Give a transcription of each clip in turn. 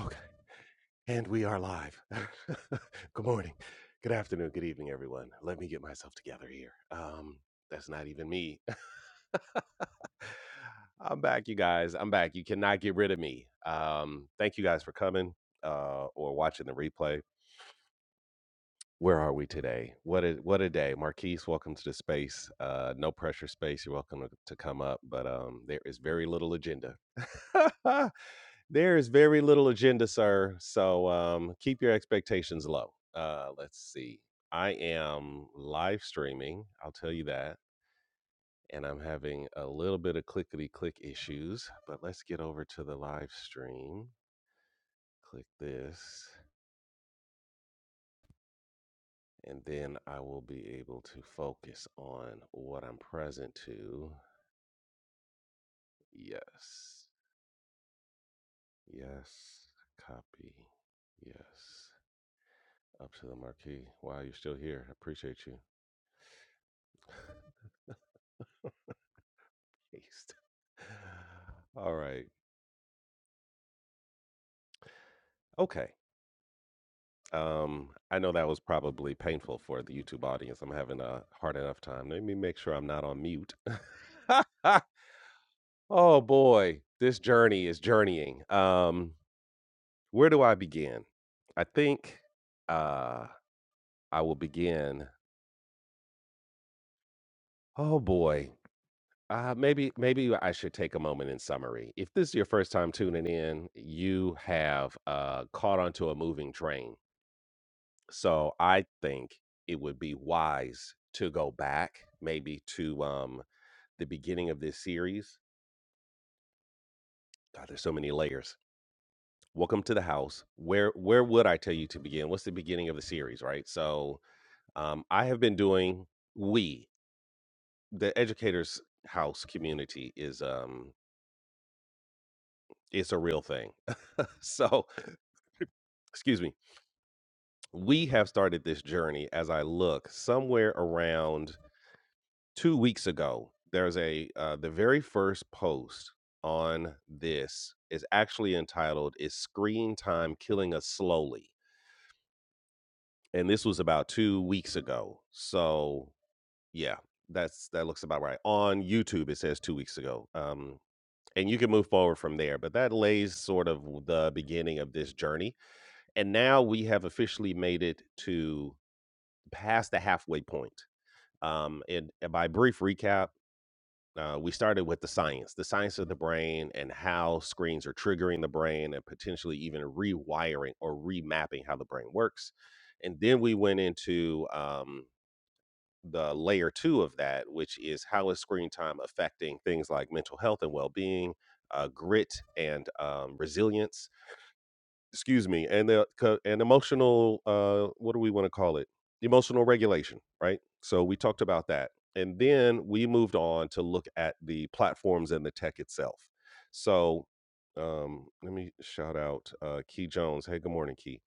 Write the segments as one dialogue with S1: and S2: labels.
S1: Okay. And we are live. good morning. Good afternoon. Good evening, everyone. Let me get myself together here. Um, that's not even me. I'm back, you guys. I'm back. You cannot get rid of me. Um, thank you guys for coming uh, or watching the replay. Where are we today? What a what a day, Marquise. Welcome to the space. Uh, no pressure space. You're welcome to, to come up, but um, there is very little agenda. There is very little agenda, sir. So um, keep your expectations low. Uh, let's see. I am live streaming. I'll tell you that. And I'm having a little bit of clickety click issues, but let's get over to the live stream. Click this, and then I will be able to focus on what I'm present to. Yes. Yes. Copy. Yes. Up to the marquee. Wow, you're still here. I appreciate you. Christ. All right. Okay. Um, I know that was probably painful for the YouTube audience. I'm having a hard enough time. Let me make sure I'm not on mute. oh boy, this journey is journeying. Um, where do I begin? I think uh I will begin. Oh boy. Uh, maybe maybe I should take a moment in summary. If this is your first time tuning in, you have uh, caught onto a moving train So I think it would be wise to go back maybe to um the beginning of this series. God, there's so many layers. Welcome to the house. Where where would I tell you to begin? What's the beginning of the series, right? So um I have been doing we, the educators house community is um it's a real thing. So excuse me. We have started this journey as I look somewhere around 2 weeks ago, there's a uh, the very first post on this is actually entitled "Is Screen Time Killing Us Slowly?" and this was about 2 weeks ago. So, yeah, that's that looks about right. On YouTube it says 2 weeks ago. Um and you can move forward from there, but that lays sort of the beginning of this journey. And now we have officially made it to past the halfway point. Um, and by brief recap, uh, we started with the science, the science of the brain and how screens are triggering the brain and potentially even rewiring or remapping how the brain works. And then we went into um, the layer two of that, which is how is screen time affecting things like mental health and well being, uh, grit, and um, resilience excuse me and the co- and emotional uh what do we want to call it emotional regulation right so we talked about that and then we moved on to look at the platforms and the tech itself so um let me shout out uh key jones hey good morning key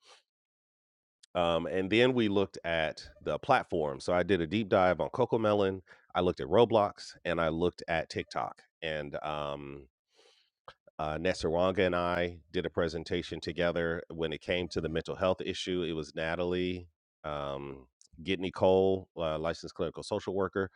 S1: um and then we looked at the platform so i did a deep dive on coco melon i looked at roblox and i looked at tiktok and um uh, Nesserwanga and I did a presentation together when it came to the mental health issue. It was Natalie, um, Gitney Cole, uh, licensed clinical social worker.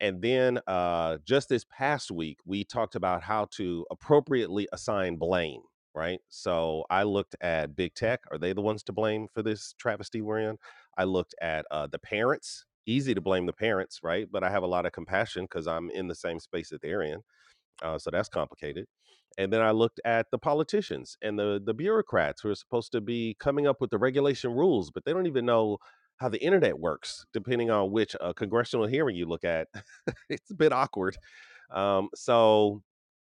S1: And then uh, just this past week, we talked about how to appropriately assign blame, right? So I looked at big tech. Are they the ones to blame for this travesty we're in? I looked at uh, the parents. Easy to blame the parents, right? But I have a lot of compassion because I'm in the same space that they're in uh, so that's complicated. And then I looked at the politicians and the the bureaucrats who are supposed to be coming up with the regulation rules, but they don't even know how the internet works. Depending on which uh, congressional hearing you look at, it's a bit awkward. Um, so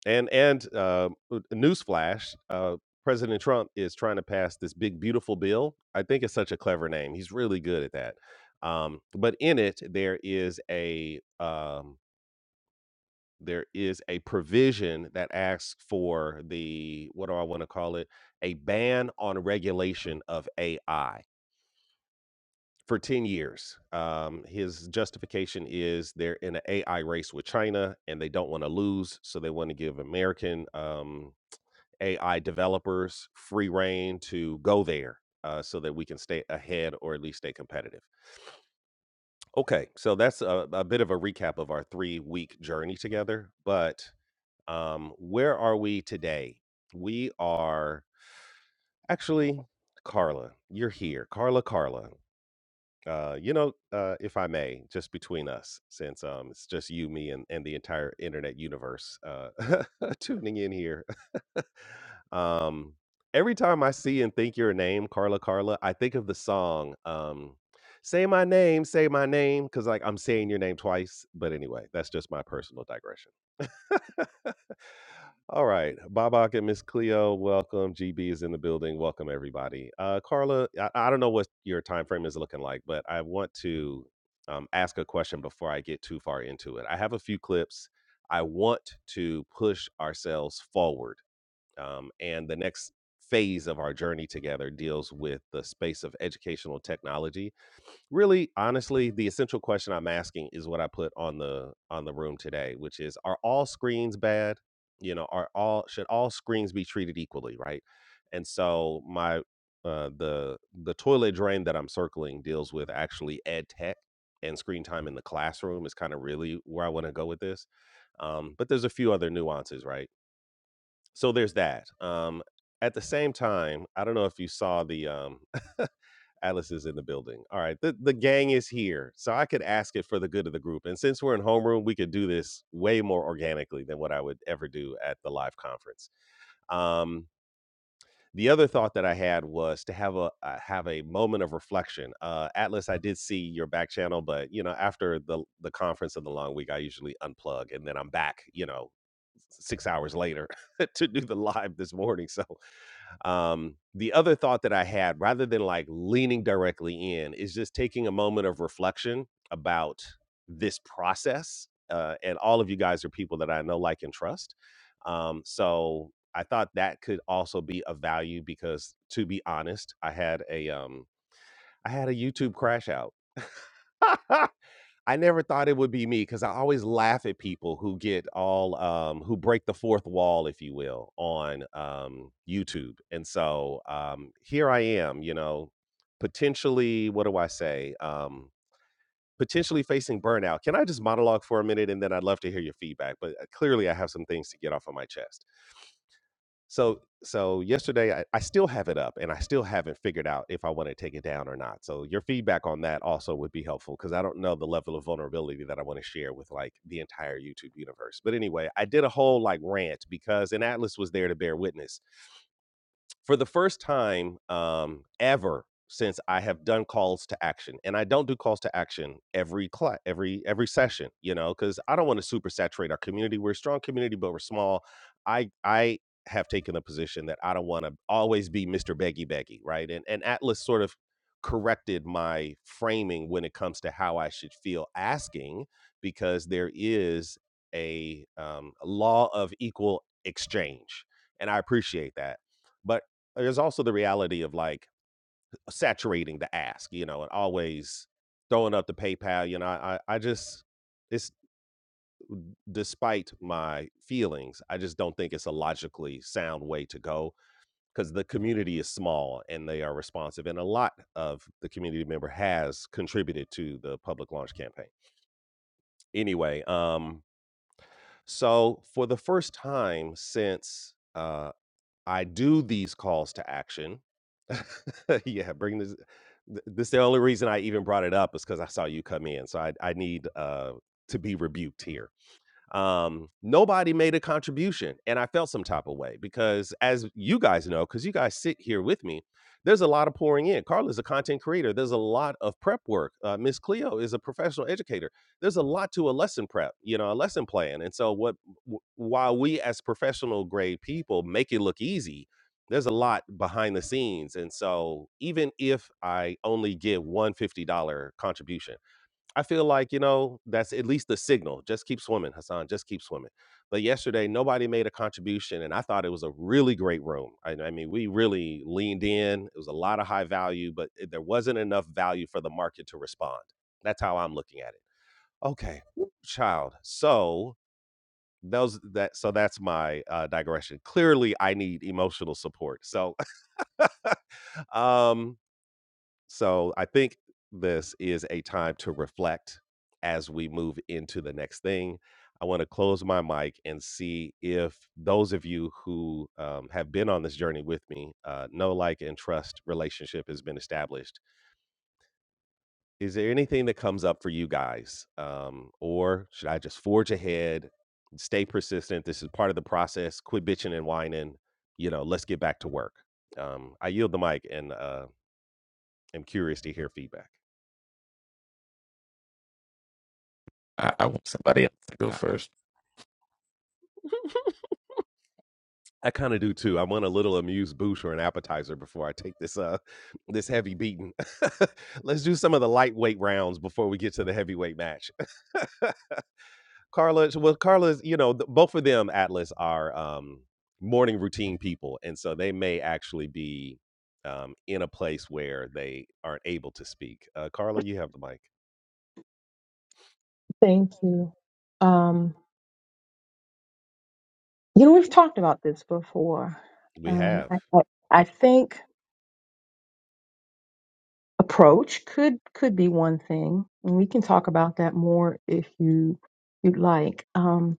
S1: and and uh, uh, newsflash, uh, President Trump is trying to pass this big beautiful bill. I think it's such a clever name. He's really good at that. Um, but in it, there is a um, there is a provision that asks for the what do I want to call it a ban on regulation of AI for 10 years. Um, his justification is they're in an AI race with China and they don't want to lose, so they want to give American um, AI developers free reign to go there. Uh, so that we can stay ahead or at least stay competitive. Okay, so that's a, a bit of a recap of our three week journey together. But Um, where are we today? We are actually, Carla, you're here. Carla, Carla. Uh, you know, uh, if I may, just between us, since um, it's just you, me, and, and the entire internet universe uh, tuning in here. Um, every time I see and think your name, Carla, Carla, I think of the song um, "Say My Name, Say My Name" because like I'm saying your name twice. But anyway, that's just my personal digression. All right, Babak and Miss Cleo, welcome. GB is in the building. Welcome everybody. Uh, Carla, I, I don't know what your time frame is looking like, but I want to um, ask a question before I get too far into it. I have a few clips. I want to push ourselves forward, um, and the next phase of our journey together deals with the space of educational technology really honestly the essential question i'm asking is what i put on the on the room today which is are all screens bad you know are all should all screens be treated equally right and so my uh the the toilet drain that i'm circling deals with actually ed tech and screen time in the classroom is kind of really where i want to go with this um but there's a few other nuances right so there's that um at the same time i don't know if you saw the um Atlas is in the building. All right, the, the gang is here. So I could ask it for the good of the group. And since we're in homeroom, we could do this way more organically than what I would ever do at the live conference. Um, the other thought that I had was to have a uh, have a moment of reflection. Uh, Atlas, I did see your back channel, but you know, after the the conference of the long week, I usually unplug and then I'm back. You know, six hours later to do the live this morning. So um, the other thought that I had, rather than like leaning directly in, is just taking a moment of reflection about this process. Uh, and all of you guys are people that I know, like, and trust. Um, so I thought that could also be of value because, to be honest, I had a um, I had a YouTube crash out. I never thought it would be me because I always laugh at people who get all um, who break the fourth wall, if you will, on um, YouTube. And so um, here I am, you know, potentially, what do I say? Um, potentially facing burnout. Can I just monologue for a minute and then I'd love to hear your feedback? But uh, clearly, I have some things to get off of my chest. So so yesterday I, I still have it up and I still haven't figured out if I want to take it down or not. So your feedback on that also would be helpful because I don't know the level of vulnerability that I want to share with like the entire YouTube universe. But anyway, I did a whole like rant because an Atlas was there to bear witness for the first time um, ever since I have done calls to action, and I don't do calls to action every cla every every session, you know, because I don't want to super saturate our community. We're a strong community, but we're small. I I have taken the position that I don't want to always be Mr. Beggy Beggy, right? And and Atlas sort of corrected my framing when it comes to how I should feel asking, because there is a um, law of equal exchange, and I appreciate that but. There's also the reality of, like, saturating the ask, you know, and always throwing up the PayPal, you know, I I just it's despite my feelings, I just don't think it's a logically sound way to go because the community is small and they are responsive, and a lot of the community member has contributed to the public launch campaign. Anyway, um, so for the first time since, uh I do these calls to action. yeah, bring this. th- This the only reason I even brought it up is because I saw you come in, so I I need uh to be rebuked here um nobody made a contribution and i felt some type of way because as you guys know because you guys sit here with me there's a lot of pouring in carla's a content creator there's a lot of prep work uh, miss cleo is a professional educator there's a lot to a lesson prep you know a lesson plan and so what w- while we as professional grade people make it look easy there's a lot behind the scenes and so even if i only give one dollars contribution I feel like, you know, that's at least the signal. Just keep swimming, Hassan. Just keep swimming. But yesterday, nobody made a contribution, and I thought it was a really great room. I, I mean, we really leaned in. It was a lot of high value, but it- there wasn't enough value for the market to respond. That's how I'm looking at it. Okay, child. So those that so that's my uh, digression. Clearly, I need emotional support. So um so I think this is a time to reflect as we move into the next thing. I want to close my mic and see if those of you who um, have been on this journey with me uh, know, like, and trust relationship has been established. Is there anything that comes up for you guys? Um, or should I just forge ahead, stay persistent? This is part of the process. Quit bitching and whining. You know, let's get back to work. Um, I yield the mic and uh, am curious to hear feedback.
S2: I, I want somebody else to go first.
S1: I kind of do too. I want a little amuse bouche or an appetizer before I take this uh this heavy beating. Let's do some of the lightweight rounds before we get to the heavyweight match. Carla, well, Carla's, you know, th- both of them, Atlas, are um morning routine people, and so they may actually be um in a place where they aren't able to speak. Uh, Carla, you have the mic.
S3: Thank you. Um, you know, we've talked about this before.
S1: We
S3: Um,
S1: have,
S3: I, I I think approach could could be one thing, and we can talk about that more if you you'd like. Um,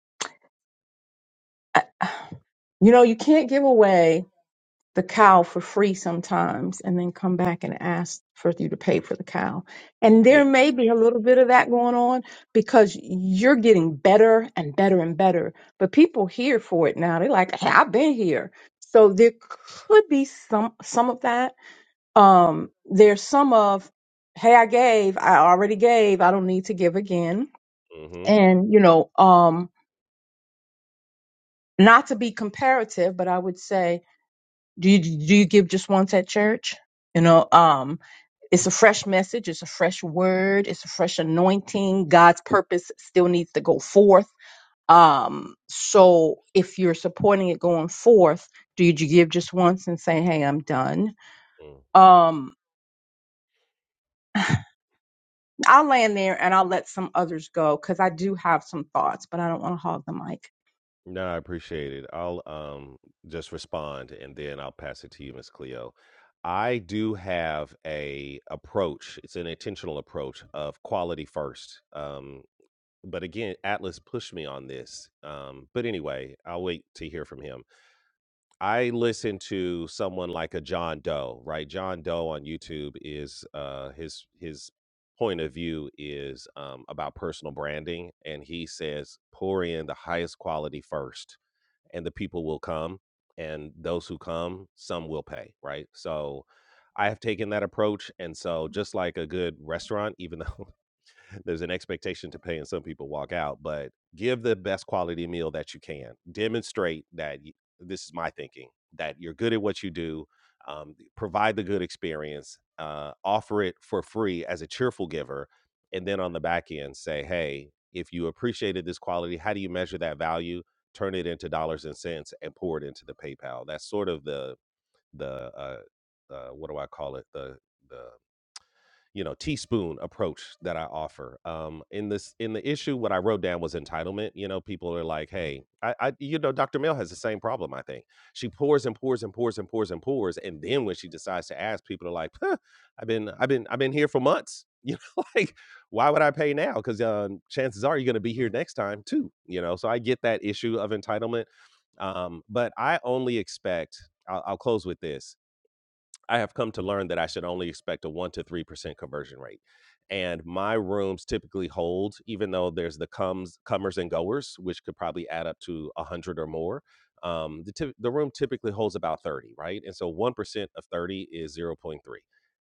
S3: I, you know, you can't give away. the cow for free sometimes and then come back and ask for you to pay for the cow. And there
S1: yeah.
S3: may be a little bit of that going on because you're getting better and better and better. But people here for it now. They're like, hey, I've been here. So there could be some some of that. Um, there's some of, hey, I gave, I already gave, I don't need to give again.
S1: Mm-hmm.
S3: And, you know, um, not to be comparative, but I would say Do you do you give just once at church? You know, um, it's a fresh message, it's a fresh word, it's a fresh anointing. God's purpose still needs to go forth. Um, so if you're supporting it going forth, do you do you give just once and say, "Hey, I'm done"?
S1: Mm.
S3: Um, I'll land there and I'll let some others go because I do have some thoughts, but I don't want to hog the mic.
S1: No, I appreciate it. I'll um just respond and then I'll pass it to you, Miss Cleo. I do have a approach. It's an intentional approach of quality first. Um, but again, Atlas pushed me on this. Um, but anyway, I'll wait to hear from him. I listen to someone like a John Doe, right? John Doe on YouTube is uh his his point of view is um, about personal branding and he says pour in the highest quality first and the people will come and those who come some will pay right so i have taken that approach and so just like a good restaurant even though there's an expectation to pay, and some people walk out. But give the best quality meal that you can. Demonstrate that y- this is my thinking that you're good at what you do. Um, provide the good experience. Uh, offer it for free as a cheerful giver, and then on the back end say, hey, if you appreciated this quality, how do you measure that value? Turn it into dollars and cents and pour it into the PayPal. That's sort of the the uh, uh, what do I call it? The the you know teaspoon approach that i offer um in this in the issue what i wrote down was entitlement you know people are like hey i, I you know dr mill has the same problem i think she pours and pours and pours and pours and pours and then when she decides to ask people are like huh, i've been i've been i've been here for months you know like why would i pay now because um, chances are you're going to be here next time too you know so i get that issue of entitlement um, but i only expect I'll, I'll close with this I have come to learn that I should only expect a 1 to 3% conversion rate. And my rooms typically hold, even though there's the comes, comers and goers, which could probably add up to 100 or more. Um, the, typ the room typically holds about 30, right? And so 1% of 30 is zero point 0.3.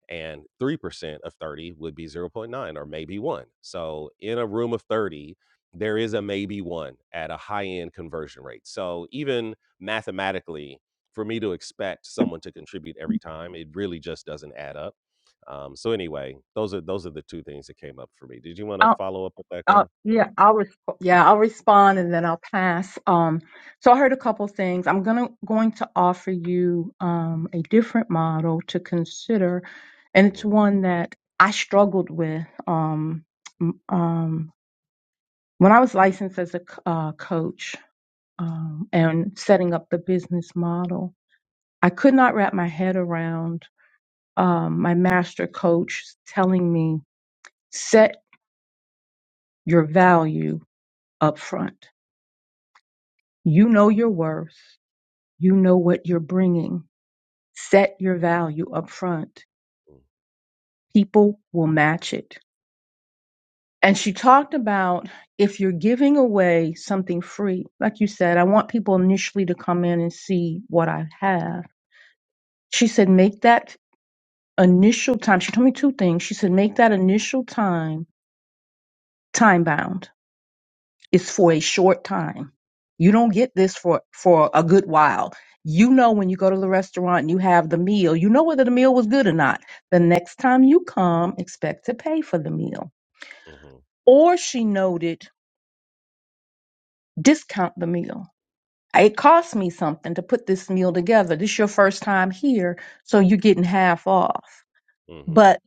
S1: And 3% of 30 would be zero point 0.9 or maybe one. So in a room of 30, there is a maybe one at a high end conversion rate. So even mathematically, for me to expect someone to contribute every time, it really just doesn't add up. Um, so anyway, those are those are the two things that came up for me. Did you want to
S3: I'll,
S1: follow up with that, Carla?
S3: I'll, yeah, I'll resp- yeah, I'll respond and then I'll pass. Um, so I heard a couple things. I'm gonna going to offer you um, a different model to consider, and it's
S1: Mm-hmm,
S3: one that I struggled with um, m- um, when I was licensed as a c- uh, coach um, and setting up the business model. I could not wrap my head around um, my master coach telling me, set your value up front. You know your worth. You know what you're bringing. Set your value up front. People will match it. And she talked about if you're giving away something free, like you said, I want people initially to come in and see what I have. She said, make that initial time. She told me two things. She said, make that initial time time bound is for a short time. You don't get this for for a good while. You know when you go to the restaurant and you have the meal, you know whether the meal was good or not. The next time you come, expect to pay for the meal.
S1: mm, mm-hmm,
S3: Or she noted, discount the meal. It cost me something to put this meal together. This is your first time here, so you're getting half off. But
S1: mm-hmm,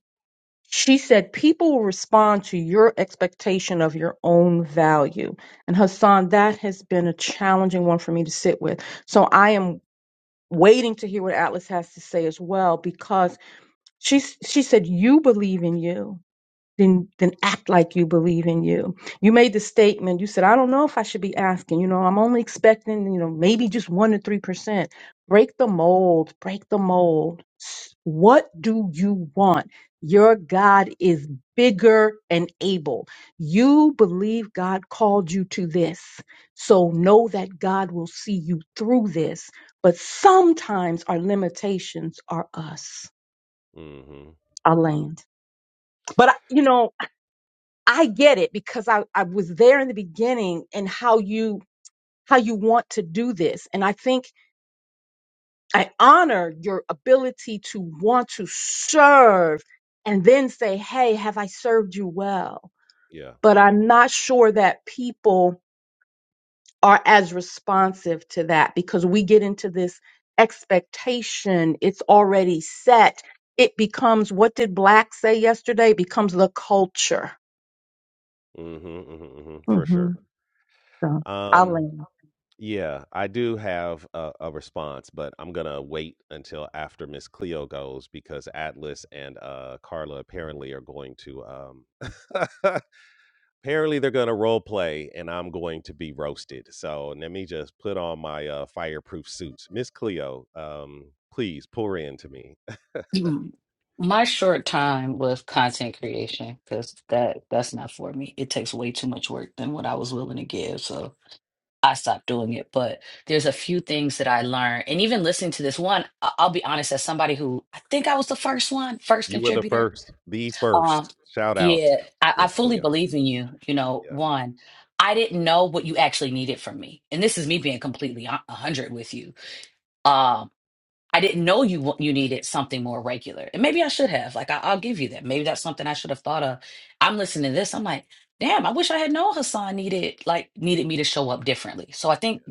S3: She said, People will respond to your expectation of your own value. And Hassan, that has been a challenging one for me to sit with. So I am waiting to hear what Atlas has to say as well, because she, she said, You believe in you then then act like you believe in you. You made the statement, you said, I don't know if I should be asking, you know, I'm only expecting, you know, maybe just one to three percent. Break the mold, break the mold. S- What do you want? Your God is bigger and able. You believe God called you to this. So know that God will see you through this. But sometimes our limitations are us,
S1: mm-hmm.
S3: our land. But, I- you know, I get it because I, I was there in the beginning and how you how you want to do this. And I think I honor your ability to want to serve and then say, Hey, have I served you well?
S1: Yeah,
S3: But I'm not sure that people are as responsive to that because we get into this expectation. It's already set. It becomes what did Black say yesterday? It becomes the culture.
S1: mm-hmm, mm-hmm, hmm for
S3: hmm
S1: sure.
S3: So I'll
S1: Um,
S3: land.
S1: yeah, I do have a, a response, but I'm gonna wait until after Miss Cleo goes because Atlas and uh, Carla apparently are going to um, apparently they're going to role play and i'm going to be roasted so let me just put on my uh, fireproof suits miss cleo um, please pour in to me
S4: Mm. My short time with content creation, because that that's not for me. It takes way too much work than what I was willing to give, so I stopped doing it. But there's a few things that I learned, and even listening to this one, I- I'll be honest, as somebody who I think I was the first one, first
S1: you were the
S4: contributor.
S1: first the
S4: Um,
S1: first shout out
S4: yeah, I, I
S1: miss
S4: fully
S1: cleo
S4: believe in you. You know,
S1: yeah
S4: one, I didn't know what you actually needed from me, and this is me being completely a hundred with you. um, I didn't know you wa- you needed something more regular, and maybe I should have. Like I, I'll give you that. Maybe that's something I should have thought of. I'm listening to this. I'm like, damn. I wish I had known Hassan needed like needed me to show up differently. So I think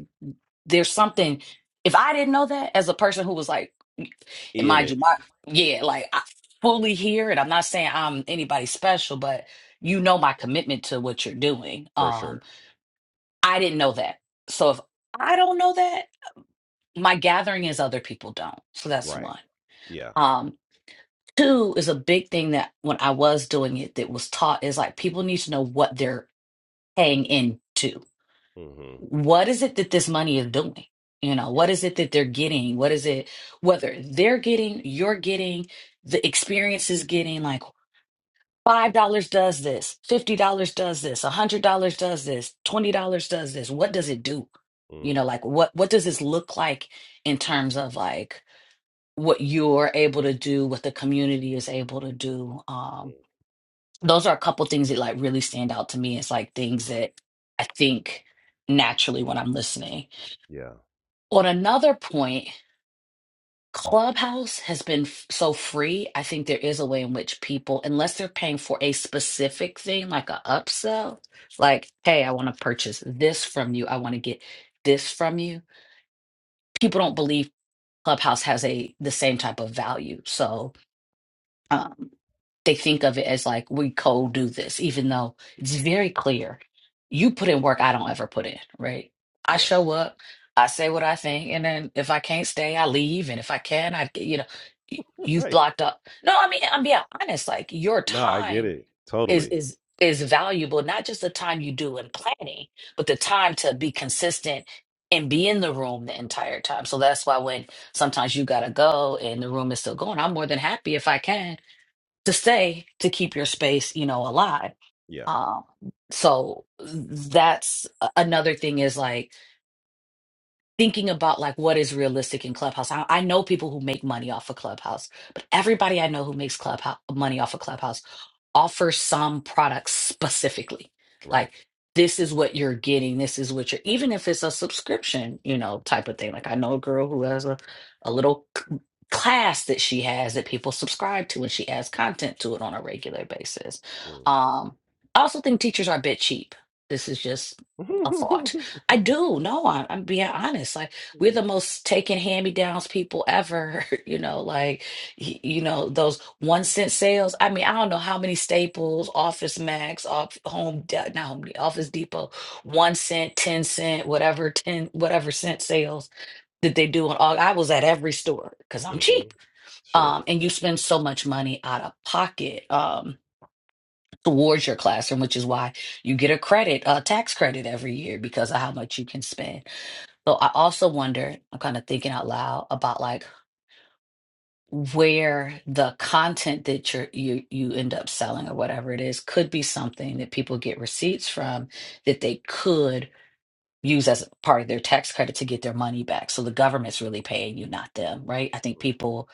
S4: there's something. If I didn't know that as a person who was like, and
S1: in
S4: mind you,
S1: it
S4: my yeah,
S1: yeah
S4: like I fully here, and I'm not saying I'm anybody special, but you know my commitment to what you're doing.
S1: for
S4: Um,
S1: sure
S4: I didn't know that. So if I don't know that, my gathering is other people don't. So that's
S1: right
S4: one.
S1: yeah
S4: Um. Two is a big thing that when I was doing it, that was taught is like people need to know what they're paying into.
S1: mm-hmm
S4: What is it that this money is doing? You know, what
S1: yeah
S4: is it that they're getting? What is it, whether they're getting, you're getting, the experience is getting like $5 does this, $50 does this, $100 does this, $20 does this. What does it do? You
S1: mm
S4: know, like what what does this look like in terms of like what you're able to do, what the community is able to do? Um,
S1: mm.
S4: those are a couple things that like really stand out to me. It's like things that I think naturally when I'm listening.
S1: yeah
S4: On another point, Clubhouse has been f- so free. I think there is a way in which people, unless they're paying for a specific thing like a upsell, like, hey, I want to purchase this from you, I want to get this from you. People don't believe Clubhouse has a the same type of value. So um, they think of it as like we cold do this, even though it's very clear. You put in work I don't ever put in, right? I
S1: yeah
S4: show up, I say what I think, and then if I can't stay, I leave, and if I can, I you know, y- you've
S1: right
S4: blocked up. No, I mean I'm being honest. Like your
S1: no i get
S4: time
S1: it
S4: is
S1: totally
S4: is is valuable, not just the time you do in planning, but the time to be consistent and be in the room the entire time. So that's why when sometimes you gotta go and the room is still going, I'm more than happy if I can to stay to keep your space, you know, alive.
S1: yeah
S4: Um, so that's a- another thing is like thinking about like what is realistic in Clubhouse. I, I know people who make money off of Clubhouse, but everybody I know who makes Clubhouse money off of Clubhouse offers some products specifically.
S1: right
S4: Like this is what you're getting, this is what you're even if it's a subscription, you know, type of thing. Like I know a girl who has a, a little c- class that she has that people subscribe to and she adds content to it on a regular basis.
S1: mm.
S4: Um I also think teachers are a bit cheap. This is just a thought I do. No, I, I'm being honest. Like we're the most taken hand-me-downs people ever. You know, like y- you know those one cent sales. I mean, I don't know how many Staples, Office Max, off Home, De- not Home, De- Office Depot, one cent, ten cent, whatever ten whatever cent sales that they do on all. I was at every store because I'm
S1: mm-hmm
S4: cheap.
S1: sure
S4: Um, and you spend so much money out of pocket. Um. Towards your classroom, which is why you get a credit, a tax credit every year because of how much you can spend so I also wonder, I'm kind of thinking out loud about like where the content that you're, you you end up selling or whatever it is could be something that people get receipts from that they could use as part of their tax credit to get their money back. So the government's really paying you, not them, right? I think people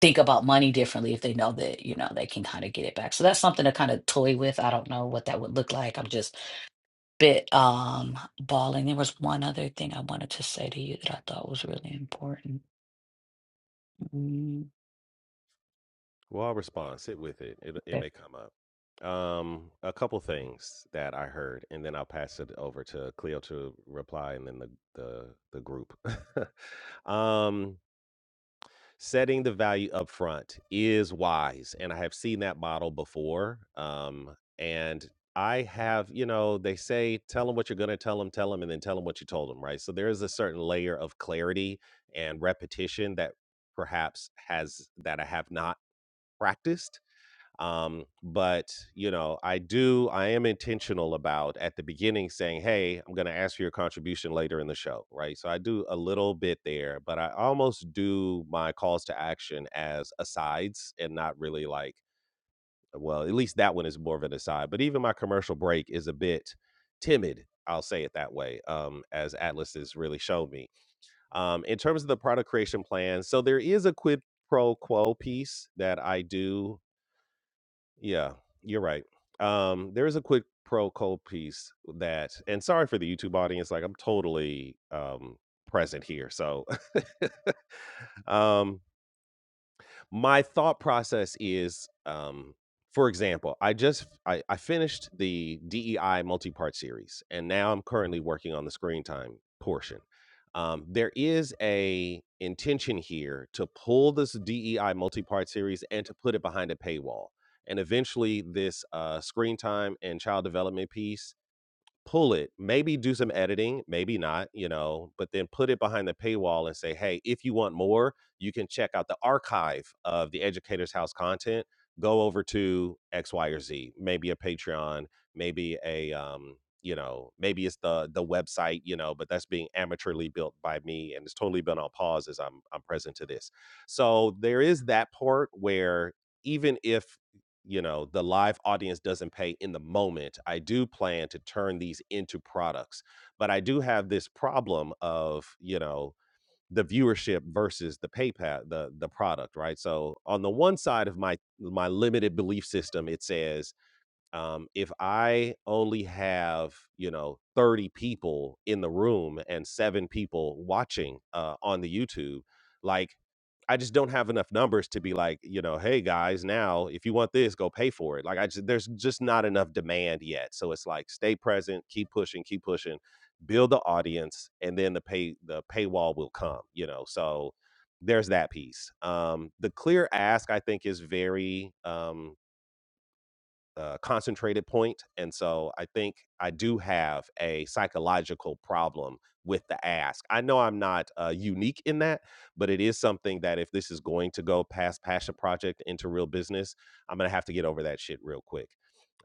S4: think about money differently if they know that, you know, they can kind of get it back. So that's something to kind of toy with. I don't know what that would look like. I'm just a bit um balling. There was one other thing I wanted to say to you that I thought was really important. Mm,
S1: Well, I'll respond. Sit with it. It it
S4: okay.
S1: may come up. Um, a couple things that I heard, and then I'll pass it over to Cleo to reply, and then the the the group. um, setting the value up front is wise, and I have seen that model before. Um, and I have, you know, they say tell them what you're gonna tell them, tell them, and then tell them what you told them, right? So there is a certain layer of clarity and repetition that perhaps has that I have not practiced um but you know i do i am intentional about at the beginning saying hey i'm going to ask for your contribution later in the show right so i do a little bit there but i almost do my calls to action as asides and not really like well at least that one is more of an aside but even my commercial break is a bit timid i'll say it that way um as atlas has really shown me um in terms of the product creation plan so there is a quid pro quo piece that i do yeah, you're right. Um, there is a quick pro Cole piece that, and sorry for the YouTube audience, like I'm totally um present here. So um my thought process is, um, for example, I just I, I finished the DEI multi-part series, and now I'm currently working on the screen time portion. Um, there is a intention here to pull this DEI multi-part series and to put it behind a paywall, and eventually this uh, screen time and child development piece pull it, maybe do some editing, maybe not, you know, but then put it behind the paywall and say, hey, if you want more, you can check out the archive of the Educators House content. Go over to X, Y, or Z, maybe a Patreon, maybe a, um, you know, maybe it's the the website, you know, but that's being amateurly built by me, and it's totally been on pause as I'm I'm present to this. So there is that part where even if you know the live audience doesn't pay in the moment i do plan to turn these into products but i do have this problem of you know the viewership versus the paypal the the product right so on the one side of my my limited belief system it says um, if I only have, you know, 30 people in the room and seven people watching uh, on the YouTube, like I just don't have enough numbers to be like, you know, hey guys, now if you want this, go pay for it. Like I just, there's just not enough demand yet. So it's like stay present, keep pushing, keep pushing, build the audience, and then the pay the paywall will come, you know. So there's that piece. Um, the clear ask I think is very um uh, concentrated point, and so I think I do have a psychological problem with the ask. I know I'm not uh, unique in that, but it is something that if this is going to go past passion project into real business, I'm gonna have to get over that shit real quick.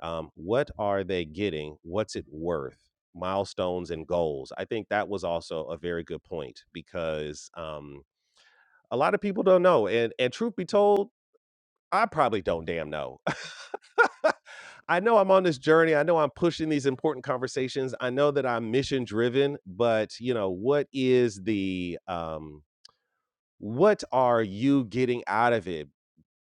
S1: Um, what are they getting? What's it worth? Milestones and goals. I think that was also a very good point because um, a lot of people don't know, and and truth be told, I probably don't damn know. I know I'm on this journey. I know I'm pushing these important conversations. I know that I'm mission driven, but you know, what is the um what are you getting out of it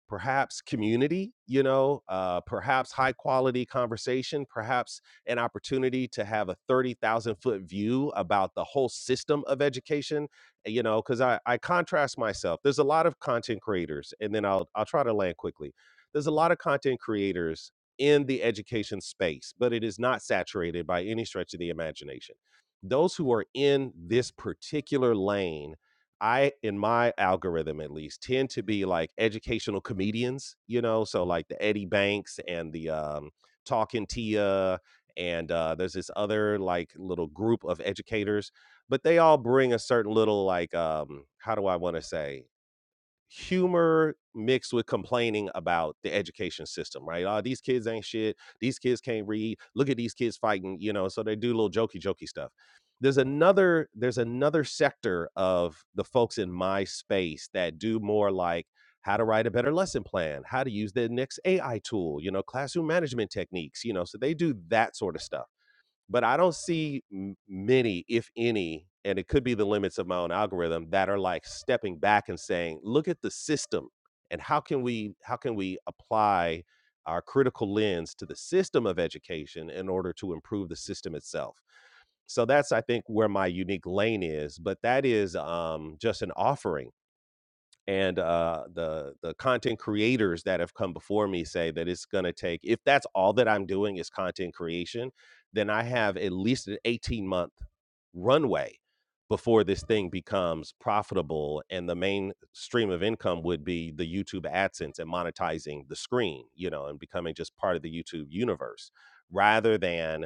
S1: perhaps community you know uh, perhaps high quality conversation perhaps an opportunity to have a 30000 foot view about the whole system of education eh, you know because I, I contrast myself there's a lot of content creators and then i'll i'll try to land quickly there's a lot of content creators in the education space but it is not saturated by any stretch of the imagination those who are in this particular lane I, in my algorithm at least, tend to be like educational comedians, you know, so like the Eddie Banks and the um, Talking Tia, and uh, there's this other like little group of educators, but they all bring a certain little like, um, how do I want to say? humor mixed with complaining about the education system, right? Oh, these kids ain't shit. These kids can't read. Look at these kids fighting, you know. So they do little jokey jokey stuff. There's another there's another sector of the folks in my space that do more like how to write a better lesson plan, how to use the next AI tool, you know, classroom management techniques, you know. So they do that sort of stuff but I don't see m- many, if any, and it could be the limits of my own algorithm that are like stepping back and saying, "Look at the system, and how can we how can we apply our critical lens to the system of education in order to improve the system itself." So that's I think where my unique lane is, but that is um, just an offering and uh, the the content creators that have come before me say that it's going to take if that's all that i'm doing is content creation then i have at least an 18 month runway before this thing becomes profitable and the main stream of income would be the youtube adsense and monetizing the screen you know and becoming just part of the youtube universe rather than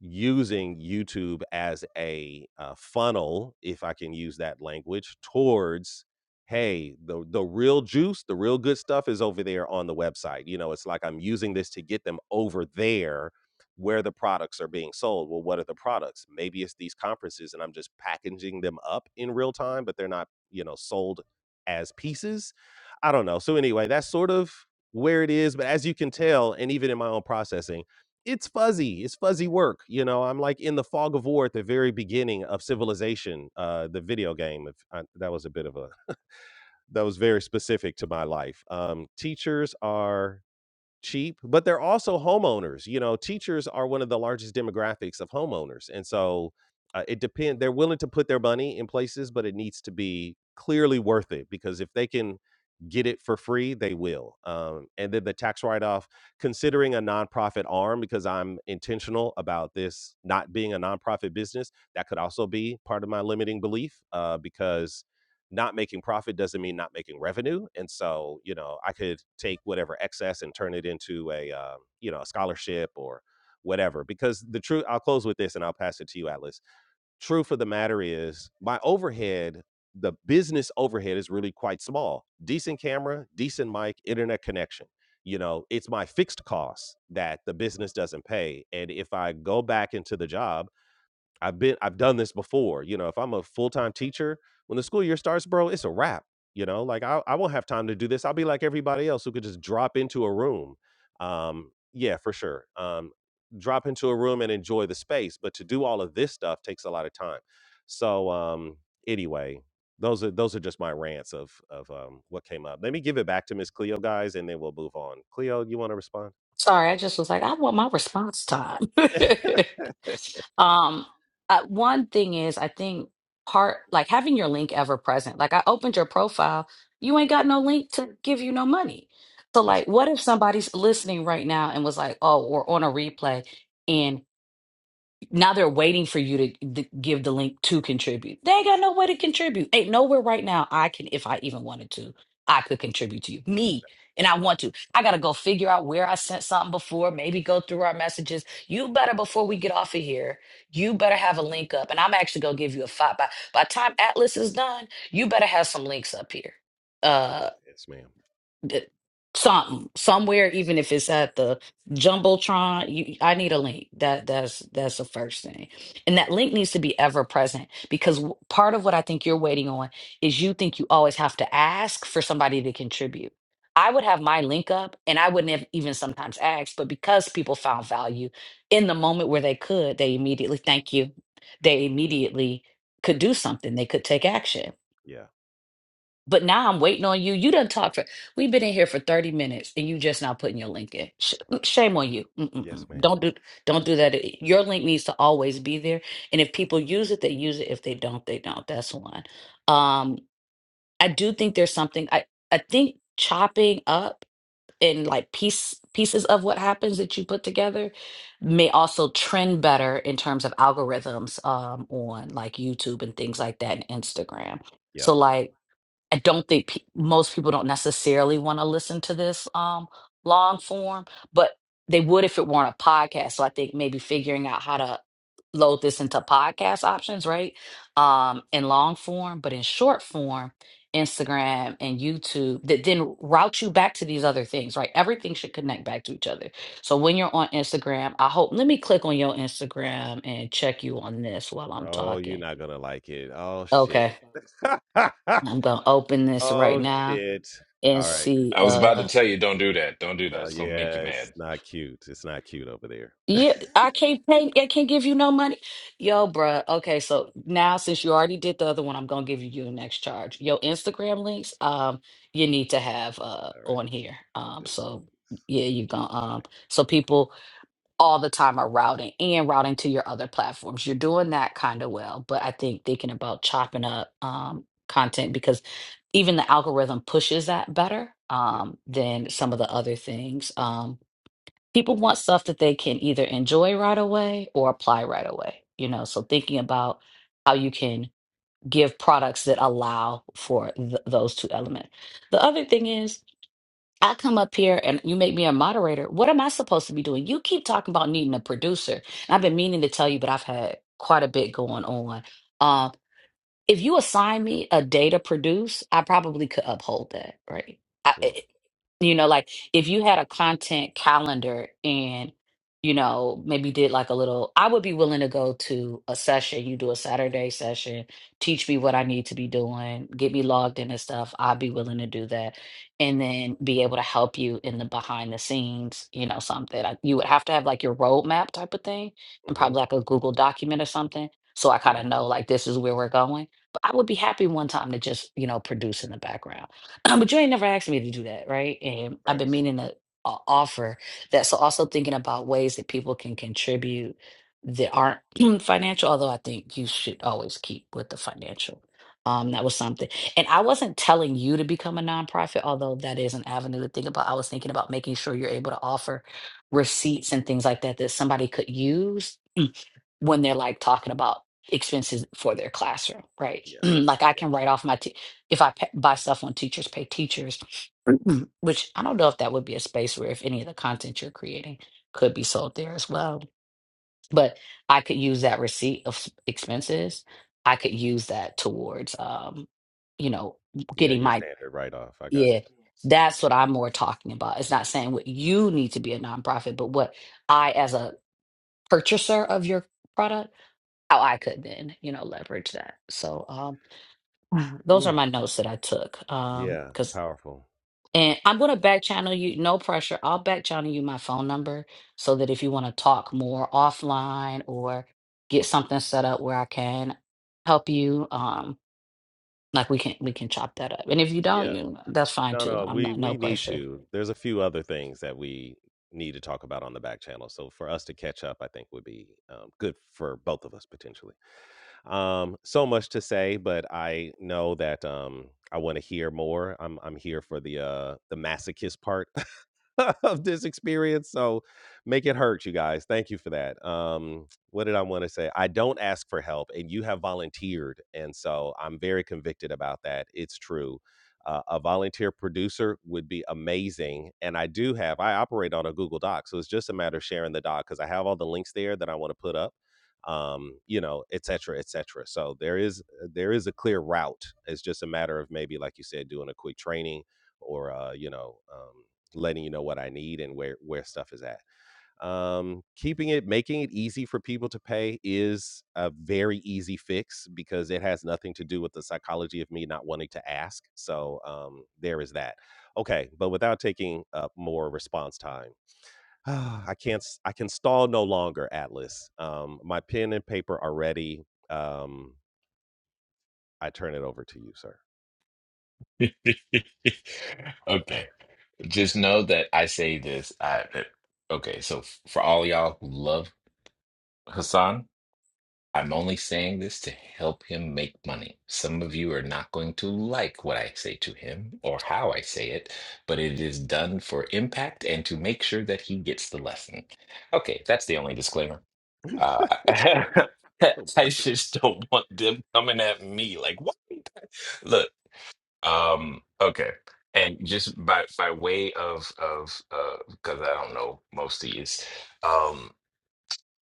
S1: using YouTube as a uh, funnel, if I can use that language, towards hey, the the real juice, the real good stuff is over there on the website. You know, it's like I'm using this to get them over there where the products are being sold. Well, what are the products? Maybe it's these conferences and I'm just packaging them up in real time, but they're not, you know, sold as pieces. I don't know. So anyway, that's sort of where it is, but as you can tell and even in my own processing it's fuzzy. It's fuzzy work. You know, I'm like in the fog of war at the very beginning of Civilization, uh, the video game. If I, that was a bit of a that was very specific to my life. Um, teachers are cheap, but they're also homeowners. You know, teachers are one of the largest demographics of homeowners, and so uh, it depends. They're willing to put their money in places, but it needs to be clearly worth it because if they can get it for free, they will. Um, and then the tax write off, considering a nonprofit arm, because I'm intentional about this not being a nonprofit business, that could also be part of my limiting belief uh, because not making profit doesn't mean not making revenue and so you know i could take whatever excess and turn it into a uh, you know a scholarship or whatever because the truth i'll close with this and i'll pass it to you atlas truth of the matter is my overhead the business overhead is really quite small decent camera decent mic internet connection you know it's my fixed costs that the business doesn't pay and if i go back into the job I've been I've done this before. You know, if I'm a full-time teacher, when the school year starts, bro, it's a wrap. You know, like I I won't have time to do this. I'll be like everybody else who could just drop into a room. Um, yeah, for sure. Um, drop into a room and enjoy the space. But to do all of this stuff takes a lot of time. So um anyway, those are those are just my rants of of um what came up. Let me give it back to Miss Cleo guys and then we'll move on. Cleo, you want to respond?
S4: Sorry, I just was like, I want my response time. um, uh, one thing is, I think part like having your link ever present. Like, I opened your profile, you ain't got no link to give you no money. So,
S1: That's a
S4: like, what if somebody's listening right now and was like, oh, or on a replay? and. Now they're waiting for you to d- give the link to contribute. They ain't got no way to contribute. Ain't nowhere right now I can, if I even wanted to, I could contribute to you. Me. And I want to. I got to go figure out where I sent something before, maybe go through our messages. You better, before we get off of here, you better have a link up. And I'm actually going to give you a five. By, by the time Atlas is done, you better have some links up here.
S1: yeah,
S4: Uh,
S1: Yes, ma'am.
S4: d- some somewhere even if it's at the jumbotron you, i need a link that that's that's the first thing and that link needs to be ever present because w- part of what i think you're waiting on is you think you always have to ask for somebody to contribute i would have my link up and i wouldn't have even sometimes asked but because people found value in the moment where they could they immediately thank you they immediately could do something they could take action
S1: Yeah.
S4: but now I'm waiting on you. You done talked for, we've been in here for 30 minutes and you just not putting your link in. Sh- mm, shame on you. Mm-mm-mm.
S1: Yes, ma'am.
S4: Don't do, don't do that. Your link needs to always be there. And if people use it, they use it. If they don't, they don't. That's one. Um, I do think there's something, I, I think chopping up and like piece, pieces of what happens that you put together may also trend better in terms of algorithms um, on like YouTube and things like that and Instagram.
S1: Yep.
S4: So like, I don't think pe- most people don't necessarily want to listen to this um long form, but they would if it weren't a podcast. So I think maybe figuring out how to load this into podcast options, right? Um, in long form, but in short form, Instagram and YouTube that then route you back to these other things, right? Everything should connect back to each other. So when you're on Instagram, I hope let me click on your Instagram and check you on this while I'm
S1: Oh, you're
S4: talking.
S1: not gonna like it. Oh shit.
S4: Okay.
S1: Okay.
S4: I'm gonna open this
S1: oh
S4: right
S1: Right.
S4: now
S1: shit.
S4: and
S1: All right.
S4: see
S2: I was
S4: uh
S1: So yeah, it's not cute. It's not cute over there.
S4: yeah i can't pay i can't give you no money yo bruh okay so now since you already did the other one i'm gonna give you your next charge your instagram links um you need to have uh
S1: All right.
S4: on here
S1: I'm
S4: um
S1: taking it.
S4: so yeah you're gonna um so people all the time are routing and routing to your other platforms you're doing that kind of well but i think thinking about chopping up um content because even the algorithm pushes that better
S1: Yeah.
S4: um than some of the other things um. people want stuff that they can either enjoy right away or apply right away you know so thinking about how you can give products that allow for th- those two elements the other thing is i come up here and you make me a moderator what am i supposed to be doing you keep talking about needing a producer and i've been meaning to tell you but i've had quite a bit going on um, if you assign me a day to produce i probably could uphold that right
S1: Mm.
S4: you know like if you had a content calendar and you know maybe did like a little i would be willing to go to a session you do a saturday session teach me what i need to be doing get me logged in and stuff i'd be willing to do that and then be able to help you in the behind the scenes you know something I, you would have to have like your roadmap type of thing and
S1: hmm
S4: probably like a google document or something so i kind
S1: Yep.
S4: of know like this is where we're going but i would be happy one time to just you know produce in the background um, but you ain't never asked me to do that, right? And I've been
S1: Facts.
S4: meaning to uh, offer that. So also thinking about ways that people can contribute that aren't financial, although I think you should always keep with the financial. Um, that was something. And I wasn't telling you to become a nonprofit, although that is an avenue to think about. I was thinking about making sure you're able to offer receipts and things like that that somebody could use when they're like talking about expenses for their classroom, right?
S1: Yeah.
S4: like I
S1: Yeah.
S4: can write off my te- if I pa buy stuff on teachers pay teachers, which I don't know if that would be a space where if any of the content you're creating could be sold there as well. But I could use that receipt of s- expenses. I could use that towards, um, you know,
S1: Yeah.
S4: getting
S1: Your
S4: my
S1: standard right off. I got
S4: yeah. That's what I'm more talking about. It's not saying what you need to be a nonprofit, but what I, as a purchaser of your product how I could then, you know, leverage that. So um Mhm.
S1: you.
S4: those are
S1: Oof.
S4: my notes that I took. Um
S1: Yeah.
S4: because
S1: Powerful.
S4: and I'm gonna back channel you, no pressure. I'll back channel you my phone number so that if you want to talk more offline or get something set up where I can help you, um, like we can we can chop that up. And if you don't,
S1: Yeah.
S4: you that's fine
S1: No,
S4: too.
S1: no.
S4: I'm
S1: We
S4: not no
S1: we need
S4: pressure.
S1: to. There's a few other things that we need to talk about on the back channel. So for us to catch up, I think would be um, good for both of us potentially. Um, so much to say, but I know that um, I want to hear more. I'm I'm here for the uh, the masochist part of this experience. So make it hurt, you guys. Thank you for that. Um, what did I want to say? I don't ask for help, and you have volunteered. And so I'm very convicted about that. It's true. Uh, a volunteer producer would be amazing. And I do have, I operate on a Google Doc. So it's just a matter of sharing the doc because I have all the links there that I want to put up um you know et cetera et cetera so there is there is a clear route it's just a matter of maybe like you said doing a quick training or uh, you know um letting you know what I need and where where stuff is at. Um, keeping it, making it easy for people to pay is a very easy fix because it has nothing to do with the psychology of me not wanting to ask. So um, there is that. Okay, but without taking up more response time. I can't. s- I can stall no longer, Atlas. Um, my pen and paper are ready. Um, I turn it over to you, sir.
S2: okay. Just know that I say this. I that- okay. So f- for all y'all who love Hassan, I'm only saying this to help him make money. Some of you are not going to like what I say to him or how I say it, but it is done for impact and to make sure that he gets the lesson. Okay, that's the only disclaimer. Uh,
S1: Oh
S2: I
S1: boy.
S2: just don't want them coming at me like, what? Look. Um, okay. And just by by way of of uh because I don't know most of these, um,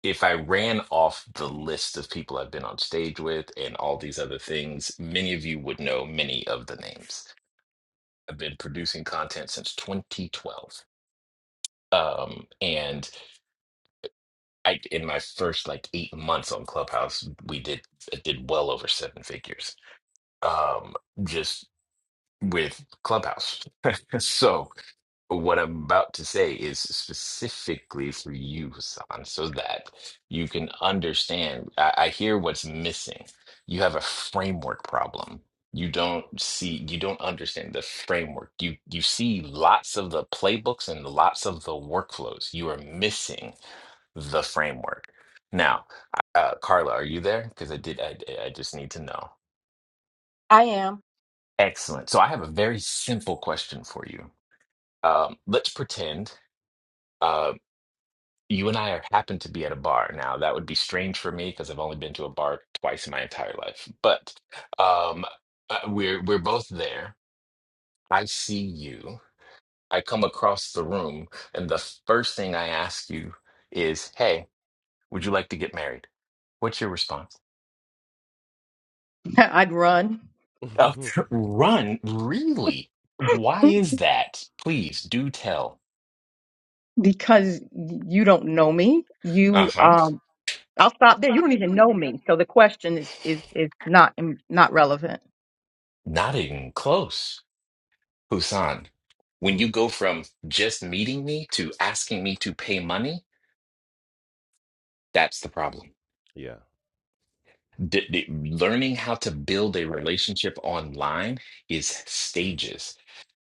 S2: if I ran off the list of people I've been on stage with and all these other things, many of you would know many of the names. I've been producing content since 2012. Um, and I in my first like eight months on Clubhouse, we did I did well over seven figures. Um, just with Clubhouse. so what I'm about to say is specifically for you, Hassan, so that you can understand. I, I hear what's missing. You have a framework problem. You don't see, you don't understand the framework. You you see lots of the playbooks and lots of the workflows. You are missing the framework. Now, uh, Carla, are you there? Because I did. I, I just need to know.
S3: I am.
S2: Excellent. So I have a very simple question for you. Um, let's pretend. uh, you and I are, happen to be at a bar now. That would be strange for me because I've only been to a bar twice in my entire life. But um, uh, we're we're both there. I see you. I come across the room, and the first thing I ask you is, "Hey, would you like to get married?" What's your response?
S3: I'd run
S1: Mm, Okay.
S2: Oh, run, really? Why is that? Please do tell.
S3: because you don't know me. You,
S2: Uh-huh.
S3: um, I'll stop there. You don't even know me, so the question is is is not um, not relevant.
S2: Not even close. Husan, when
S1: Hmm,
S2: you go from just meeting me to asking me to pay money, that's the problem.
S1: yeah.
S2: D- d- learning how to build a relationship online is stages,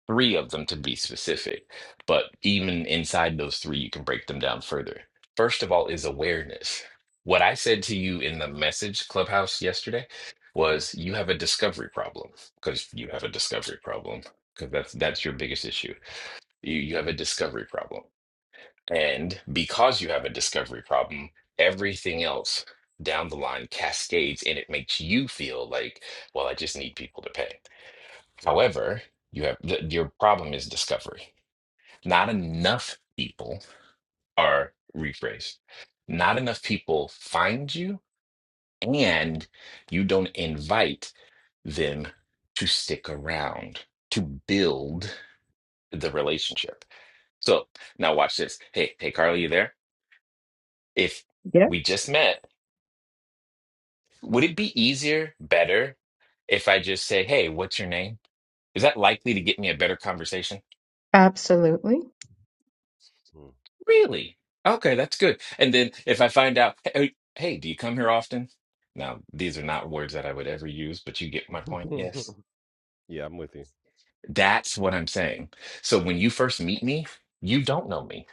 S2: three of them to be specific. But even inside those three, you can break them down further. First of all, is awareness. What I said to you in the message clubhouse yesterday was
S1: hmm
S2: you have a discovery problem because you have a discovery problem because that's that's your biggest issue. You, you have a discovery problem And because you have a discovery problem, everything else down the line cascades and it makes you feel like, well, I just need people to pay. However, you have th your problem is discovery. Not enough people are rephrased. Not enough people find you, and you don't invite them to stick around, to build the relationship. So now watch this. Hey, hey, Carly, you there? If
S3: Yeah,
S2: we just met. Would it be easier, better, if I just say, "Hey, what's your name?" Is that likely to get me a better conversation?
S3: absolutely.
S2: Really? Okay, that's good. And then if I find out, "Hey, hey, do you come here often?" Now, these are not words that I would ever use, but you get my point.
S1: Mm.
S2: Yes.
S1: yeah, I'm with you.
S2: That's what I'm saying. So when you first meet me, you don't know me.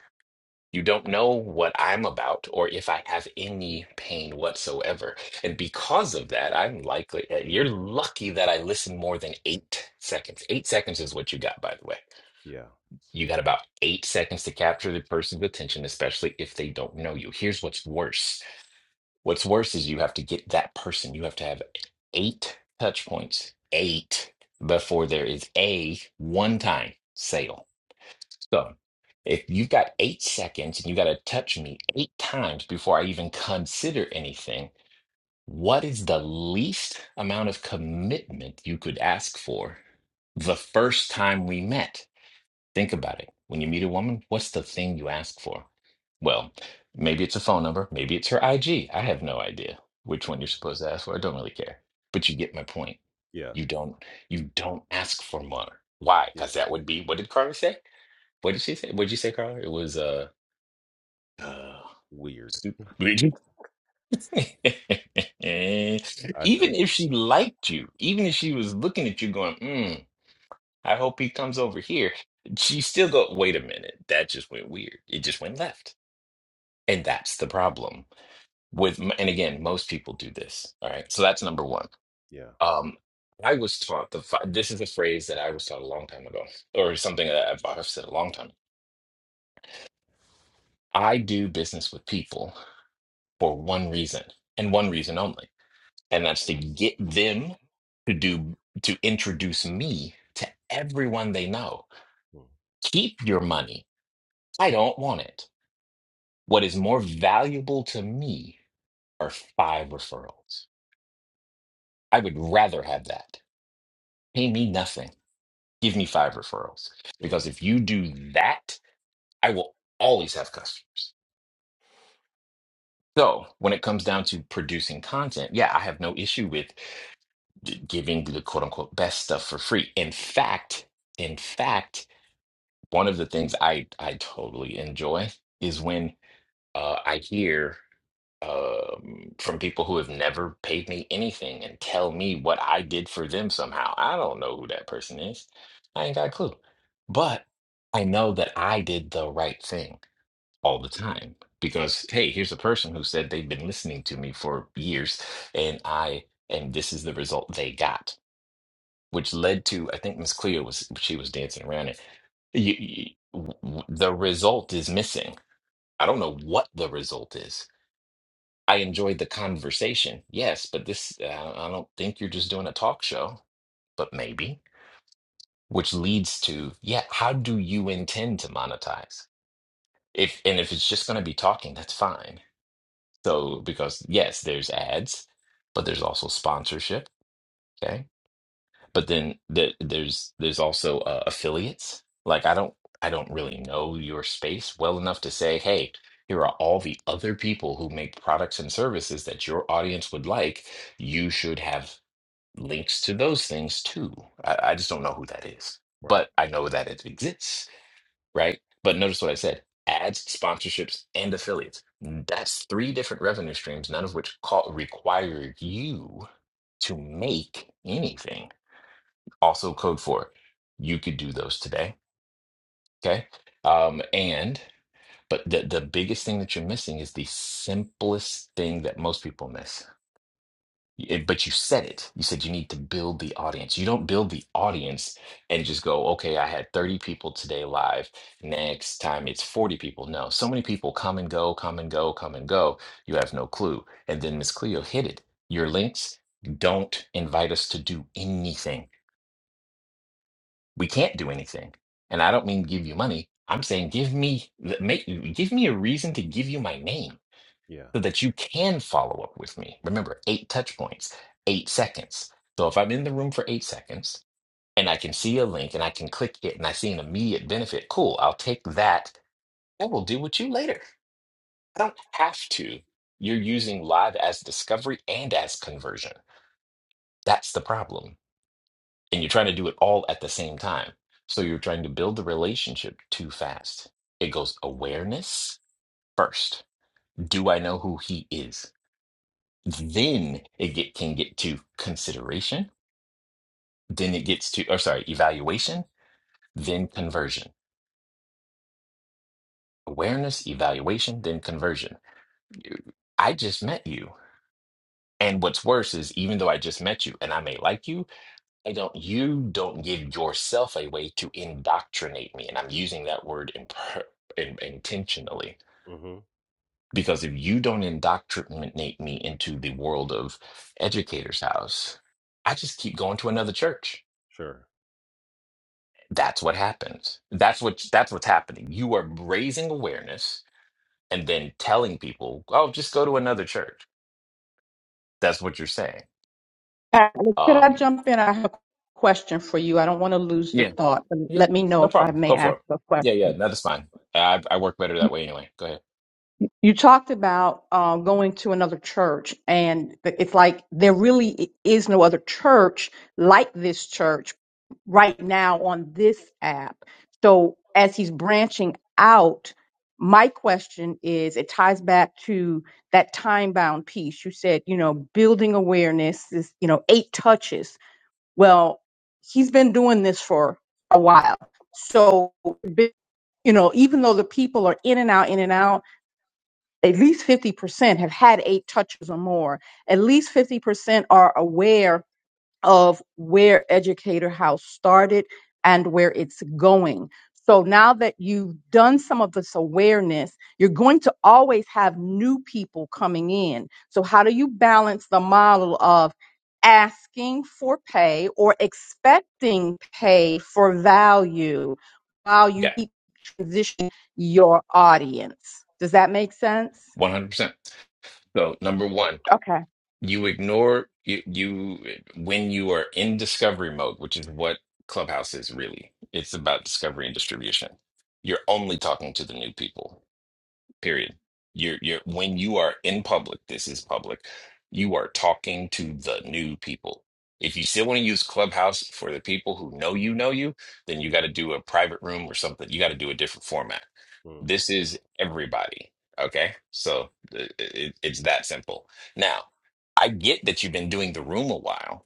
S2: You don't know what I'm about or if I have any pain whatsoever. And because of that, I'm likely, uh, you're lucky that I listened more than eight seconds. Eight seconds is what you got, by the way.
S1: Yeah.
S2: You got about eight seconds to capture the person's attention, especially if they don't know you. Here's what's worse. What's worse is you have to get that person. You have to have eight touch points, eight, before there is a one-time sale so if you've got eight seconds and you got to touch me eight times before I even consider anything, what is the least amount of commitment you could ask for the first time we met? Think about it. When you meet a woman, what's the thing you ask for? Well, maybe it's a phone number, maybe it's her IG. I have no idea which one you're
S1: Mm.
S2: supposed to ask for. I don't really care. But you get my point.
S1: Yeah.
S2: You don't you don't ask for more. Why?
S1: Yeah.
S2: Because that would be what did Carla say? What did she say? What did you say, Carla? It was uh uh
S1: Weird.
S2: stupid.
S1: I feel
S2: Even
S1: you.
S2: if she liked you, even if she was looking at you going, mm, I hope he comes over here. She still go, wait a minute, that just went weird. It just went left. And that's the problem with, and again, most people do this. All right. So that's number one.
S1: Yeah.
S2: Um, I was taught the, fi- this is a phrase that I was taught a long time ago, or something that I've I've said a long time. I do business with people for one reason and one reason only, and that's to get them to do, to introduce me to everyone they know.
S1: Mm.
S2: Keep your money. I don't want it. What is more valuable to me are five referrals. I would rather have that. Pay me nothing. Give me five referrals.
S1: Mm.
S2: Because if you do that, I will always have customers. So when it comes down to producing content, yeah, I have no issue with d- giving the quote unquote best stuff for free. In fact, in fact, one of the things I I totally enjoy is when uh, I hear um, from people who have never paid me anything and tell me what I did for them somehow. I don't know who that person is. I ain't got a clue. But I know that I did the right thing all the time because, hey, here's a person who said they've been listening to me for years and I, and this is the result they got, which led to, I think Miss Cleo was, she was dancing around it. You, you, w- w- the result is missing. I don't know what the result is I enjoyed the conversation, yes, but this, uh, I don't think you're just doing a talk show, but maybe, which leads to, yeah, how do you intend to monetize? If, and if it's just going to be talking, that's fine. So, because yes, there's ads, but there's also sponsorship. Okay. but then there, there's there's also uh, affiliates like i don't i don't really know your space well enough to say hey here are all the other people who make products and services that your audience would like you should have links to those things too i, I just don't know who that is
S1: Right.
S2: but i know that it exists right but notice what i said ads sponsorships and affiliates that's three different revenue streams none of which call, require you to make anything also code for it. You could do those today. Okay. Um, and, but the, the biggest thing that you're missing is the simplest thing that most people miss. It- but you said it. You said you need to build the audience. You don't build the audience and just go, okay, I had 30 people today live. Next time it's 40 people. No, so many people come and go, come and go, come and go. You have
S1: Right.
S2: no clue. And then Miss Cleo hit it. Your links don't invite us to do anything we can't do anything. And I don't mean give you money. I'm saying give me make give me a reason to give you my name
S1: Yeah.
S2: so that you can follow up with me. Remember, eight touch points, eight seconds. So if I'm in the room for eight seconds and I can see a link and I can click it and I see an immediate benefit, cool. I'll take that. I will deal with you later. I don't have to. You're using live as discovery and as conversion. That's the problem. and you're trying to do it all at the same time. So you're trying to build the relationship too fast. It goes awareness first. Do I know who he is? Then it get, can get to consideration. Then it gets to, or sorry, evaluation, then conversion. Awareness, evaluation, then conversion. You- I just met you. And what's worse is, even though I just met you and I may like you, I don't, you don't give yourself a way to indoctrinate me. And I'm using that word in, in, intentionally
S1: Mm-hmm.
S2: because if you don't indoctrinate me into the world of Educator's House, I just keep going to another church.
S1: Sure.
S2: That's what happens. That's what that's what's happening. You are raising awareness and then telling people, "Oh, just go to another church." That's what you're saying.
S3: Uh, Could I
S2: Um,
S3: jump in? I have a question for you. I don't want to lose the
S2: yeah,
S3: thought. and
S2: yeah,
S3: Let me know
S2: no
S3: if I
S2: problem.
S3: may
S2: Go for
S3: ask
S2: it.
S3: a
S2: Yeah, yeah,
S3: question.
S2: that is fine. I I work better that way anyway. Go
S3: You talked about uh, going to another church, and it's like there really i- is no other church like this church right now on this app. So as he's branching out, my question is it ties back to that time bound piece. You said, you know, building awareness is, you know, eight touches Well, he's been doing this for a while. So, you know, even though the people are in and out, in and out, at least 50% have had eight touches or more. At least 50% are aware of where Educator House started and where it's going. So now that you've done some of this awareness, you're going to always have new people coming in. So, how do you balance the model of asking for pay or expecting pay for value while you
S2: ahead.
S3: keep transitioning your audience? Does that make sense?
S2: 100%. So, number
S1: Mm.
S2: one,
S3: Okay.
S2: you ignore you, you when you are in discovery mode, which is what Clubhouse is really. It's about discovery and distribution. You're only talking to the new people period you're you're when you are in public this is public you are talking to the new people if you still want to use clubhouse for the people who know you know you then you got to do a private room or something you got to do a different format
S1: Mm.
S2: this is everybody okay so it, it, it's that simple now i get that you've been doing the room a while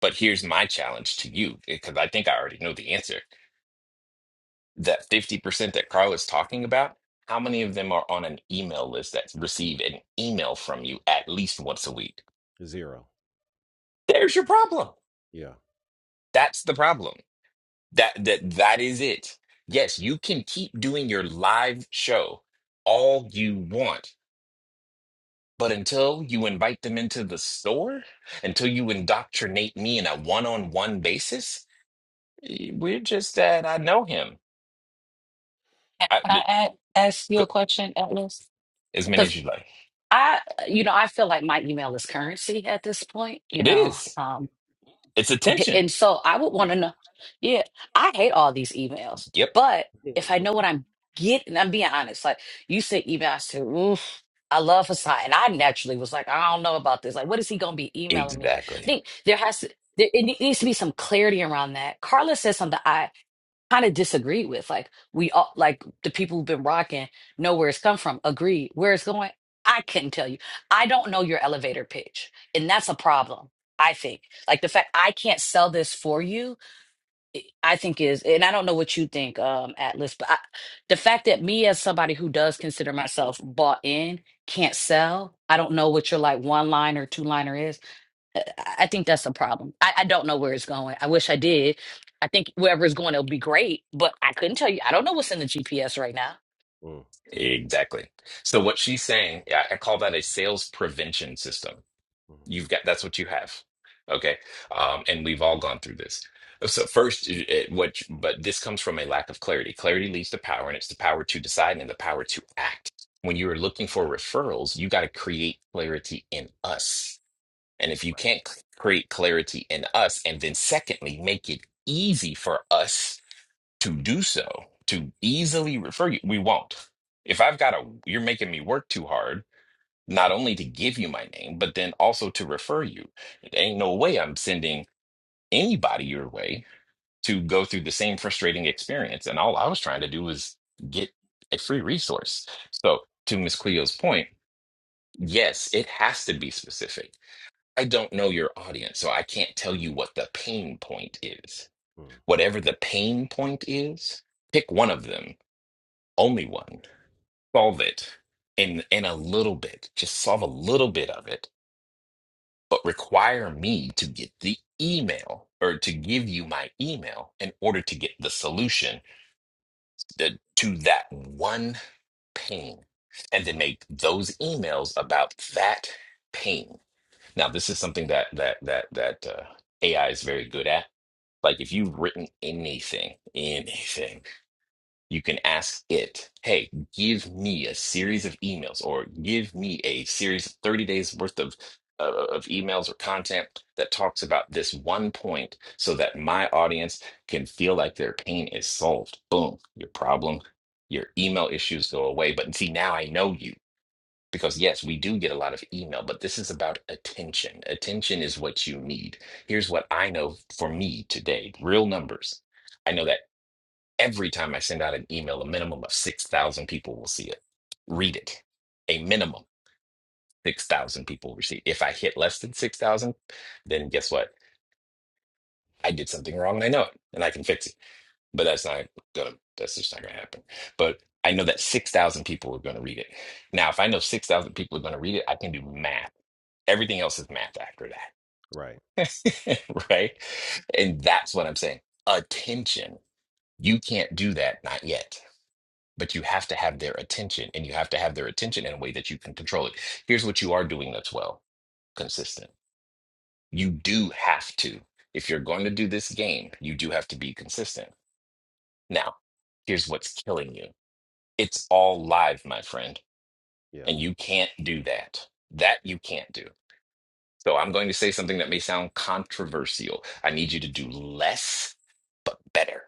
S2: but here's my challenge to you because i think i already know the answer that 50% that Carl is talking about, how many of them are on an email list that receive an email from you at least once a week?
S1: Zero.
S2: There's your problem.
S1: Yeah.
S2: That's the problem. That that that is it. Yes, you can keep doing your live show all you want, but until you invite them into the store, until you indoctrinate me in a one-on-one basis, eh, we're just at I know him.
S4: Can
S2: I,
S4: can I
S2: th-
S4: add, ask you a
S2: th-
S4: question, Atlas?
S2: as many as
S4: Because
S2: you like.
S4: I, you know, I feel like my email is currency at this point. You
S2: It
S4: know,
S2: is.
S1: Yeah.
S4: um,
S2: It's attention.
S4: And so I would want to know, yeah, I hate all these emails,
S2: Yep.
S4: but if I know what I'm getting, I'm being honest. Like you said, email, I said, oof, I love Hassan. And I naturally was like, I don't know about this. Like, what is he going to be emailing me? I
S2: Exactly.
S4: think there has to, there, it ne- needs to be some clarity around that. Carla said something. I kind of disagree with. Like we all like the people who've been rocking know where it's come from, agree where it's going. I couldn't tell you. I don't know your elevator pitch. And that's a problem, I think. Like the fact I can't sell this for you, I think is and I don't know what you think, um, Atlas, but I, the fact that me as somebody who does consider myself bought in can't sell, I don't know what your like one liner or two liner is. I think that's a problem. I, I don't know where it's going. I wish I did. I think wherever it's going, it'll be great, but I couldn't tell you. I don't know what's in the GPS right now.
S1: Mm.
S2: Exactly. So what she's saying, yeah, I call
S1: Mm.
S2: that a sales prevention system.
S1: Mm.
S2: You've got that's what you have. Okay. Um, and we've all gone through this. Uh, So first, it, it- what but this comes from a lack of clarity. Clarity leads to power, and it's the power to decide and the power to act. When you are looking for referrals, you got to create clarity in us. And if you
S1: Right.
S2: can't c- create clarity in us, and then secondly, make it easy for us to do so, to easily refer you. We won't. If I've got a, you're making me work too hard, not only to give you my name, but then also to refer you. It ain't no way I'm sending anybody your way to go through the same frustrating experience. And all I was trying to do was get a free resource. So, to Miss Cleo's point, yes, it has to be specific. I don't know your audience, so I can't tell you what the pain point is.
S1: Mm.
S2: Whatever the pain point is, pick one of them only one. Solve it in in a little bit. Just solve a little bit of it, but require me to get the email or to give you my email in order to get the solution that, to that one pain, and then make those emails about that pain. Now, this is something that that that that uh, AI is very good at. Like if you've written anything, anything. you can ask it, hey, give me a series of emails or give me a series of 30 days worth of, uh, of emails or content that talks about this one point so that my audience can feel like their pain is solved. Boom, your problem, your email issues go away. But see, now I know you because yes, we do get a lot of email, but this is about attention. Attention is what you need. Here's what I know for me today real numbers. I know that. Every time I send out an email, a minimum of 6,000 people will see it,
S1: hmm
S2: read it. A minimum 6,000 people receive. If I hit less than 6,000, then guess what? I did something wrong and I know it and I can fix it. But that's not gonna, that's just not gonna happen. But I know that 6,000 people are gonna read it. Now, if I know 6,000 people are gonna read it, I can do math. Everything else is math after
S1: Right.
S2: that. Right? And that's what I'm saying. Attention. You can't do that, not yet but you have to have their attention and you have to have their attention in a way that you can control it. Here's what you are doing that's well consistent. You do have to. If you're going to do this game, you do have to be consistent. Now, here's what's killing you it's all live, my friend,
S1: Yeah.
S2: and you can't do that. That you can't do. So I'm going to say something that may sound controversial. I need you to do less, but better.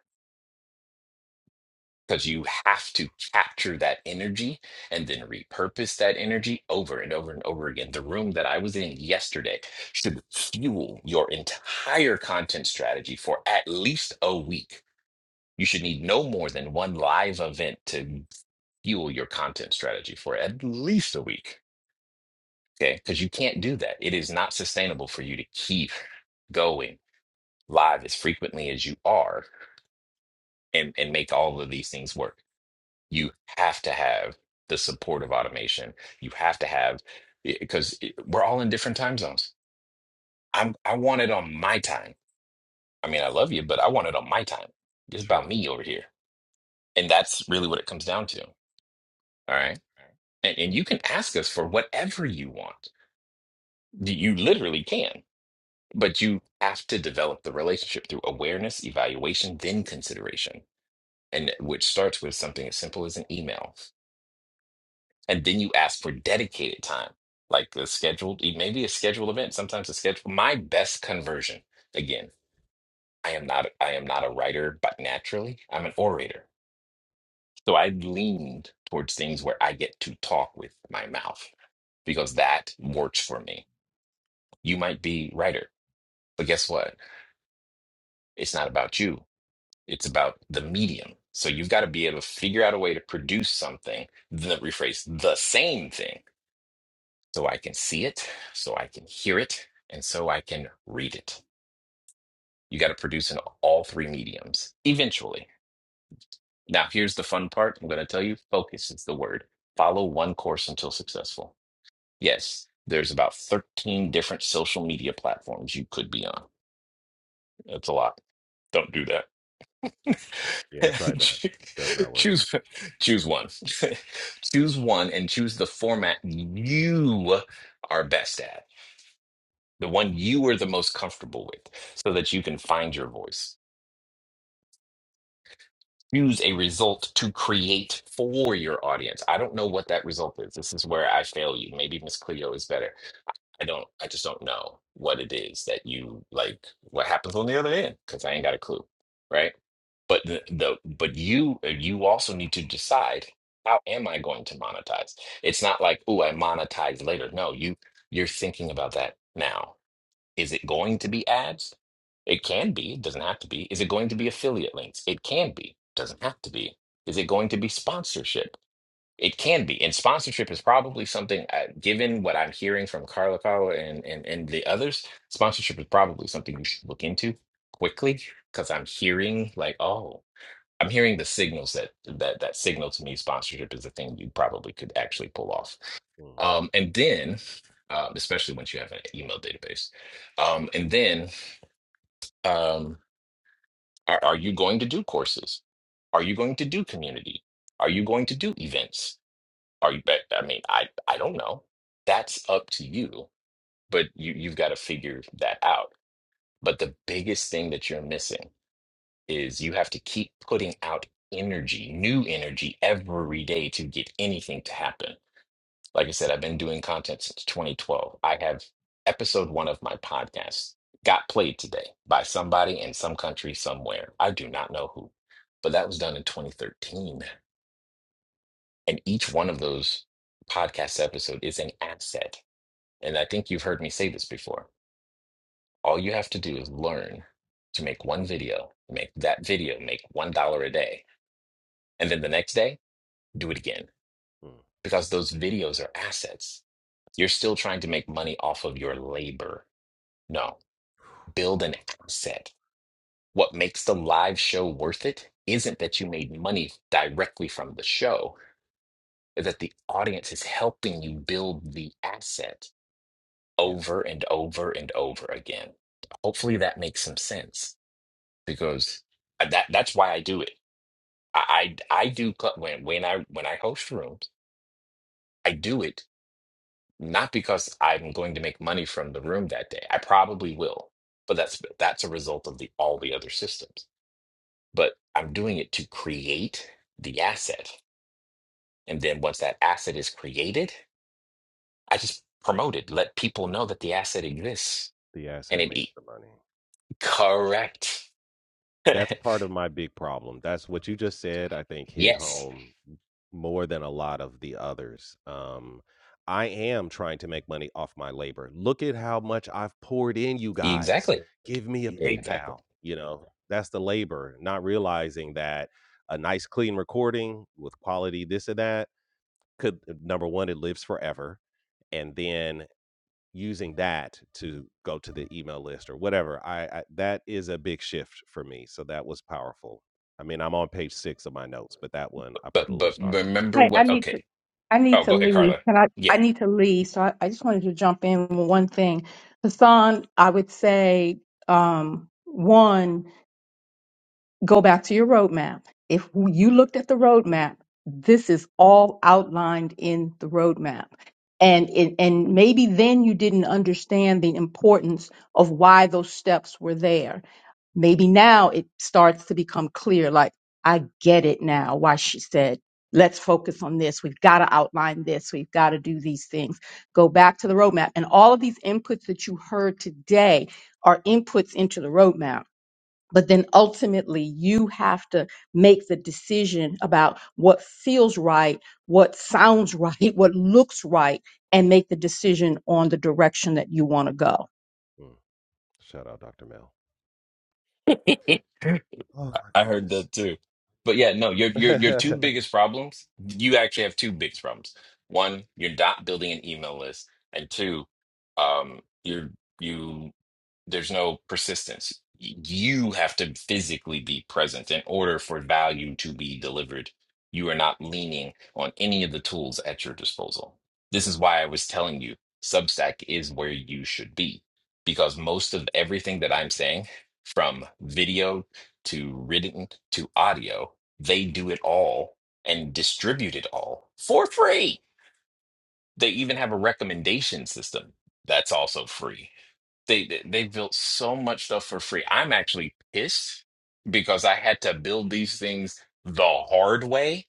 S2: because you have to capture that energy and then repurpose that energy over and over and over again. The room that I was in yesterday should fuel your entire content strategy for at least a week. You should need no more than one live event to fuel your content strategy for at least a week. Okay. Because you can't do that. It is not sustainable for you to keep going live as frequently as you are and, and make all of these things work. you have to have the support of automation. You have to have because we're all in different time zones. I'm I want it on my time. I mean, I love you, but I want it on my time. It's about
S1: Sure.
S2: me over here. And that's really what it comes down to. All right. And and you can ask us for whatever you want. You you literally can, but you have to develop the relationship through awareness, evaluation, then consideration. And which starts with something as simple as an email. and then you ask for dedicated time like the scheduled e, maybe a scheduled event sometimes a schedule my best conversion again i am not i am not a writer but naturally i'm an orator so i leaned towards things where i get to talk with my mouth because that works for me you might be writer but guess what it's not about you it's about the medium so you've got to be able to figure out a way to produce something the rephrase the same thing so I can see it, so I can hear it, and so I can read it. You got to produce in all three mediums eventually. Now, here's the fun part. I'm going to tell you focus is the word. Follow one course until successful. Yes, there's about 13 different social media platforms you could be on. That's a lot. Don't do that.
S1: Yeah, I tried that. It Does not work.
S2: choose choose one. choose one and choose the format you are best at the one you are the most comfortable with, so that you can find your voice. Use a result to create for your audience. I don't know what that result is. This is where I fail you. Maybe Miss Cleo is better. I don't, I just don't know what it is that you like, what happens on the other end, because I ain't got a clue. Right. But the, the but you you also need to decide how am I going to monetize? It's not like, oh, I monetize later. No, you you're thinking about that now Is it going to be ads? It can be, it doesn't have to be. Is it going to be affiliate links? It can be, doesn't have to be. Is it going to be sponsorship? It can be. And sponsorship is probably something, uh, given what I'm hearing from Carla Carla and, and, and the others, sponsorship is probably something you should look into quickly because I'm hearing like, oh, I'm hearing the signals that that that signal to me sponsorship is a thing you probably could actually pull off.
S1: Mm.
S2: Um, and then, um, especially once you have an email database, um, and then, um, are, are you going to do courses? Are you going to do community? Are you going to do events? Are you? I I mean, I I don't know. That's up to you, but you you've got to figure that out. But the biggest thing that you're missing is you have to keep putting out energy, new energy every day to get anything to happen Like I said, I've been doing content since 2012. I have episode one of my podcast got played today by somebody in some country somewhere. I do not know who, but that was done in 2013. And each one of those podcast episode is an asset. And I think you've heard me say this before. All you have to do is learn to make one video, make that video make $1 a day. And then the next day, do it again
S1: Mm.
S2: because those videos are assets. You're still trying to make money off of your labor No, build an asset. What makes the live show worth it isn't that you made money directly from the show, but that the audience is helping you build the asset
S1: Yeah.
S2: over and over and over again. Hopefully that makes some sense because that that's why I do it. I I, I do cl- when when I when I host rooms, I do it not because I'm going to make money from the room that day. I probably will, but that's that's a result of the all the other systems but I'm doing it to create the asset. And then once that asset is created, I just promote it, let people know that the asset exists.
S1: The
S2: And
S1: asset
S2: it
S1: makes
S2: e-
S1: the money.
S2: correct.
S1: That's part of my big problem. That's what you just said, I think hit
S2: yes,
S1: home more than a lot of the others. Um, I am trying to make money off my labor. Look at how much I've poured in, you guys.
S2: exactly.
S1: Give me a Exactly.
S2: Exactly.
S1: PayPal. You know, that's the labor, not realizing that a nice, clean recording with quality, this and that, could uh, number one, it lives forever. And then using that to go to the email list or whatever I, I that is a big shift for me so that was powerful i mean i'm on page six of my notes but that one i
S2: But
S1: put a little
S2: but
S1: star next to
S2: remember
S1: it
S3: Hey, I
S2: when
S3: need to
S2: okay.
S3: I need
S2: Oh,
S3: to
S2: go ahead,
S3: leave.
S2: Carla.
S3: Can I
S2: Yeah,
S3: I need to leave. So I, I just wanted to jump in with one thing. Hassan, I would say um one, go back to your roadmap. If you looked at the roadmap, this is all outlined in the roadmap. And it, and maybe then you didn't understand the importance of why those steps were there maybe now it starts to become clear like i get it now why she said let's focus on this we've got to outline this we've got to do these things go back to the roadmap and all of these inputs that you heard today are inputs into the roadmap but then ultimately you have to make the decision about what feels right what sounds right what looks right and make the decision on the direction that you want to go
S1: Yeah. mm. shout out dr mel Oh my
S2: I heard
S1: goodness.
S2: that too. But yeah, no, your your your two biggest problems, you actually have two biggest problems. One, you're not building an email list, and two, um, you're you There's no persistence. You have to physically be present in order for value to be delivered. You are not leaning on any of the tools at your disposal. This
S1: yeah
S2: is why I was telling you Substack is where you should be because most of everything that I'm saying, from video to written to audio, they do it all and distribute it all for free. They even have a recommendation system that's also free they they they built so much stuff for free. I'm actually pissed because I had to build these things the hard way,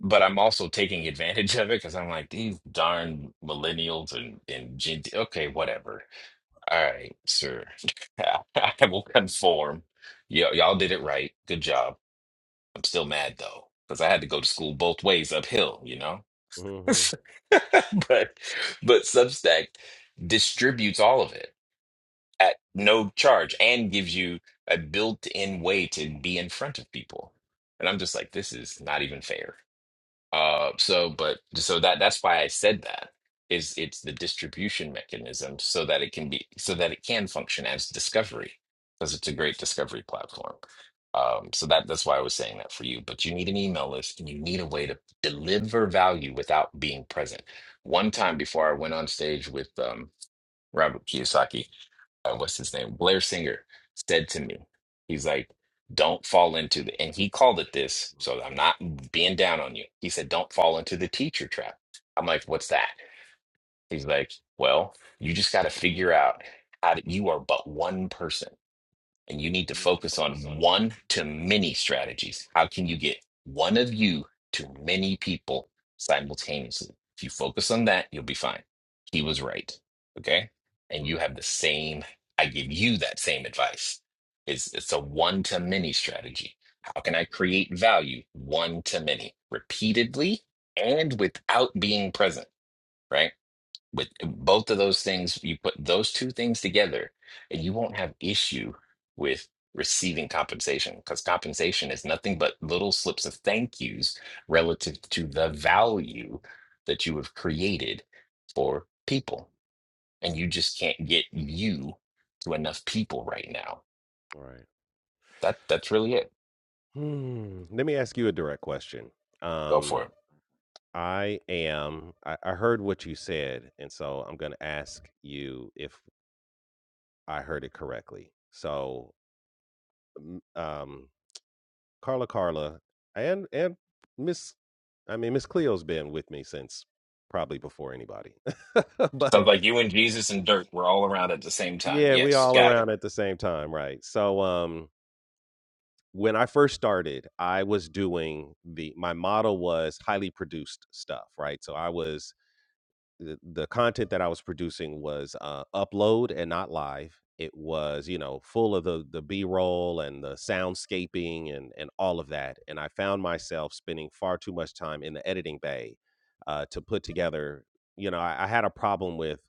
S2: but I'm also taking advantage of it because I'm like these darn millennials and and Gen Z. Okay, whatever. All right, sir. I will conform. Y y'all did it right. Good job. I'm still mad though because I had to go to school both ways uphill. You know,
S1: mm-hmm.
S2: but but Substack distributes all of it at no charge and gives you a built-in way to be in front of people. And I'm just like, this is not even fair. Uh, so, but so that that's why I said that is it's the distribution mechanism so that it can be so that it can function as discovery because it's a great discovery platform. Um, so that that's why I was saying that for you. But you need an email list and you need a way to deliver value without being present. One time before I went on stage with um, Robert Kiyosaki, uh, what's his name? Blair Singer said to me, he's like, don't fall into the, and he called it this. So I'm not being down on you. He said, don't fall into the teacher trap. I'm like, what's that? He's like, well, you just got to figure out how to, you are but one person and you need to focus on one to many strategies. How can you get one of you to many people simultaneously? If you focus on that, you'll be fine. He was right. Okay. And you
S1: mm.
S2: have the same, I give you that same advice. It's, it's a one to many strategy. How can I create value one to many repeatedly and without being present? Right with both of those things, you put those two things together, and you won't have issue with receiving compensation because compensation is nothing but little slips of thank yous relative to the value that you have created for people. And you just can't get you to enough people right now.
S1: all right
S2: That that's really it.
S1: hmm. let me ask you a direct question
S2: Go
S1: um
S2: for it.
S1: i am I, I heard what you said and so i'm going to ask you if i heard it correctly so um Carla Carla and and Miss I mean Miss Cleo's been with me since probably before anybody. but
S2: Sounds like you and Jesus and dirt were all around at the same time.
S1: yeah, we
S2: Yes,
S1: all
S2: got it.
S1: around at the same time, right? So um when I first started, I was doing the my model was highly produced stuff, right? So I was the the content that I was producing was uh, upload and not live. It was, you know, full of the the B roll and the soundscaping and and all of that. And I found myself spending far too much time in the editing bay uh, to put together. You know, I, I had a problem with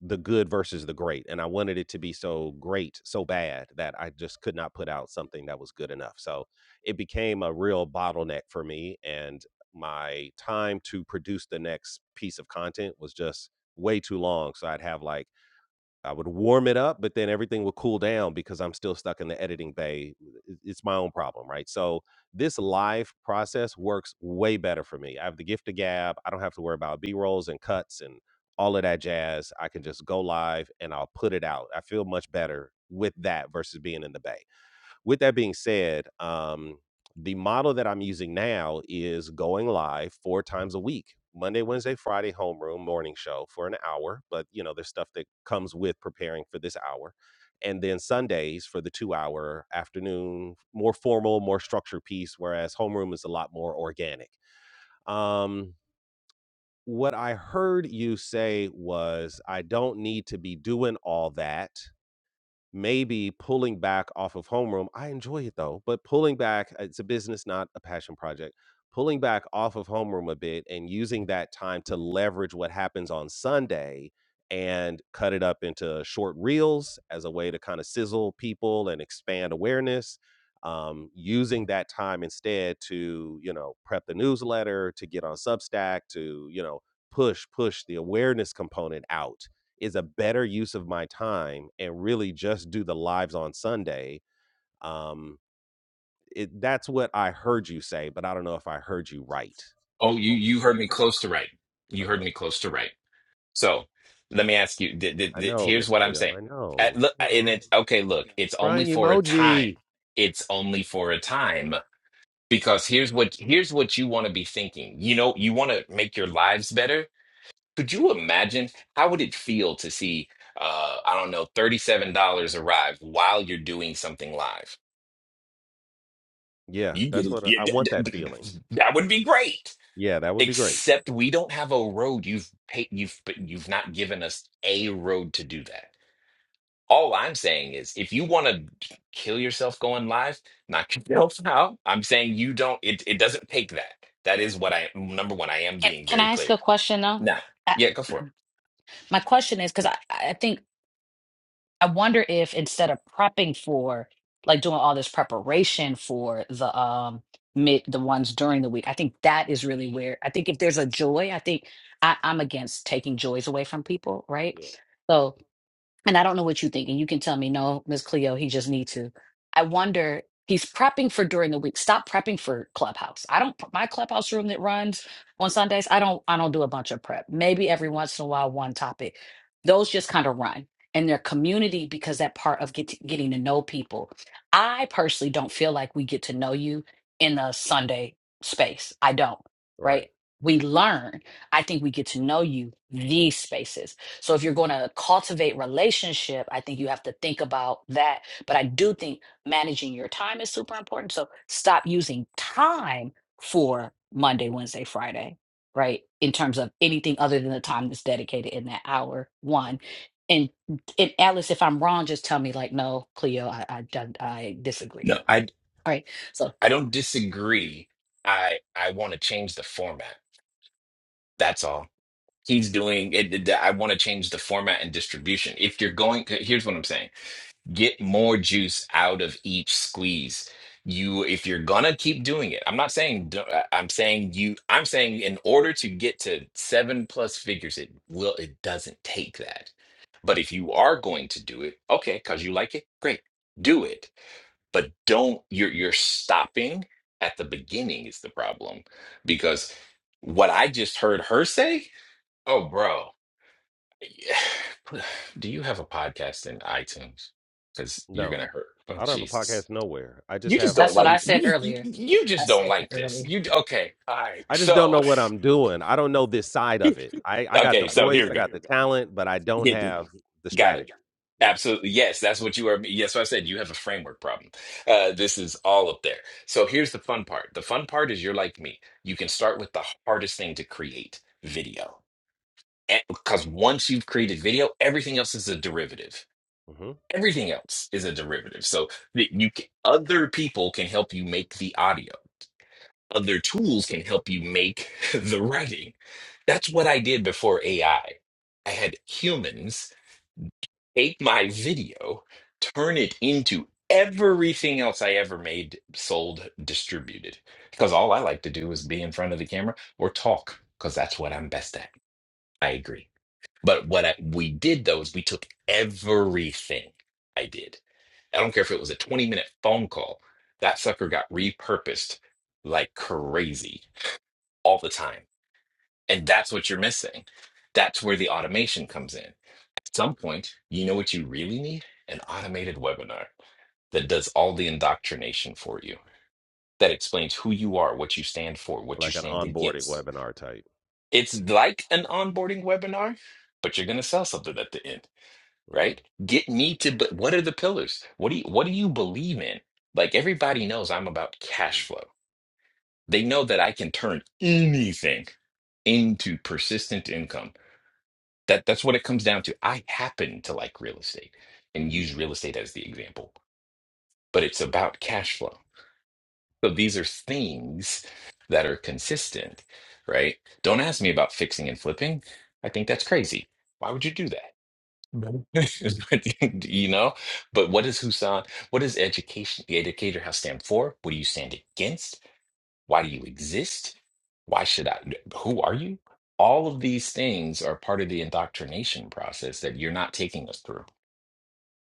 S1: the good versus the great and i wanted it to be so great so bad that i just could not put out something that was good enough so it became a real bottleneck for me and my time to produce the next piece of content was just way too long so i'd have like I would warm it up, but then everything would cool down because I'm still stuck in the editing bay. It- It's my own problem, right? So this live process works way better for me. I have the gift of gab. I don't have to worry about B rolls and cuts and all of that jazz. I can just go live and I'll put it out. I feel much better with that versus being in the bay. With that being said, um, the model that I'm using now is going live four times a week. Monday, Wednesday, Friday, homeroom, morning show for an hour. But you know, there's stuff that comes with preparing for this hour. And then Sundays for the two hour afternoon, more formal, more structured piece, whereas homeroom is a lot more organic. Um, what I heard you say was, I don't need to be doing all that maybe pulling back off of homeroom i enjoy it though but pulling back uh, it's a business not a passion project pulling back off of homeroom a bit and using that time to leverage what happens on sunday and cut it up into short reels as a way to kind of sizzle people and expand awareness um, using that time instead to you know prep the newsletter to get on substack to you know push push the awareness component out is a better use of my time and really just do the lives on Sunday. Um, it, that's what I heard you say, but I don't know if I heard you right.
S2: Oh, you you heard me close to right. You heard
S1: Uh-huh.
S2: me close to right. So let me ask you. Did, did,
S1: I
S2: did-
S1: know,
S2: here's
S1: Miss
S2: what I'm
S1: Cleo.
S2: saying.
S1: I
S2: At,
S1: know.
S2: look, uh, and
S1: Well,
S2: it's okay. Look, it's only
S1: crying
S2: for a
S1: emoji.
S2: time. It's only for a time because here's what here's what you want to be thinking. You know, you want to make your lives better. Could you imagine how would it feel to see, uh, I don't know, thirty-seven dollars arrive while you're doing something live?
S1: Yeah,
S2: You get
S1: that's what I,
S2: you,
S1: I want that feeling.
S2: that would be great.
S1: Yeah, that would be great.
S2: Except we don't have a road. You've paid. You've but you've not given us a road to do that. All I'm saying is, if you want to kill yourself going live, knock yourself out. I'm saying you don't. It it doesn't take that. That is what I number one. I am
S4: Can
S2: being
S4: Can
S2: very
S4: I ask
S2: clear.
S4: a question though?
S2: Now,
S4: I,
S2: yeah, go for it.
S4: my question is because I I think I wonder if instead of prepping for, like doing all this preparation for the um mid the ones during the week, I think that is really where I think if there's a joy, I think I, I'm against taking joys away from people, right?
S1: Yeah,
S4: so and I don't know what you think, and you can tell me, no, Miss Cleo, he just need to. I wonder he's prepping for during the week. Stop prepping for Clubhouse. I don't my Clubhouse room that runs on Sundays. I don't I don't do a bunch of prep. Maybe every once in a while one topic. Those just kind of run. And their community because that part of get getting to know people. I personally don't feel like we get to know you in a Sunday space. I don't,
S1: right.
S4: right? We learn. I think we get to know you these spaces. So if you're going to cultivate relationship, I think you have to think about that. But I do think managing your time is super important. So stop using time for Monday, Wednesday, Friday, right? In terms of anything other than the time that's dedicated in that hour
S1: Mhm.
S4: one. And and Alice, if I'm wrong, just tell me like, no, Cleo, I I, I I disagree.
S2: No, I
S4: All right. So
S2: I don't disagree. I I want to change the format. That's all. He's doing it. it- I want to change the format and distribution. If you're going, here's what I'm saying. get more juice out of each squeeze you if you're gonna keep doing it i'm not saying do- I- i'm saying you i'm saying in order to get to seven plus figures it will it doesn't take that but if you are going to do it okay because you like it great do it but don't you're you're stopping at the beginning is the problem because what i just heard her say oh bro Yeah. Put- Do you have a podcast in iTunes? Because you're
S1: No,
S2: gonna hurt. Oh
S1: I don't have a
S2: Jesus!
S1: podcast nowhere. I just
S2: You just
S1: have
S2: don't
S4: that's
S1: the
S4: what I
S2: like
S1: YouTube.
S2: you
S4: said
S2: just you
S4: earlier.
S2: you
S4: I
S2: just don't
S4: said that
S2: like this.
S4: earlier.
S2: You okay? All right.
S1: I just don't
S2: So
S1: know what I'm doing. I don't know this side of it. I I got
S2: okay.
S1: the
S2: So
S1: voice,
S2: here we
S1: I
S2: go.
S1: got the talent, but I don't
S2: Yeah, dude.
S1: have the
S2: Got it.
S1: strategy. Yeah.
S2: Absolutely. Yes, that's what you are. Yes, what I said you have a framework problem. Uh, this is all up there. So here's the fun part. The fun part is you're like me. You can start with the hardest thing to create video. Because once you've created video, everything else is a derivative
S1: hmm
S2: everything else is a derivative so that you c- other people can help you make the audio other tools can help you make the writing that's what i did before ai i I had humans take my video turn it into everything else i ever made sold distributed because all i like to do is be in front of the camera or talk because that's what i'm best at i agree but what I, we did though is we took everything I did. I don't care if it was a 20 minute phone call, that sucker got repurposed like crazy all the time. And that's what you're missing. That's where the automation comes in. At some point, you know what you really need? An automated webinar that does all the indoctrination for you, that explains who you are, what you stand for, what you
S1: Like an
S2: stand
S1: onboarding
S2: against.
S1: webinar type.
S2: It's like an onboarding webinar, but you're going to sell something at the end
S1: hmm
S2: right? Get me to, but what are the pillars? What do you, what do you believe in? Like everybody knows I'm about cash flow. They know that I can turn anything into persistent income. That that's what it comes down to. I happen to like real estate and use real estate as the example, but it's about cash flow. So these are things that are consistent, right? Don't ask me about fixing and flipping. I think that's crazy. Why would you do that? Mhm. Is what you you know but what is husan What is education the educator house stand for what do you stand against why do you exist why should i who are you all of these things are part of the indoctrination process that you're not taking us through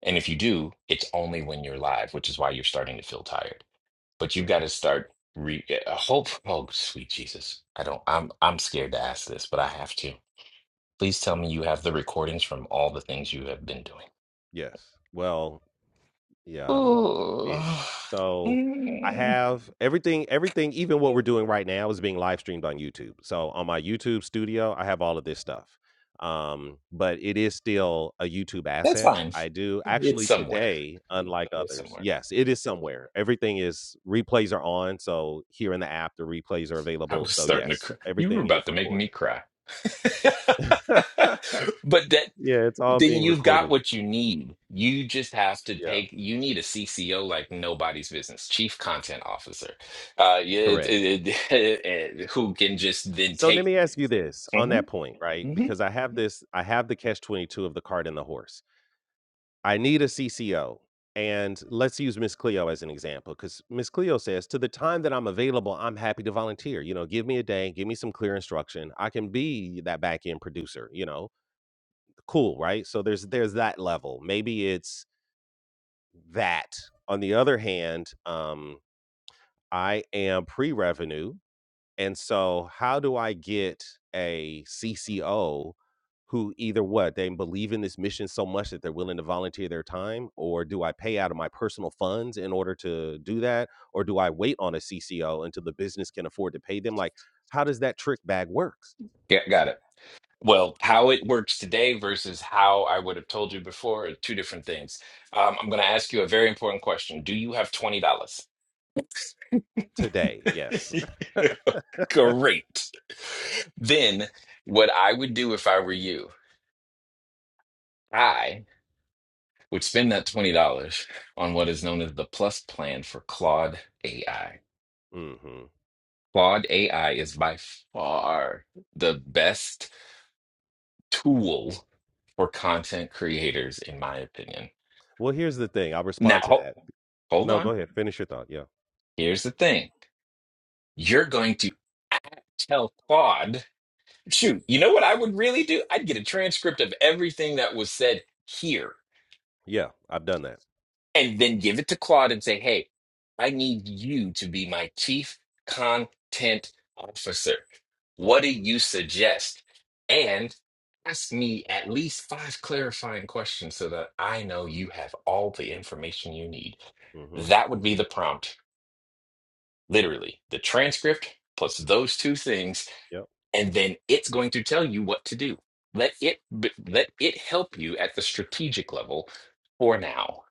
S2: and if you do it's only when you're live which is why you're starting to feel tired but you've
S1: Yeah.
S2: got to start re uh, hope oh sweet jesus i don't i'm i'm scared to ask this but i have to please tell
S1: to-
S2: me you have the recordings from all the things you have been doing
S1: yes. Well, Yeah, um,
S2: Oh,
S1: ish. So I
S2: mm,
S1: have everything, everything, even what we're doing right now is being live streamed on YouTube. So on my YouTube studio, I have all of this stuff. Um, but it is still a YouTube
S2: that's
S1: asset.
S2: fine.
S1: I do
S2: It's
S1: actually
S2: somewhere.
S1: today, unlike
S2: It's
S1: others,
S2: somewhere.
S1: yes, it is somewhere. Everything is replays are on. So here in the app, the replays are
S2: I
S1: available.
S2: was
S1: So
S2: starting to
S1: yes,
S2: cry. You were
S1: everything is
S2: about to make me
S1: recorded.
S2: cry. But that
S1: yeah, it's all
S2: then
S1: being
S2: you've got
S1: recorded.
S2: what you need. You just have to
S1: Yeah,
S2: take. You need a CCO like nobody's business, Chief Content Officer, uh, yeah, it-
S1: correct.
S2: it- it- who can just then
S1: So let
S2: take.
S1: me ask you this on
S2: hmm
S1: that point, right?
S2: hmm
S1: Because I have this, I have the catch 22 of the cart and the horse. I need a CCO. And let's use Miss Cleo as an example, because Miss Cleo says, to the time that I'm available, I'm happy to volunteer. You know, give me a day, give me some clear instruction. I can be that back end producer, you know, cool, right? So there's there's that level. Maybe it's that. On the other hand, um, I am pre-revenue And so how do I get a CCO who either what, they believe in this mission so much that they're willing to volunteer their time, or do I pay out of my personal funds in order to do that? Or do I wait on a CCO until the business can afford to pay them? Like, how does that trick bag work
S2: Yeah, got it. Well, how it works today versus how I would have told you before are two different things. Um, I'm going to ask you a very important question. Do you have $20?
S1: today? Yes.
S2: Great. Then, what I would do if I were you, I would spend that $20 on what is known as the Plus Plan for Claude AI.
S1: hmm
S2: Claude AI is by far the best tool for content creators, in my opinion.
S1: Well, here's the thing. I'll
S2: Now,
S1: respond to
S2: ho-
S1: that.
S2: hold
S1: No,
S2: on.
S1: go ahead. Finish your thought. Yeah.
S2: Here's the thing. You're going to tell Claude, shoot, you know what I would really do? I'd get a transcript of everything that was said here
S1: Yeah. I've done that.
S2: and then give it to Claude and say, hey, I need you to be my chief content officer. What
S1: Mm-hmm.
S2: do you suggest? And ask me at least five clarifying questions so that I know you have all the information you need.
S1: Mm-hmm.
S2: That would be the prompt, literally, the transcript plus those two things
S1: Yep.
S2: and then it's going to tell you what to do. Let it b- let it help you at the strategic level for now.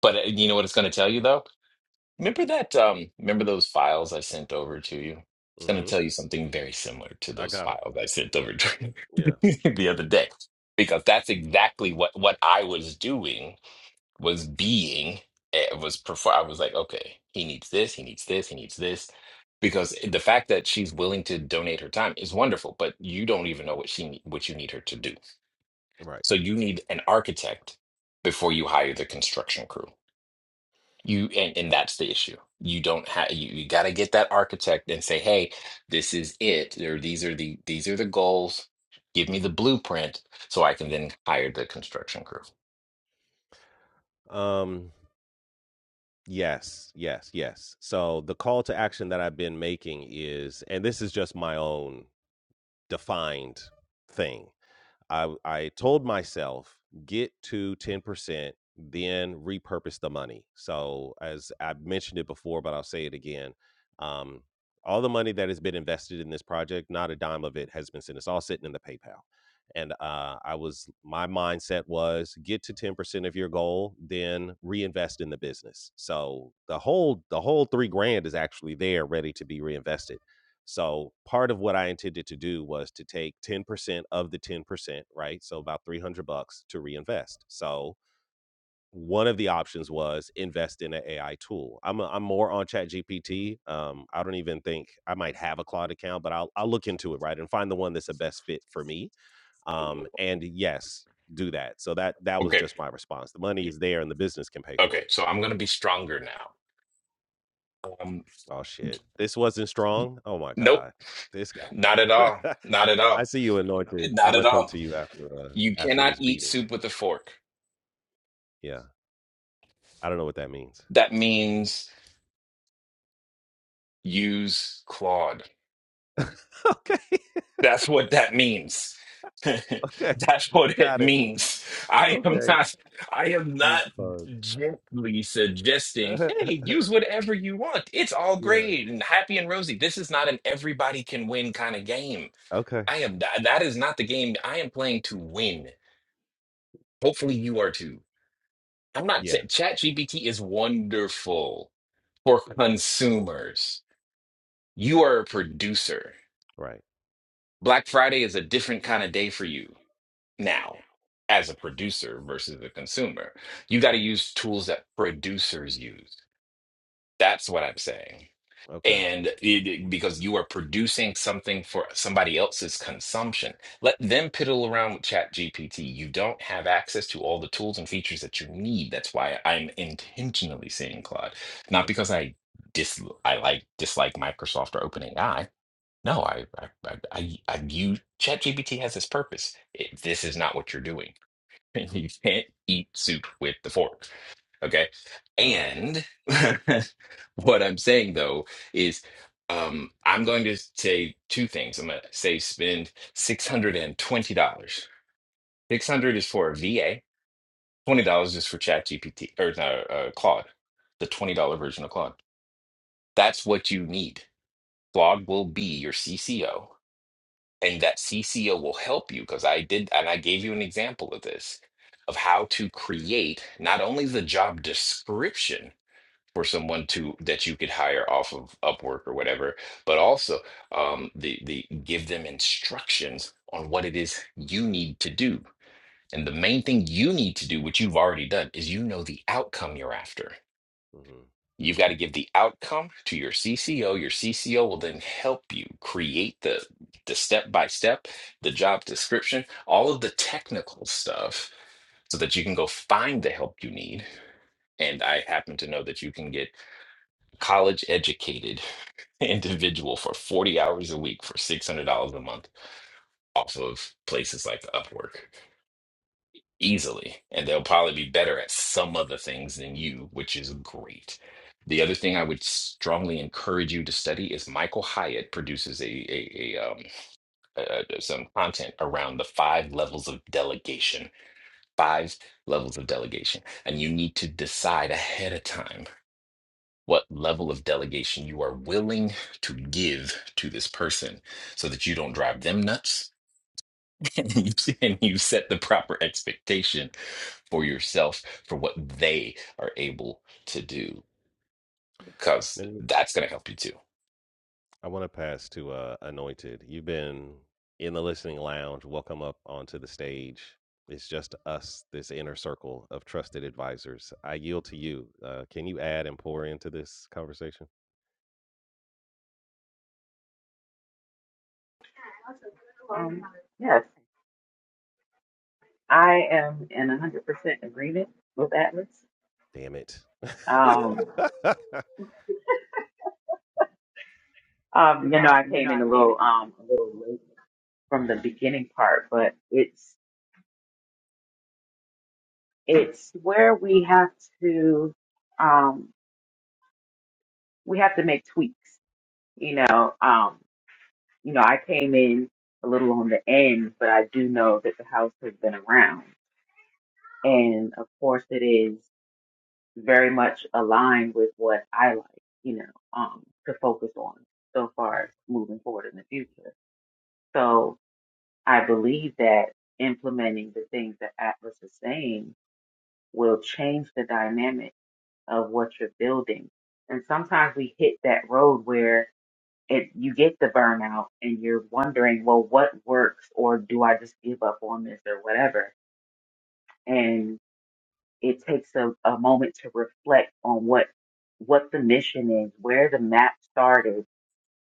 S2: But uh, you know what it's going to tell you though? Remember that um remember those files I sent over to you? It's going to
S1: hmm
S2: tell you something very similar to
S1: I
S2: those
S1: got them.
S2: files I sent over to
S1: Yeah.
S2: you the other day because that's exactly what what I was doing was being eh, was perform I was like, okay, he needs this, he needs this, he needs this. Because the fact that she's willing to donate her time is wonderful, but you don't even know what she ne- what you need her to do.
S1: Right.
S2: So you need an architect before you hire the construction crew. You and, and that's the issue. You don't have you, you got to get that architect and say, "Hey, this is it. Or these are the these are the goals. Give me the blueprint so I can then hire the construction crew."
S1: Um. Yes, yes, yes. So the call to action that I've been making is, and this is just my own defined thing, I I told myself get to 10%, then repurpose the money. So as I've mentioned it before, but I'll say it again. Um, all the money that has been invested in this project, not a dime of it has been sent. It's all sitting in the PayPal. And uh, I was my mindset was get to 10% of your goal, then reinvest in the business. So the whole the whole three grand is actually there ready to be reinvested. So part of what I intended to do was to take 10% of the 10% right? So about 300 bucks to reinvest. So one of the options was invest in an AI tool. I'm a, I'm more on ChatGPT. Um, I don't even think I might have a cloud account, but I'll I'll look into it right and find the one that's the best fit for me. Um, and yes, do that. So that that was
S2: Okay.
S1: just my response. The money is there, and the business can pay for
S2: Okay.
S1: it.
S2: So I'm going to be stronger now Um,
S1: Oh shit, this wasn't strong. Oh my
S2: nope,
S1: god, this guy.
S2: not at all. Not at
S1: I
S2: all.
S1: see you anointed. I'm
S2: Not at
S1: gonna come
S2: all.
S1: to you after uh,
S2: You
S1: after
S2: cannot
S1: this
S2: eat
S1: beating.
S2: soup with a fork.
S1: Yeah, I don't know what that means.
S2: That means use Claude.
S1: okay,
S2: That's what that means.
S1: okay.
S2: That's what it
S1: Got it.
S2: means. I am
S1: Okay.
S2: not I am
S1: Used
S2: not
S1: card.
S2: gently suggesting, hey, use whatever you want. It's all
S1: yeah.
S2: great and happy and rosy. This is not an everybody can win kind of game.
S1: Okay.
S2: I am that is not the game I am playing to win. Hopefully you are too. I'm not
S1: Yeah.
S2: Ch- ChatGPT is wonderful for consumers. You are a producer.
S1: Right.
S2: Black Friday is a different kind of day for you now as a producer versus a consumer. You got to use tools that producers use. That's what I'm saying.
S1: Okay.
S2: and it, because you are producing something for somebody else's consumption let them piddle around with chat gpt you don't have access to all the tools and features that you need that's why i'm intentionally saying claude not
S1: Okay.
S2: because i dis i like dislike microsoft or openai no i i i, I, I view chat has its purpose it, this is not what you're doing you can't eat soup with the fork Okay.
S1: All right.
S2: And what I'm saying though is um, I'm going to say two things. I'm going to say spend $620. 600 is for a VA. $20
S1: Mm-hmm.
S2: is for ChatGPT or no, uh, Claude, the $20 version of Claude. That's what you need. Claude will be your CCO, and that CCO will help you because I did, and I gave you an example of this of how to create not only the job description for someone to that you could hire off of Upwork or whatever, but also um, the the give them instructions on what it is you need to do. And the main thing you need to do, which you've already done, is you know the outcome you're after.
S1: Mm-hmm.
S2: You've got to give the outcome to your CCO. Your CCO will then help you create the the step by step, the job description, all of the technical stuff so that you can go find the help you need. And I happen to know that you can get college educated individual for 40 hours a week for $600 a month off of places like Upwork easily. And they'll probably be better at some of the things than you, which is great. The other thing I would strongly encourage you to study is Michael Hyatt produces a, a, a um, uh, some content around the five levels of delegation, five levels of delegation, and you need to decide ahead of time what level of delegation you are willing to give to this person so that you don't drive them nuts and you, and you set the proper expectation for yourself for what they are able to do because
S1: Let me-
S2: that's going to help you
S1: I want to pass to uh, Anointed. You've been in the listening lounge. Welcome up onto the stage. It's just us, this inner circle of trusted advisors. I yield to you. Uh, can you add and pour into this conversation?
S5: Um, yes, I am 100% agreement with Atlas.
S1: Damn it.
S5: Um,
S1: yeah.
S5: um, you know, I came in a little, um, a little late from the beginning part, but it's, it's where we have to, um, we have to make tweaks, you know, um, you know, I came in a little on the end, but I do know that the house has been around. And of course it is. very much aligned with what I like, you know, um, to focus on so
S1: Yeah.
S5: far as moving forward in the future. So I believe that implementing the things that Atlas is saying will change the dynamic of what you're building. And sometimes we hit that road where it, you get the burnout and you're wondering, well, what works or do I just give up on this or whatever? it takes a, a moment to reflect on what what the mission is, where the map started,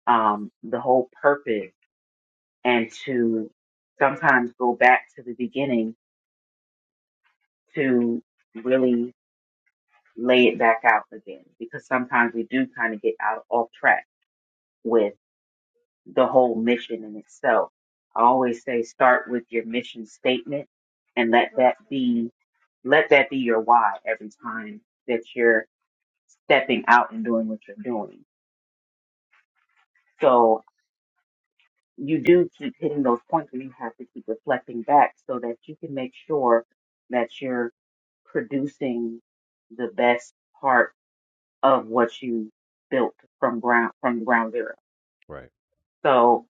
S5: um, the whole purpose, and to sometimes go back to the beginning to really lay it back out again. Because sometimes we do kind of get out off track with the whole mission in itself. I always say start with your mission statement and let that be let that be your why every time that you're stepping out and doing what you're doing. So you do keep hitting those points where you have to keep reflecting back so that you can make sure that you're producing the best part of what you built from ground from ground zero.
S1: Right.
S5: So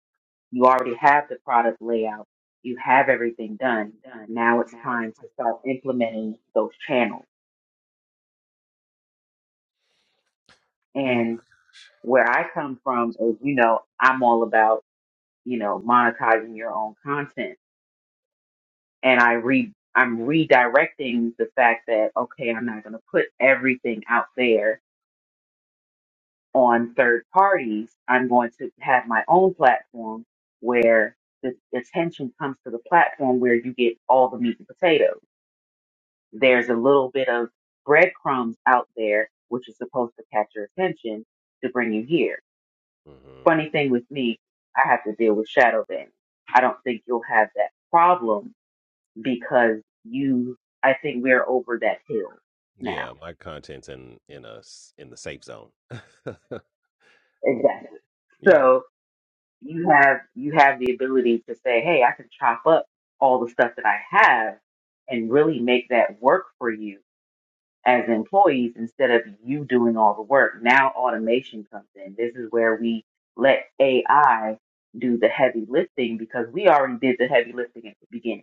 S5: you already have the product layout, you have everything done. Now it's time to start implementing those channels. And
S1: hmm
S5: where I come from is, you know, I'm all about, you know, monetizing your own content. and I re I'm redirecting the fact that okay, I'm not going to put everything out there on third parties. I'm going to have my own platform where the attention comes to the platform where you get all the meat and potatoes. There's a little bit of breadcrumbs out there which is supposed to catch your attention to bring you here. Funny thing with me, I have to deal with shadow banning. I don't think you'll have that problem because you, I think we're over that hill now.
S1: Yeah, my content's in in a s- in the safe zone.
S5: Exactly.
S1: yeah,
S5: So you have, you have the ability to say, Hey, I can chop up all the stuff that I have and really make that work for you as employees instead of you doing all the work. Now automation comes in. This is where we let AI do the heavy lifting because we already did the heavy lifting at the beginning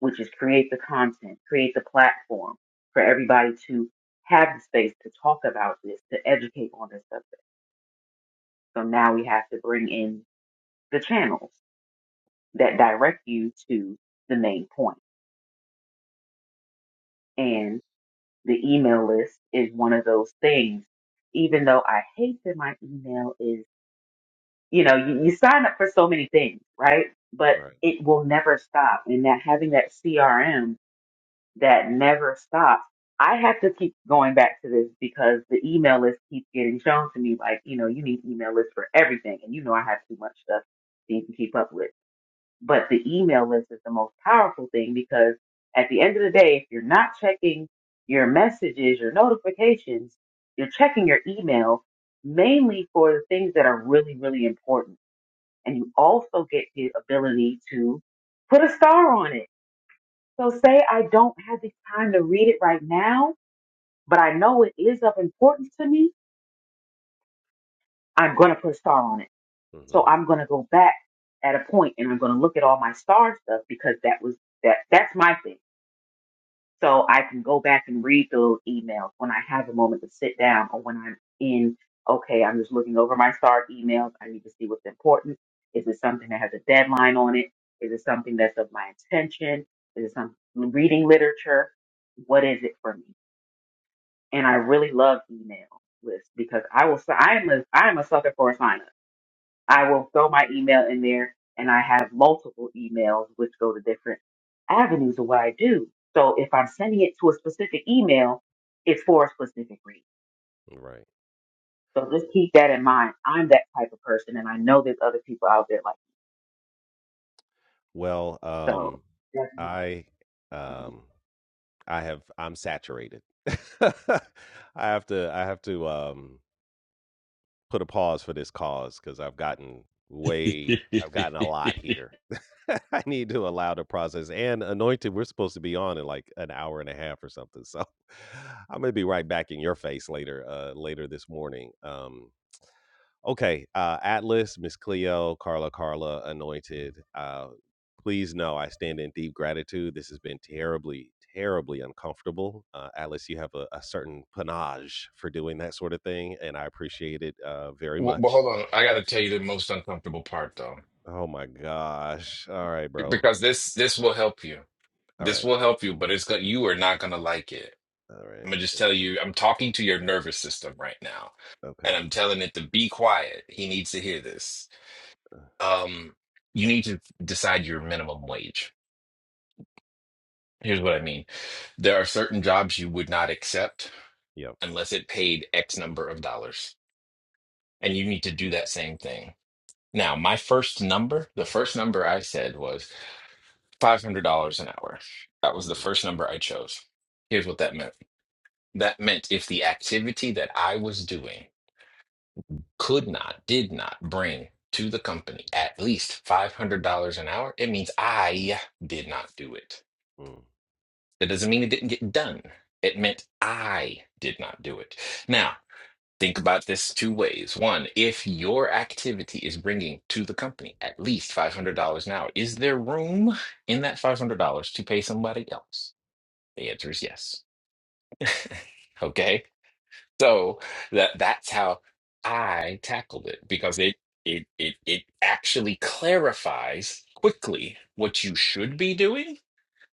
S5: which is create the content, create the platform for everybody to have the space to talk about this, to educate on this subject. So now we have to bring in the channels that direct you to the main point. And the email list is one of those things, even though I hate that my email is, you know, you, you sign up for so many things, right? But
S1: right.
S5: it will never stop. And that having that CRM that never stops. I have to keep going back to this because the email list keeps getting shown to me like, you know, you need email lists for everything. And you know, I have too much stuff to even keep up with. But the email list is the most powerful thing because at the end of the day, if you're not checking your messages, your notifications, you're checking your email mainly for the things that are really, really important. And you also get the ability to put a star on it so say I don't have the time to read it right now, but I know it is of importance to me. I'm going to put a star on it. So
S1: hmm
S5: I'm going to go back at a point and I'm going to look at all my star stuff because that was that that's my thing. So I can go back and read those emails when I have a moment to sit down or when I'm in okay, I'm just looking over my star emails. I need to see what's important. Is it something that has a deadline on it? Is it something that's of my intention? Is it some reading literature? What is it for me? and I really love email lists because I will. I am a I am a sucker for a sign up. I will throw my email in there, and I have multiple emails which go to different avenues of what I do. So if I'm sending it to a specific email, it's for a specific reason.
S1: Right.
S5: So just keep that in mind. I'm that type of person, and I know there's other people out there like
S1: Well,
S5: me.
S1: um
S5: so. that's
S1: I um I have I'm saturated. I have to I have to um put a pause for this cause cuz I've gotten
S2: too
S1: way I've gotten a lot here. I need to allow the process and anointed we're supposed to be on in like an hour and a half or something. So I'm going to be right back in your face later uh later this morning. Um Okay, uh, Atlas, Miss Cleo, Carla, Carla, Anointed. Uh, please know I stand in deep gratitude. This has been terribly, terribly uncomfortable. Uh, Atlas, you have a, a certain panache for doing that sort of thing, and I appreciate it uh, very
S2: Well, well,
S1: much.
S2: hold on. I got to tell you the most uncomfortable part, though,
S1: Oh my gosh! All right, bro.
S2: because this this will help you.
S1: All
S2: This
S1: right. uh,
S2: will help you, but it's going you are not gonna like it.
S1: All right.
S2: I'm gonna just
S1: It
S2: tell
S1: was-
S2: you, I'm talking to your nervous system right now,
S1: Okay.
S2: and I'm telling it to be quiet. He needs to hear this.
S1: Uh,
S2: Um, you need to decide your minimum wage. Here's what I mean. There are certain jobs you would not accept
S1: yep.
S2: unless it paid X number of dollars, and you need to do that same thing. Now, my first number, the first number I said was $500 an hour. That was the
S1: Mm-hmm,
S2: first number I chose. Here's what that meant. That meant if the activity that I was doing could not, did not bring to the company at least $500 an hour, it means I did not do it.
S1: mm-hmm,
S2: That doesn't mean it didn't get done. It meant I did not do it. Now, think about this two ways. One, if your activity is bringing to the company at least $500 an hour, is there room in that $500 to pay somebody else? The answer is yes. Okay. So that that's how I tackled it because it it it it actually clarifies quickly what you should be doing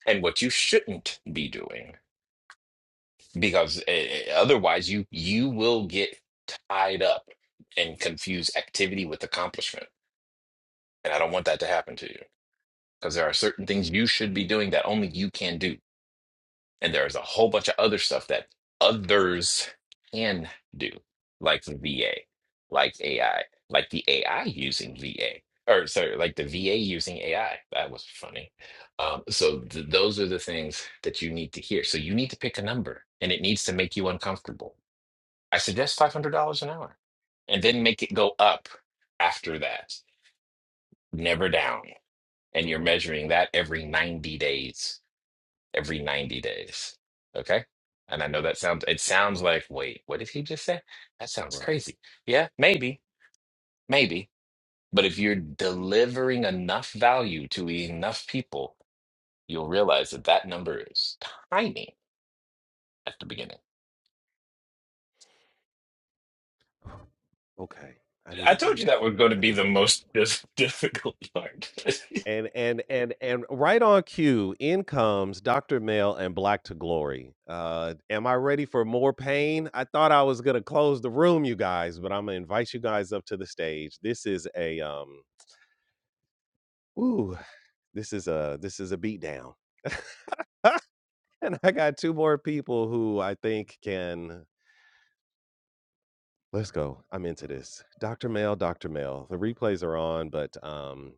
S2: and what you shouldn't be doing because eh, eh, otherwise you you will get tied up and confuse activity with accomplishment and I don't want that to happen to you because there are certain things you should be doing that only you can do And there's a whole bunch of other stuff that others can do, like the VA, like AI, like the AI using VA, or sorry, like the VA using AI. That was funny. Um, so th- those are the things that you need to hear. So you need to pick a number, and it needs to make you uncomfortable. I suggest five hundred dollars an hour, and then make it go up after that, never down. And you're
S1: mm-hmm,
S2: measuring that every ninety days every 90 days. Okay? And I know
S1: mm,
S2: that sounds it sounds like, wait, what did he just say? That sounds
S1: right.
S2: crazy. Yeah, maybe, maybe. But if you're delivering enough value to enough people, you'll realize that that number is tiny at the beginning.
S1: Okay. I need
S2: I
S1: to
S2: told you
S1: breathe.
S2: that was going to
S1: I
S2: be
S1: need
S2: the
S1: to
S2: most
S1: go.
S2: dis- difficult part.
S1: and and and and right on cue in comes dr male and black to glory uh am i ready for more pain i thought i was gonna close the room you guys but i'm gonna invite you guys up to the stage this is a um ooh this is a this is a beatdown, and i got two more people who i think can let's go i'm into this dr male dr male the replays are on but um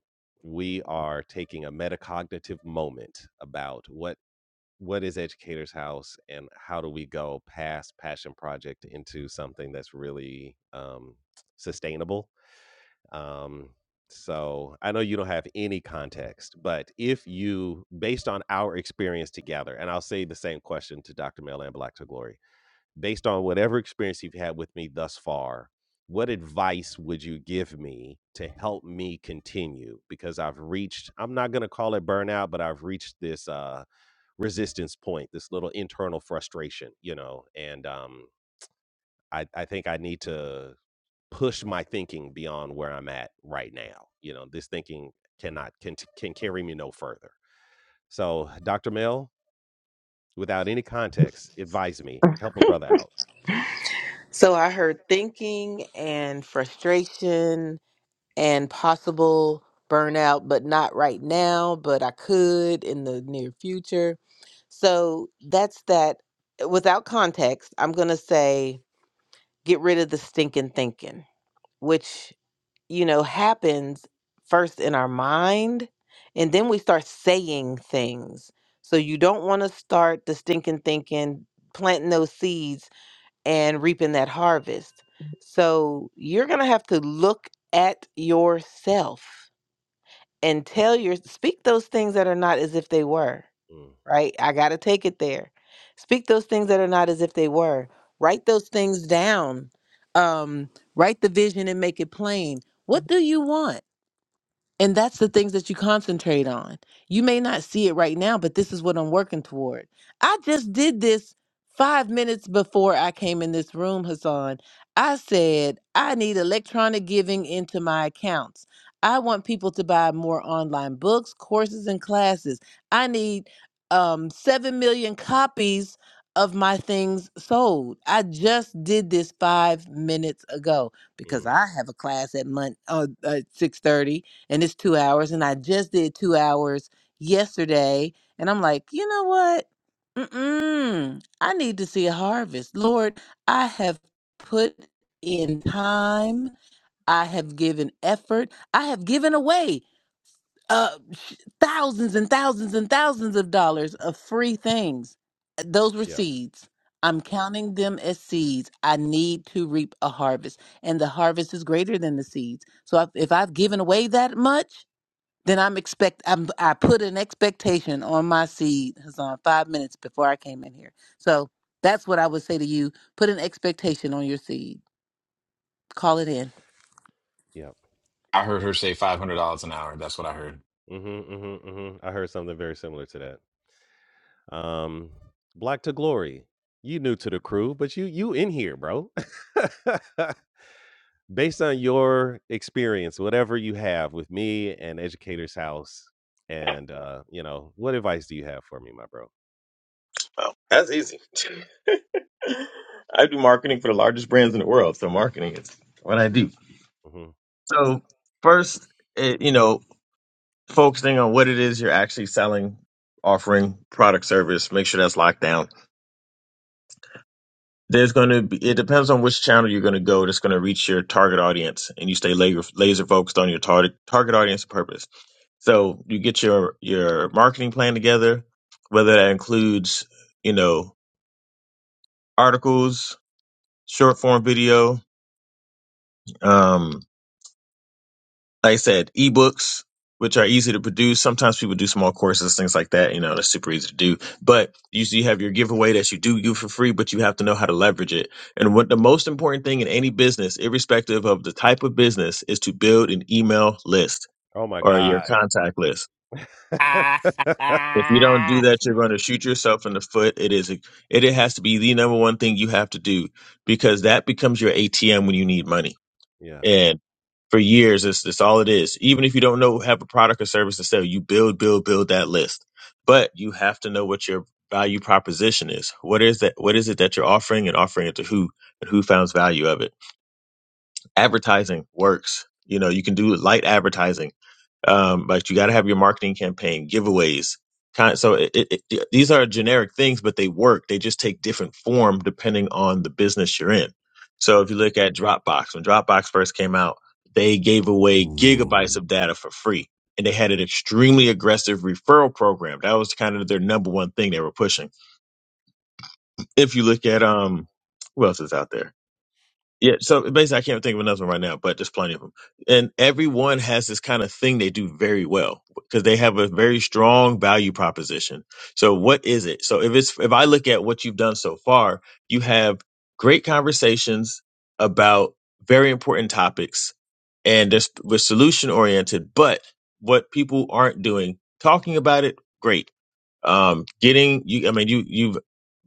S1: we are taking a metacognitive moment about what what is Educators House and how do we go past passion project into something that's really um, sustainable? Um, so I know you don't have any context, but if you, based on our experience together, and I'll say the same question to Dr. Mel and Black to Glory, based on whatever experience you've had with me thus far, what advice would you give me to help me continue? Because I've reached, I'm not going to call it burnout, but I've reached this uh, resistance point, this little internal frustration, you know. And um, I, I think I need to push my thinking beyond where I'm at right now. You know, this thinking cannot can can carry me no further. So, Dr. Mel, without any context, advise me, help a brother out.
S6: So I heard thinking and frustration and possible burnout, but not right now, but I could in the near future. So that's that. eh, Without context, I'm going to say get rid of the stinking thinking, which, you know, happens first in our mind, and then we start saying things. So you don't want to start the stinking thinking, planting those seeds and reaping that harvest. So you're going to have to look at yourself and tell your speak those things that are not as if they were,
S1: Mm,
S6: right? I got to take it there. Speak those things that are not as if they were. Write those things down. Um, write the vision and make it plain. What do you want? And that's the things that you concentrate on. You may not see it right now, but this is what I'm working toward. I just did this five minutes before I came in this room, Hassan. I said, I need electronic giving into my accounts. I want people to buy more online books, courses, and classes. I need um, 7 million copies of my things sold. I just did this five minutes ago because
S1: mm,
S6: I have a class at, mon- uh, at 6.30 and it's two hours. And I just did two hours yesterday. And I'm like, you know what? Mm-mm. I need to see a harvest. Lord, I have put in time, I have given effort, I have given away uh, sh- thousands and thousands and thousands of dollars of free things. Uh, Those were
S1: yeah,
S6: seeds. I'm counting them as seeds. I need to reap a harvest, and the harvest is greater than the seeds. So if if I've given away that much, then I'm expect I'm I put an expectation on my seed It's on five minutes before I came in here. So that's what I would say to you. Put an expectation on your seed. Call it in.
S1: yeah.
S2: I heard her say $500 an hour. That's what I
S1: Mm-hmm, mm-hmm, mm-hmm. I heard something very similar to that. Um, Black to Glory, you new to the crew, but you you in here, bro. based on your experience, whatever you have with me and Educator's House, and uh, you know, what advice do you have for me, my bro?
S7: Well, that's easy. I do marketing for the largest brands in the world, so marketing is what I do.
S1: hmm
S7: So first, it, you know, focusing on what it is you're actually selling, offering product service, make sure that's locked down. There's going to be it depends on which channel you're going to go that's going to reach your target audience, and you stay laser laser focused on your target target audience purpose. So you get your your marketing plan together, whether that includes you know articles, short form video, Um, like I said, ebooks, which are easy to produce. Sometimes people do small courses, things like that. You know, that's super easy to do. But usually you have your giveaway that you do give for free, but you have to know how to leverage it. And what the most important thing in any business, irrespective of the type of business, is to build an email list
S1: Oh my
S7: or your
S1: God.
S7: contact list. If you don't do
S2: heard.
S7: that, you're going to shoot yourself in the foot. It is, it, it has to be the number one thing you have to do because that becomes your ATM when you need money
S1: yeah.
S7: And for years, it's, it's all it is. Even if you don't know, have a product or service to sell, you build, build, build that list. But you have to know what your value proposition is. What is that? What is it that you're offering and offering it to who and who finds value of it? Advertising works. You know, you can do light advertising um, but you got to have your marketing campaign, giveaways. Kind so it, it, it, these are generic things, but they work. They just take different form depending on the business you're in. So
S1: Right.
S7: if you look at Dropbox, when Dropbox first came out, they gave away gigabytes
S2: Ooh.
S7: of data for free, and they had an extremely aggressive referral program. That was kind of their number one thing they were pushing. If you look at um, who else is out there? Yeah, so basically, I can't think of another one right now, but there's plenty of them. And everyone has this kind of thing they do very well because they have a very strong value proposition. So, what is it? So, if it's if I look at what you've done so far, you have great conversations about very important topics, and this was solution oriented. But what people aren't doing, talking about it, great um, getting you i mean you you've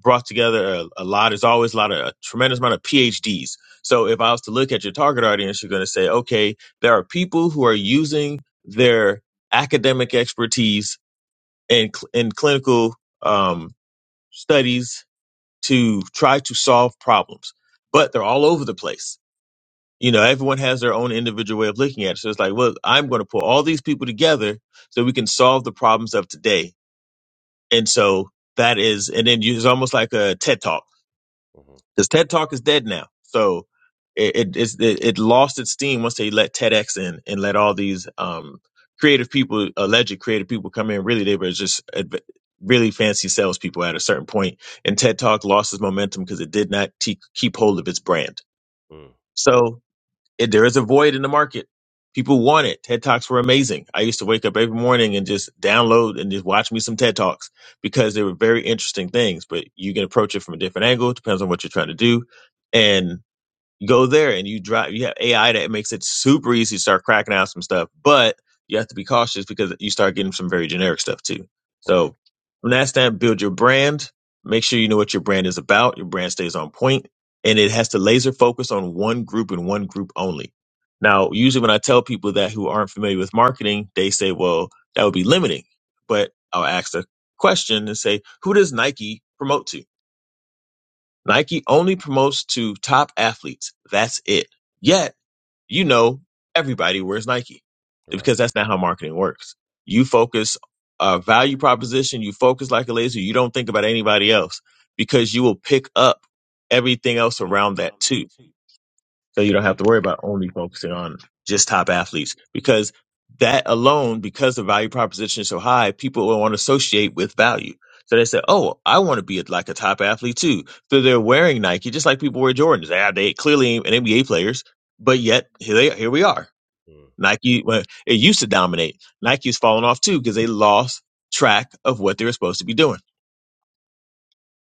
S7: brought together a, a lot there's always a lot of a tremendous amount of phds so if i was to look at your target audience you're going to say okay there are people who are using their academic expertise and cl- in clinical um, studies to try to solve problems but they're all over the place you know everyone has their own individual way of looking at it so it's like well i'm going to pull all these people together so we can solve the problems of today and so that is, and then you, it's almost like a TED Talk
S1: hmm
S7: because TED Talk is dead now. So it it, it's- it it lost its steam once they let TEDx in and let all these um creative people, alleged creative people, come in. Really, they were just adv- really fancy salespeople at a certain point, and TED Talk lost its momentum because it did not te- keep hold of its brand.
S1: Mm,
S7: So it, there is a void in the market. People want it. TED Talks were amazing. I used to wake up every morning and just download and just watch me some TED Talks because they were very interesting things. But you can approach it from a different angle. Depends on what you're trying to do. And go there and you drive you have AI that makes it super easy to start cracking out some stuff, but you have to be cautious because you start getting some very generic stuff too.
S1: right.
S7: So from that stand, build your brand, make sure you know what your brand is about, your brand stays on point, and it has to laser focus on one group and one group only. Now, usually when I tell people that who aren't familiar with marketing, they say, well, that would be limiting. But I'll ask the question and say, who does Nike promote to? Nike only promotes to top athletes. That's it. Yet, you know, everybody wears Nike
S1: Right.
S7: because that's not how marketing works. You focus a value proposition, you focus like a laser, you don't think about anybody else because you will pick up everything else around that too so you don't have to worry about only focusing on just top athletes because that alone, because the value proposition is so high, people will want to associate with value. So they say, "Oh, I want to be like a top athlete too." So they're wearing Nike, just like people wear Jordans. They, they clearly ain't NBA players, but yet here they here we are.
S1: Mm,
S7: Nike, well, it used to dominate. Nike's fallen off too because they lost track of what they were supposed to be doing.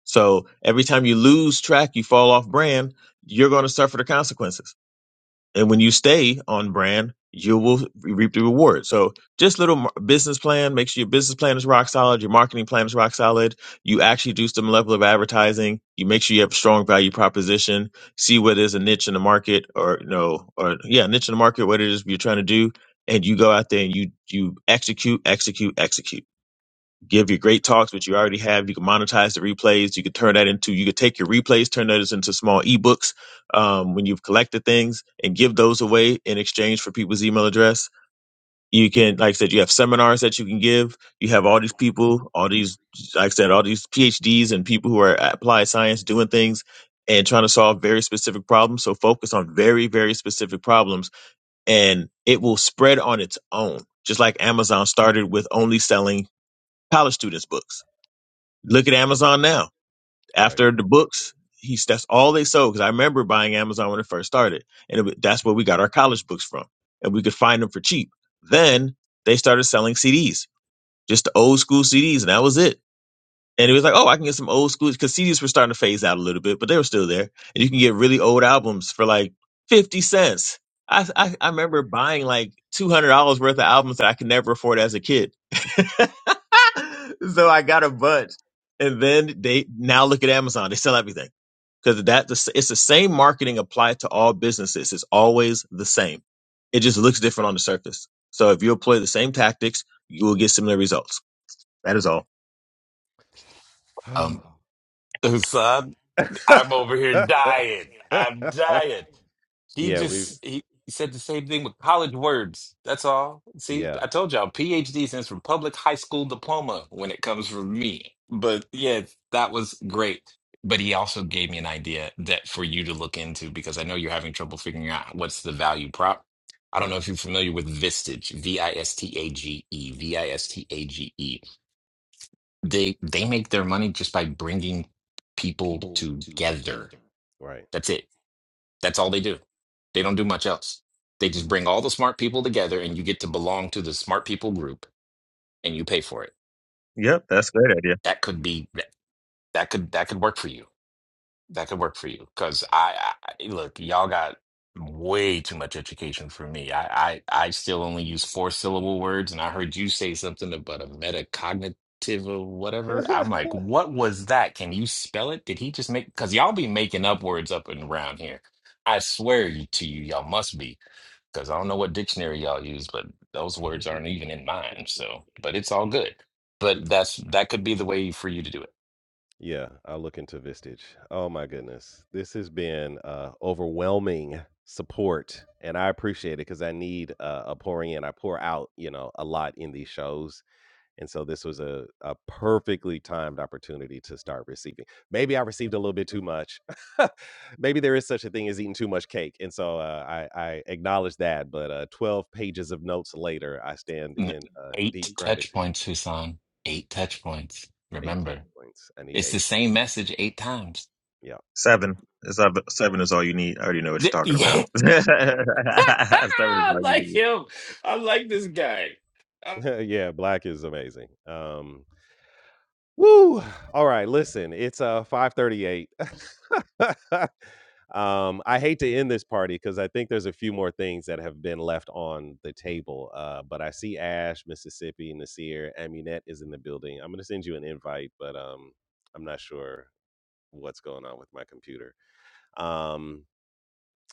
S7: So every time you lose track, you fall off brand. You're going to suffer the consequences. And when you stay on brand, you will reap the reward. So just little mar- business plan, make sure your business plan is rock solid, your marketing plan is rock solid. You actually do some level of advertising. You make sure you have a strong value proposition. See what is a niche in the market or, you know, or yeah, niche in the market, what it is you're trying to do. And you go out there and you, you execute, execute, execute give your great talks, which you already have. You can monetize the replays. You could turn that into, you could take your replays, turn those into small ebooks um, when you've collected things and give those away in exchange for people's email address. You can, like I said, you have seminars that you can give. You have all these people, all these, like I said, all these PhDs and people who are at applied science doing things and trying to solve very specific problems. So focus on very, very specific problems and it will spread on its own. Just like Amazon started with only selling college students books Look at Amazon now.
S1: right.
S7: After the books, he's that's all they sold. Because I remember buying Amazon when it first started, and it, wa- that's where we got our college books from, and we could find them for cheap. Then they started selling CDs, just the old school CDs, and that was it. And it was like, oh, I can get some old school because CDs were starting to phase out a little bit, but they were still there. And you can get really old albums for like fifty cents. I I, I remember buying like two hundred dollars worth of albums that I could never afford as a kid so I got a bunch, and then they now look at Amazon. They sell everything because that it's the same marketing applied to all businesses. It's always the same. It just looks different on the surface. So if you apply the same tactics, you will get similar results. That is all.
S2: Um, I'm over here dying. I'm dying. He
S1: yeah. We've.
S2: just he, he said the same thing with college words. That's all. See,
S1: Yeah.
S2: I told y'all PhD stands for public high school diploma when it comes from me. But yeah, that was great. But he also gave me an idea that for you to look into because I know you're having trouble figuring out what's the value prop. I don't
S1: Yeah.
S2: know if you're familiar with Vistage, V I S T A G E, V I S T A G E. They they make their money just by bringing people together.
S1: Right.
S2: That's it that's all they do. They don't do much else. They just bring all the smart people together and you get to belong to the smart people group and you pay for it.
S7: Yep, that's a great idea.
S2: That could be that that could that could work for you. That could work for you cuz I, I look, y'all got way too much education for me. I I I still only use four syllable words and I heard you say something about a metacognitive or whatever.
S1: Too
S2: I'm like, "What was that? Can you spell it? Did he just make cuz y'all be making up words up and around here. I swear you- to you y'all must be. because I don't know what dictionary y'all use, but those words aren't even in mine. So, but it's all good. But
S1: funny.
S2: that's that could be the way for you to do it.
S1: Yeah, I'll look into Vistage. Oh my goodness. This has been uh overwhelming support and I appreciate it because I need uh, a pouring in. I pour out, you know, a lot in these shows. And so this was a, a perfectly timed opportunity to start receiving. Maybe I received a little bit too much. Maybe there is such a thing as eating too much cake. And so uh, I, I acknowledge that. But uh, 12 pages of notes later, I stand
S2: N-
S1: in uh,
S2: Eight
S1: deep
S2: touch
S1: gratitude.
S2: points, Husan. Eight touch points.
S1: Eight touch
S2: Remember,
S1: points. I need
S2: it's the
S1: eight.
S2: same message eight times.
S1: Yeah.
S7: Seven. It's not- Seven is all you need. I already know what
S2: D-
S7: you're talking
S2: Yeah,
S7: about. Seven is
S2: I
S7: all you
S2: like
S7: need.
S2: him. I like this guy. I-
S1: yeah, black is amazing. Um, woo! All right, listen, it's uh five thirty-eight. um, I hate to end this party because I think there's a few more things that have been left on the table. Uh, but I see Ash, Mississippi, Nasir, Aminette is in the building. I'm gonna send you an invite, but um, I'm not sure what's going on with my computer. Um,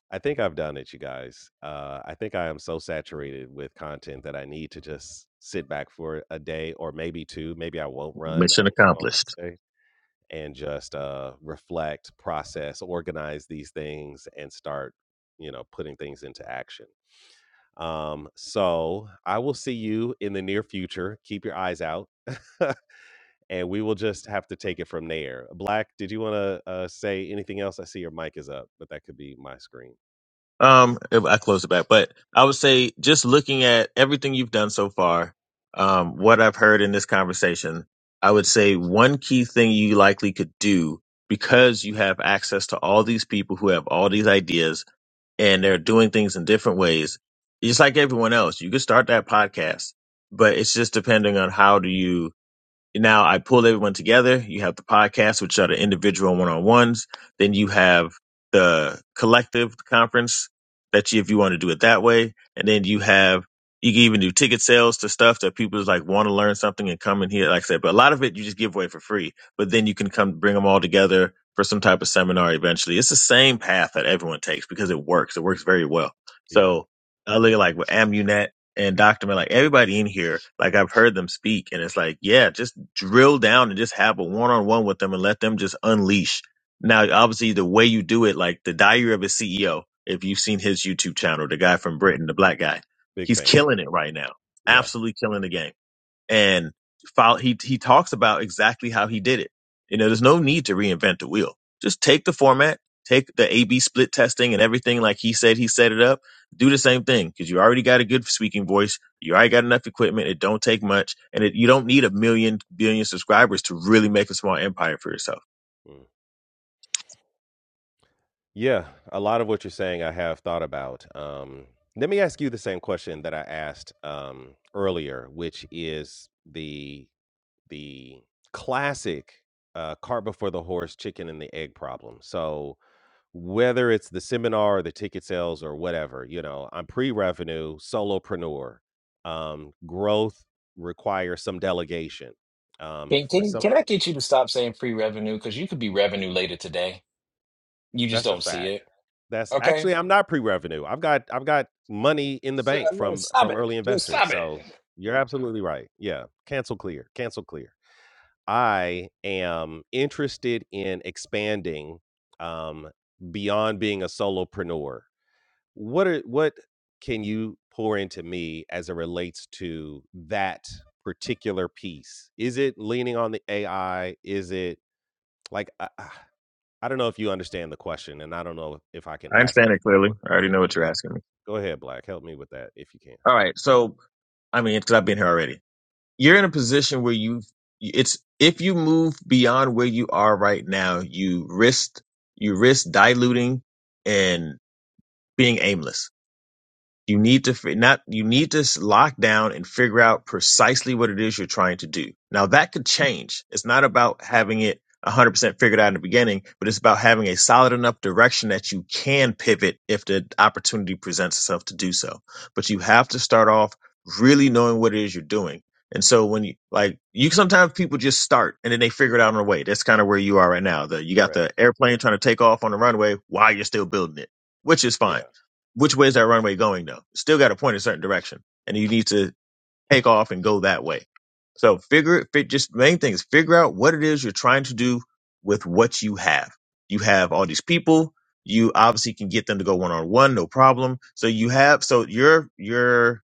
S1: I think I've done it, you guys. Uh, I think I am so saturated with content that I need to just sit back for a day or maybe two. Maybe I won't run a-
S7: Mission
S1: on
S7: accomplished.
S1: Wednesday and just uh, reflect, process, organize these things, and start, you know, putting things into action. Um, so I will see you in the near future. Keep your eyes out. and we will just have to take it from there. Black, did you want to uh, say anything else? I see your mic is up, but that could be my screen.
S7: Um, I close it back, but I would say just looking at everything you've done so far, um, what I've heard in this conversation, I would say one key thing you likely could do because you have access to all these people who have all these ideas and they're doing things in different ways, just like everyone else. You could start that podcast, but it's just depending on how do you now I pull everyone together. You have the podcast, which are the individual one on ones. Then you have the collective conference that you, if you want to do it that way. And then you have, you can even do ticket sales to stuff that people like want to learn something and come in here. Like I said, but a lot of it you just give away for free, but then you can come bring them all together for some type of seminar eventually. It's the same path that everyone takes because it works. It works very well.
S1: Yeah.
S7: So I look at like with AmuNet and Dr. Mel, like everybody in here, like I've heard them speak, and it's like, yeah, just drill down and just have a one on one with them and let them just unleash. Now, obviously, the way you do it, like the Diary of a CEO, if you've seen his YouTube channel, the guy from Britain, the black guy,
S1: Big
S7: he's
S1: fan.
S7: killing it right now,
S1: Yeah.
S7: absolutely killing the game and follow, he he talks about exactly how he did it. You know, there's no need to reinvent the wheel. Just take the format, take the A/B split testing and everything like he said he set it up. Do the same thing because you already got a good speaking voice. You already got enough equipment. It don't take much, and it, you don't need a million billion subscribers to really make a small empire for yourself.
S1: Mm. Yeah, a lot of what you're saying I have thought about. Um, let me ask you the same question that I asked um, earlier, which is the the classic uh, cart before the horse, chicken and the egg problem. So whether it's the seminar or the ticket sales or whatever, you know, I'm pre-revenue solopreneur. Um, growth requires some delegation. Um,
S2: Can
S1: for
S2: can
S1: some,
S2: can I get you to stop saying free revenue? Because you could be revenue later today. You just
S1: that's a
S2: don't see
S1: fact.
S2: it.
S1: That's
S2: Okay,
S1: actually I'm not pre-revenue. I've got I've got money in the
S2: So,
S1: bank
S2: I'm gonna-
S1: from
S2: stop
S1: from
S2: it.
S1: early
S2: Just
S1: investors.
S2: stop it.
S1: So you're absolutely right. Yeah, cancel clear, cancel clear. I am interested in expanding um, beyond being a solopreneur. What are what can you pour into me as it relates to that particular piece? Is it leaning on the AI? Is it like I, I I don't know if you understand the question, and I don't know if I can
S7: I
S1: ask
S7: understand it
S1: it more
S7: clearly. I already
S1: clearly.
S7: know what you're
S1: Yeah,
S7: asking me.
S1: go ahead, Black. Help me with that if you can.
S7: All right, so I mean, because I've been here already. you're in a position where you it's if you move beyond where you are right now, you risk you risk diluting and being aimless. You need to fi- not you need to s- lock down and figure out precisely what it is you're trying to do. Now that could change. It's not about having it 100% figured out in the beginning, but it's about having a solid enough direction that you can pivot if the opportunity presents itself to do so. But you have to start off really knowing what it is you're doing. And so when you like you sometimes people just start and then they figure it out on the way. That's kind of where you are right now. The you got the
S1: Correct.
S7: airplane trying to take off on the runway while you're still building it, which is
S1: Yeah.
S7: fine which way is that runway going though? It's still got to point a certain direction, and you need to take off and go that way. So figure it. fi- Just the main thing is figure out what it is you're trying to do with what you have. You have all these people. You obviously can get them to go one on one, no problem. So you have so your your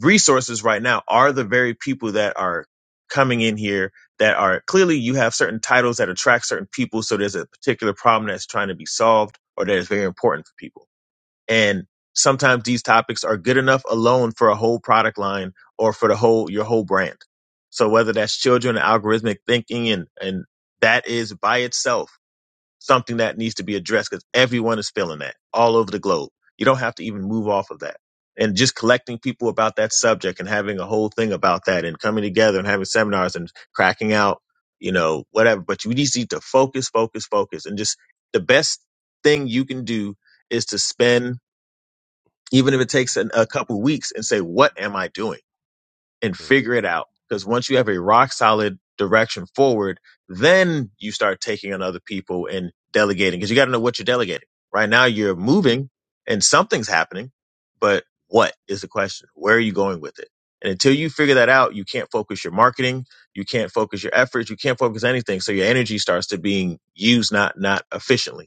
S7: resources right now are the very people that are coming in here that are clearly you have certain titles that attract certain people. So there's a particular problem that's trying to be solved or that is very important for people and sometimes these topics are good enough alone for a whole product line or for the whole your whole brand. So whether that's children and algorithmic thinking and and that is by itself something that needs to be addressed because everyone is feeling that all over the globe. You don't have to even move off of that. And just collecting people about that subject and having a whole thing about that and coming together and having seminars and cracking out, you know, whatever. But you just need to focus, focus, focus. And just the best thing you can do is to spend even if it takes an, a couple weeks and say what am i doing and
S1: Mm,
S7: figure it out because once you have a rock solid direction forward then you start taking on other people and delegating because you got to know what you're delegating right now you're moving and something's happening but what is the question where are you going with it and until you figure that out you can't focus your marketing you can't focus your efforts you can't focus anything so your energy starts to being used not not efficiently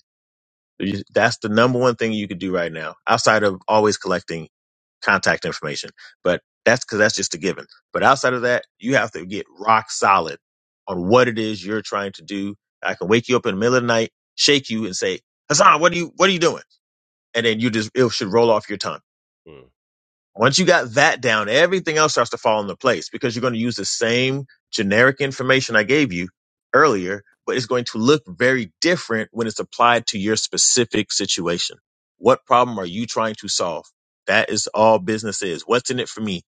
S7: You- that's the number one thing you could do right now outside of always collecting contact information. But that's because that's just a given. But outside of that, you have to get rock solid on what it is you're trying to do. I can wake you up in the middle of the night, shake you, and say, Hassan, what are you what are you doing? And then you just it should roll off your tongue
S1: mm.
S7: once you got that down, everything else starts to fall into place because you're going to use the same generic information I gave you earlier, but it's going to look very different when it's applied to your specific situation. What problem are you trying to solve? That is all business is. What's in it for me?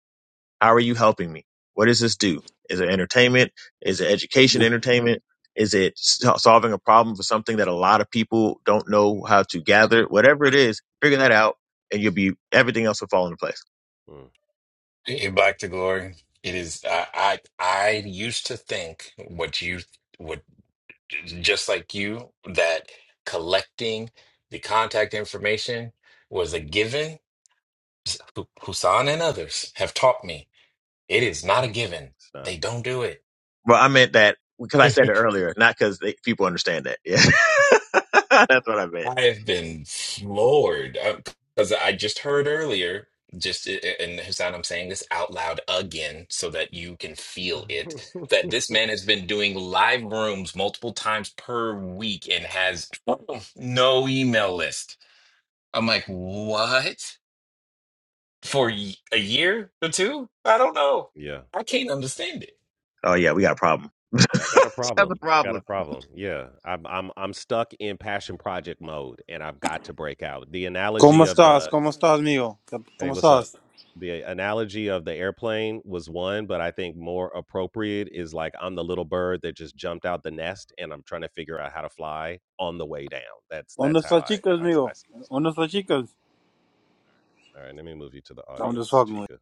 S7: How are you helping me? What does this do? Is it entertainment? Is it education entertainment? Is it so- solving a problem for something that a lot of people don't know how to gather? Whatever it is, figure that out and you'll be, everything else will fall into place.
S1: Mm,
S2: In Back to Glory, it is. I, I I used to think what you what just like you that collecting the contact information was a given. Hus- Husan and others have taught me it is not a given.
S1: it's not.
S2: They don't do it.
S7: Well, I meant that because I said it earlier, not because people understand that. Yeah, that's what I meant.
S2: I have been floored because I just heard earlier, just and Hassan, I'm saying this out loud again so that you can feel it, that this man has been doing live rooms multiple times per week and has no email list. I'm like, what? For y- a year or two? I don't know.
S1: yeah.
S2: I can't understand it.
S7: Oh yeah, we got a problem.
S1: I got a
S7: That's
S1: problem.
S7: a
S1: I got a
S7: problem
S1: problem. Yeah. I'm I'm I'm stuck in passion project mode and I've got to break out. The analogy
S8: ¿Cómo
S1: of
S8: estás?
S1: the
S8: ¿Cómo estás, amigo?
S1: Hey,
S8: ¿Cómo
S1: what's up?
S8: estás?
S1: The analogy of the airplane was one, but I think more appropriate is like I'm the little bird that just jumped out the nest and I'm trying to figure out how to fly on the way down. That's
S8: ¿Dónde
S1: that's how
S8: están las
S1: I
S8: chicas,
S1: how I, s- I
S8: amigo?
S1: see this
S8: ¿Dónde están las chicas?
S1: thing. All right, let me move you to the
S8: I'm just
S1: audience,
S8: fucking with
S1: Chica.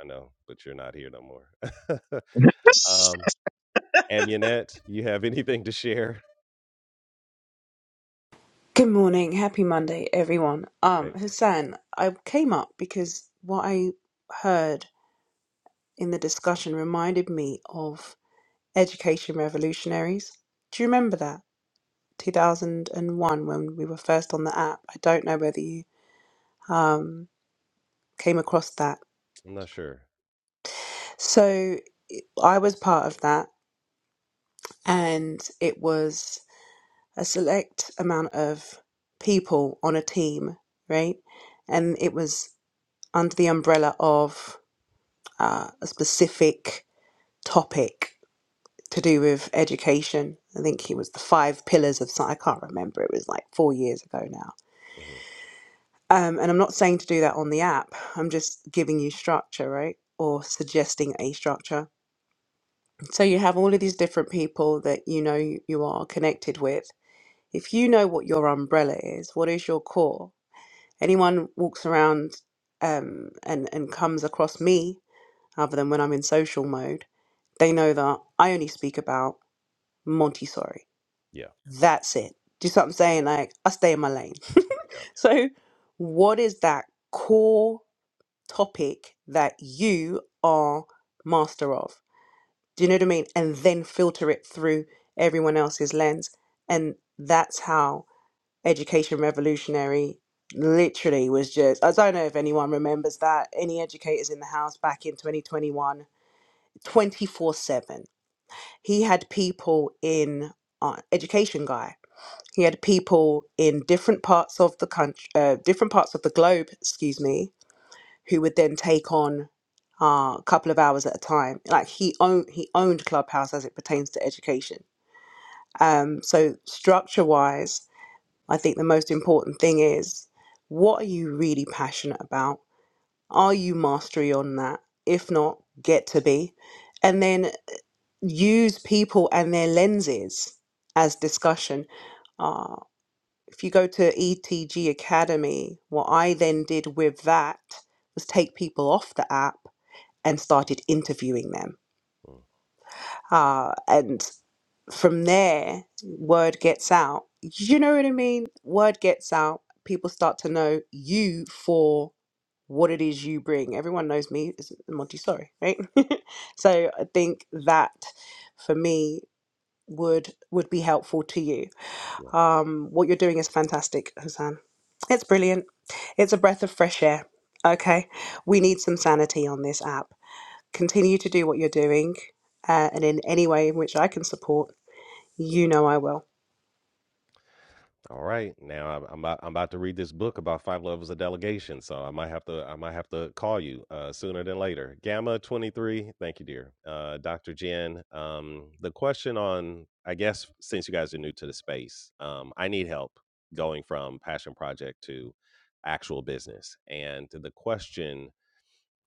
S1: I know, but you're not here no more. um, Amunet, you have anything to share?
S9: Good morning. Happy Monday, everyone. Um,
S1: Hey,
S9: Hassan, I came up because what I heard in the discussion reminded me of education revolutionaries. Do you remember that? 2001 when we were first on the app. I don't know whether you um, came across that.
S1: I'm not sure.
S9: So I was part of that, and it was a select amount of people on a team, right? And it was under the umbrella of uh, a specific topic to do with education. I think it was the five pillars of science. I can't remember. It was like four years ago now.
S1: hmm
S9: Um, and I'm not saying to do that on the app. I'm just giving you structure, right? Or suggesting a structure. So you have all of these different people that you know you you are connected with. If you know what your umbrella is, what is your core? Anyone walks around um, and and comes across me other than when I'm in social mode, they know that I only speak about Montessori.
S1: Yeah,
S9: That's it. Do you see what I'm saying? Like, I stay in my lane.
S1: yeah.
S9: so, what is that core topic that you are master of? Do you know what I mean? And then filter it through everyone else's lens. And that's how Education Revolutionary literally was just. I don't know if anyone remembers that. Any educators in the house back in 2021 24 7. He had people in uh, education guy. He had people in different parts of the country, uh, different parts of the globe, excuse me, who would then take on uh, a couple of hours at a time. Like he owned, he owned Clubhouse as it pertains to education. Um, so structure wise, I think the most important thing is what are you really passionate about? Are you mastery on that? If not, get to be. And then use people and their lenses as discussion. Uh, if you go to ETG Academy, what I then did with that was take people off the app and started interviewing them.
S1: mm,
S9: Uh, and from there, word gets out. You know what I mean? Word gets out. People start to know you for what it is you bring. Everyone knows me as Monty Sorry, right? so I think that for me would would be helpful to you.
S1: yeah.
S9: Um, what you're doing is fantastic, Hassan. It's brilliant. It's a breath of fresh air. Okay, we need some sanity on this app. Continue to do what you're doing, uh, and in any way in which I can support, you know I will.
S1: All right, now I'm, I'm about I'm about to read this book about five levels of delegation, so I might have to I might have to call you uh, sooner than later. Gamma twenty three, thank you, dear, uh, Doctor Jen. Um, the question on I guess since you guys are new to the space, um, I need help going from passion project to actual business, and the question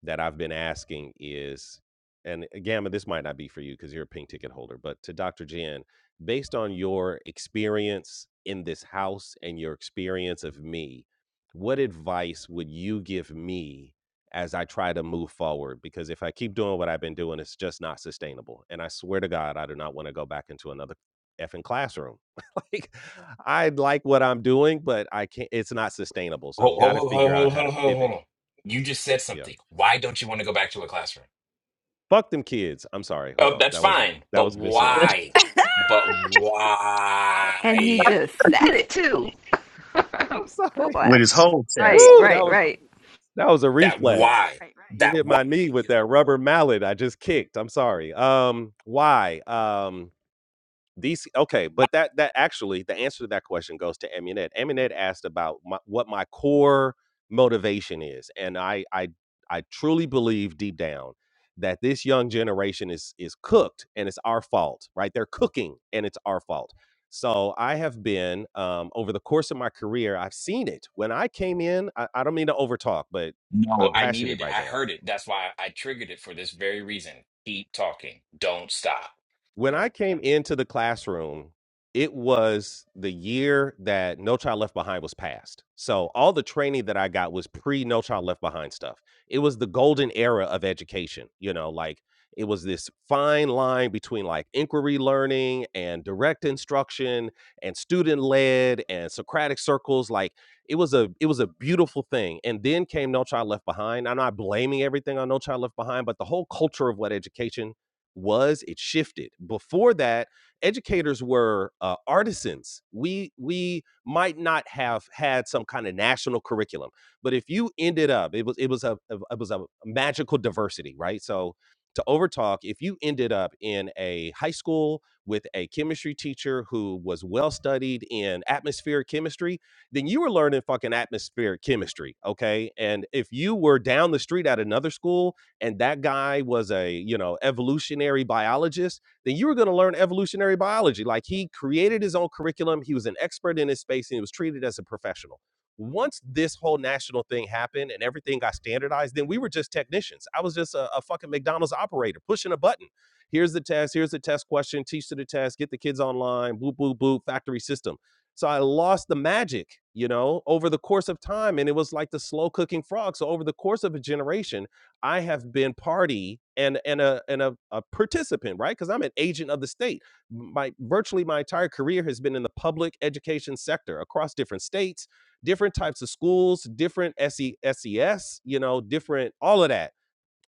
S1: that I've been asking is, and uh, Gamma, this might not be for you because you're a pink ticket holder, but to Dr. Jen, based on your experience in this house and your experience of me, what advice would you give me as I try to move forward? Because if I keep doing what I've been doing, it's just not sustainable. And I swear to God, I do not want to go back into another effing classroom. like I like what I'm doing, but I can't it's not sustainable. So I've
S2: Hold,
S1: got to
S2: hold, hold,
S1: figure out
S2: hold,
S1: how to
S2: hold, hold, hold
S1: pivot.
S2: on. You just said
S1: Yeah.
S2: something. Why don't you want to go back to a classroom?
S1: Fuck them kids. I'm sorry. Hold
S2: Oh,
S1: on.
S2: that's
S1: That was
S2: fine.
S1: that
S2: But
S1: was visceral.
S2: why? But
S10: And he
S2: why?
S10: just said it too.
S1: I'm
S10: Full
S1: sorry.
S7: with
S10: blast.
S7: his whole chest.
S10: Right,
S1: Woo,
S10: right,
S1: was
S10: right.
S1: that was a
S2: That
S1: reflex.
S2: why?
S1: You
S2: That
S1: hit
S2: why?
S1: my knee with that rubber mallet I just kicked. I'm sorry. Um why? Um These okay, but that that actually the answer to that question goes to Aminet. Aminet asked about my, what my core motivation is, and I I I truly believe deep down that this young generation is is cooked, and it's our fault, right? They're cooking, and it's our fault. So I have been um, over the course of my career, I've seen it. When I came in, I, I don't mean to overtalk, but
S2: No,
S1: I'm
S2: I
S1: passionate
S2: needed it.
S1: right
S2: I
S1: now
S2: heard it. That's why I triggered it for this very reason. Keep talking. Don't stop.
S1: when I came into the classroom, it was the year that No Child Left Behind was passed. So all the training that I got was pre No Child Left Behind stuff. It was the golden era of education, you know, like it was this fine line between like inquiry learning and direct instruction and student led and Socratic circles. Like it was a it was a beautiful thing. And then came No Child Left Behind. I'm not blaming everything on No Child Left Behind, but the whole culture of what education was it shifted before that educators were uh, artisans we we might not have had some kind of national curriculum but if you ended up it was it was a it was a magical diversity right so to overtalk if you ended up in a high school with a chemistry teacher who was well studied in atmospheric chemistry then you were learning fucking atmospheric chemistry okay and if you were down the street at another school and that guy was a you know evolutionary biologist then you were going to learn evolutionary biology like he created his own curriculum he was an expert in his space and he was treated as a professional once this whole national thing happened and everything got standardized then we were just technicians i was just a, a fucking mcdonald's operator pushing a button here's the test here's the test question teach to the test get the kids online boop boop boop factory system so I lost the magic, you know, over the course of time. And it was like the slow cooking frog. So over the course of a generation, I have been party and and a and a, a participant, right? Because I'm an agent of the state. My virtually my entire career has been in the public education sector across different states, different types of schools, different SES, you know, different all of that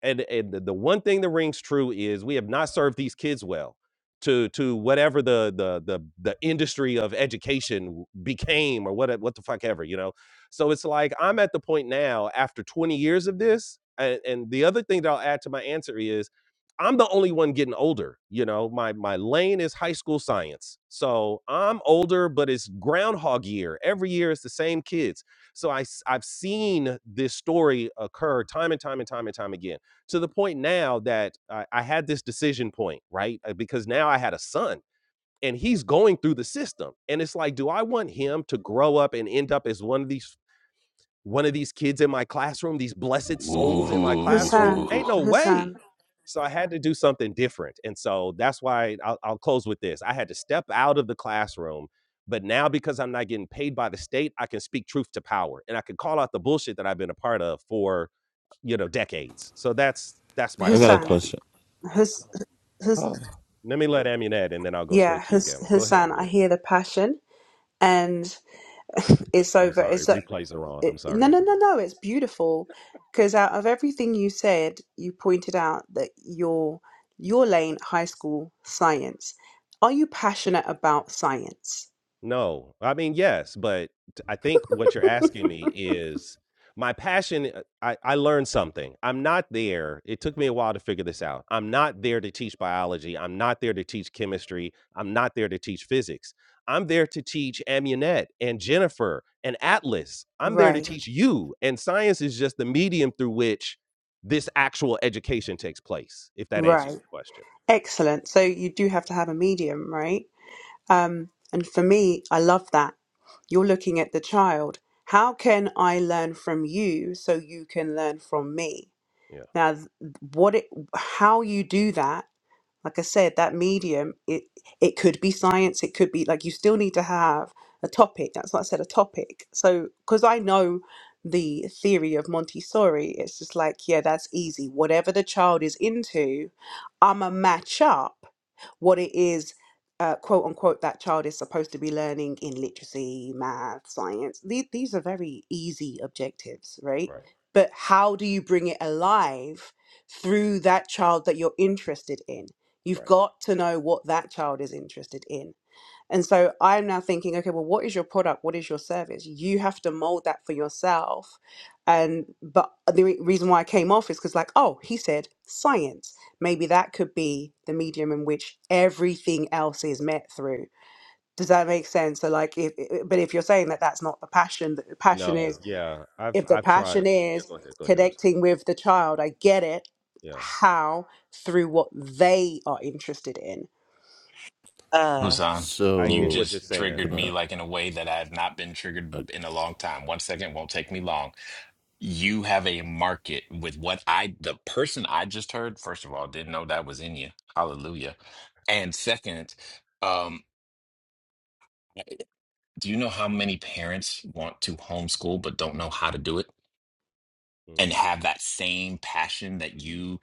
S1: and and the one thing that rings true is we have not served these kids well to to whatever the the the the industry of education became or what what the fuck ever you know so it's like i'm at the point now after 20 years of this and, and the other thing that i'll add to my answer is i'm the only one getting older you know my my lane is high school science so i'm older but it's groundhog year every year it's the same kids so i s- i've seen this story occur time and time and time and time again to the point now that I, I had this decision point, right? Uh, Because now I had a son and he's going through the system. And it's like, do I want him to grow up and end up as one of these one of these kids in my classroom, these blessed souls in my
S2: Ooh.
S1: classroom?
S9: Hassan,
S1: Ain't no way.
S9: Hassan,
S1: So I had to do something different. And so that's why I'll, I'll close with this. I had to step out of the classroom, but now because I'm not getting paid by the state, I can speak truth to power and I can call out the bullshit that I've been a part of for you know decades. So that's that's my
S11: I got
S1: core
S11: a
S1: why.
S9: Hassan,
S11: question.
S9: Hus, Hus,
S1: Oh, let me let Amunet, and then I'll go
S9: yeah,
S1: straight to you,
S9: Hus,
S1: Gamma. Go ahead, Yeah.
S9: Hassan. I
S1: Amir.
S9: hear the passion, and it's
S1: I'm
S9: over.
S1: sorry,
S9: It's
S1: replays are on. I'm
S9: it, no,
S1: sorry,
S9: no, no,
S1: everybody.
S9: no. It's beautiful because out of everything you said, you pointed out that your your lane, high school science. Are you passionate about science?
S1: No. I mean, yes, but t- I think what you're asking me is my passion. uh, I, I learned something. I'm not there. It took me a while to figure this out. I'm not there to teach biology. I'm not there to teach chemistry. I'm not there to teach physics. I'm there to teach Amunet and Jennifer and Atlas. I'm there to
S9: Right,
S1: teach you. And science is just the medium through which this actual education takes place, if that answers
S9: right.
S1: your question.
S9: Excellent. So you do have to have a medium, right? Um, and for me, I love that. You're looking at the child. How can I learn from you so you can learn from me?
S1: Yeah.
S9: Now, th- what it, how you do that like I said, that medium, it it could be science, it could be like you still need to have a topic. That's what I said, a topic. So because I know the theory of Montessori, it's just like, yeah, that's easy. Whatever the child is into, I'm a match up what it is, uh, quote unquote, that child is supposed to be learning in literacy, math, science. These, these are very easy objectives, right?
S1: Right.
S9: But how do you bring it alive through that child that you're interested in? You've
S1: Right.
S9: got to know what that child is interested in. And so I'm now thinking, okay, well, what is your product? What is your service? You have to mold that for yourself. And but the re- reason why I came off is because, like, oh, he said science. Maybe that could be the medium in which everything else is met through. Does that make sense? So, like, if i- but if you're saying that that's not the passion, that the passion
S1: No,
S9: is
S1: yeah. I've
S9: if the
S1: I've tried.
S9: passion
S1: Yeah,
S9: is
S1: go ahead. Go ahead. I'm sorry.
S9: connecting with the child, I get it.
S1: Yeah.
S9: How through what they are interested in
S6: Uh,
S2: Hassan,
S1: I
S2: you
S1: get
S11: So,
S1: what you're
S2: just
S1: saying.
S2: triggered
S11: can I?
S2: me like in a way that I have not been triggered in a long time. One second won't take me long. You have a market with what I, the person I just heard, first of all, didn't know that was in you. Hallelujah. And second, um. Eh, Do you know how many parents want to homeschool but don't know how to do it
S1: Mm,
S2: and have that same passion that you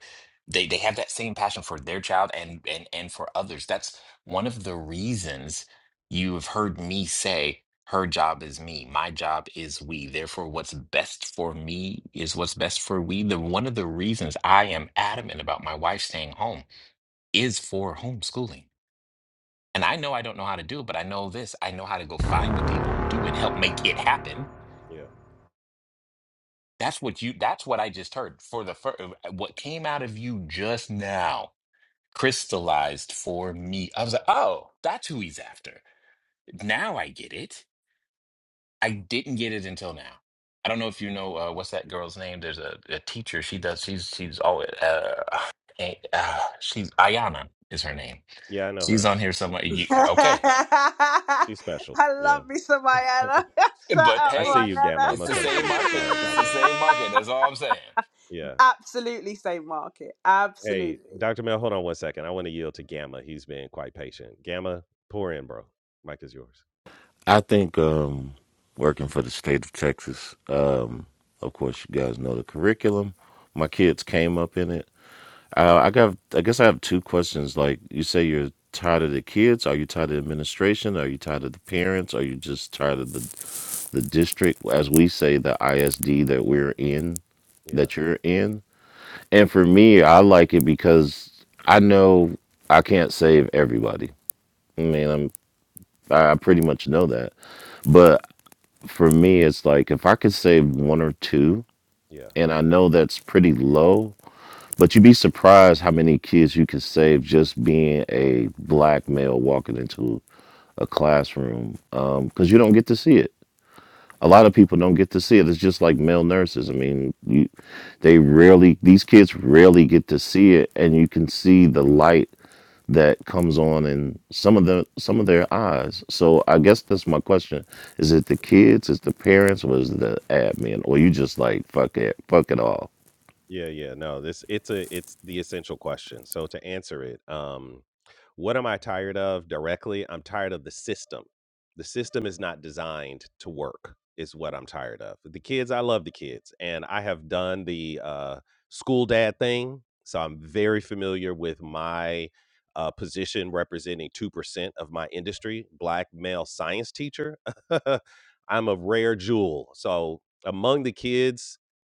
S2: they they have that same passion for their child and and and for others. That's one of the reasons you have heard me say her job is me, my job is we. Therefore what's best for me is what's best for we. The one of the reasons I am adamant about my wife staying home is for homeschooling and I know I don't know how to do it, but I know this. I know how to go find the people who do and help make it happen.
S1: yeah.
S2: That's what you that's what I just heard. For the first what came out of you just now crystallized for me. I was like, "Oh, that's who he's after." Now I get it. I didn't get it until now. I don't know if you know uh, what's that girl's name. There's a, a teacher. She does. She's she's always uh, eh, uh, she's Ayana is her name.
S1: Yeah, I know
S2: She's
S1: her.
S2: on here somewhere. You, okay,
S9: I
S1: She's special. Yeah.
S9: love me some Rihanna. Shut
S2: But
S9: up,
S1: I see
S2: hey,
S1: you, Gamma. I'm
S2: it's
S1: gonna
S2: the
S1: come to
S2: same
S1: you.
S2: market.
S1: Sorry
S2: It's
S1: about
S2: the
S1: that.
S2: same
S9: Rihanna.
S2: market. That's all I'm saying.
S1: Yeah.
S9: Absolutely same market.
S1: Hey,
S9: Absolutely.
S1: Dr. Mel, hold on one second. I want to yield to Gamma. He's been quite patient. Gamma, pour in, bro. Mike is yours.
S11: I think um, working for the state of Texas. Um, of course, you guys know the curriculum. My kids came up in it. Uh, I got. I guess I have two questions. Like you say, you're tired of the kids. Are you tired of the administration? Are you tired of the parents? Are you just tired of the the district, as we say, the ISD that we're in,
S1: Yeah.
S11: that you're in? And for me, I like it because I know I can't save everybody. I mean, I I pretty much know that. But for me, it's like if I could save one or two,
S1: yeah.
S11: and I know that's pretty low, but you'd be surprised how many kids you could save just being a black male walking into a classroom because you don't get to see it. A lot of people don't get to see it. It's just like male nurses. I mean, you, they rarely, these kids rarely get to see it, and you can see the light that comes on in some of the some of their eyes. So I guess that's my question: Is it the
S1: Uh huh.
S11: kids? Is the parents? Or is it the admin? Or you just like fuck it, fuck it all?
S1: Yeah, yeah. No, this it's a it's the essential question. So to answer it, um, what am I tired of directly? I'm tired of the system. The system is not designed to work, is what I'm tired of. The kids, I love the kids, and I have done the uh school dad thing. So I'm very familiar with my uh, position representing 2% of my industry, black male science teacher. I'm a rare jewel. So among the kids,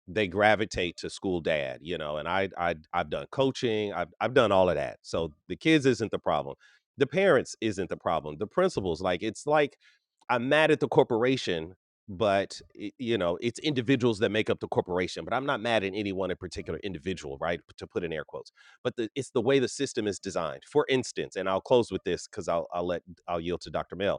S1: they gravitate to school dad, you know, and I I I've done coaching, I've I've done all of that. So the kids isn't the problem. The parents isn't the problem. The principals, like it's like I'm mad at the corporation, but it, you know, it's individuals that make up the corporation, but I'm not mad at any one in particular individual, right? To put in air quotes. But the, it's the way the system is designed. For instance, and I'll close with this cuz I'll I'll let I'll yield to Dr. Mel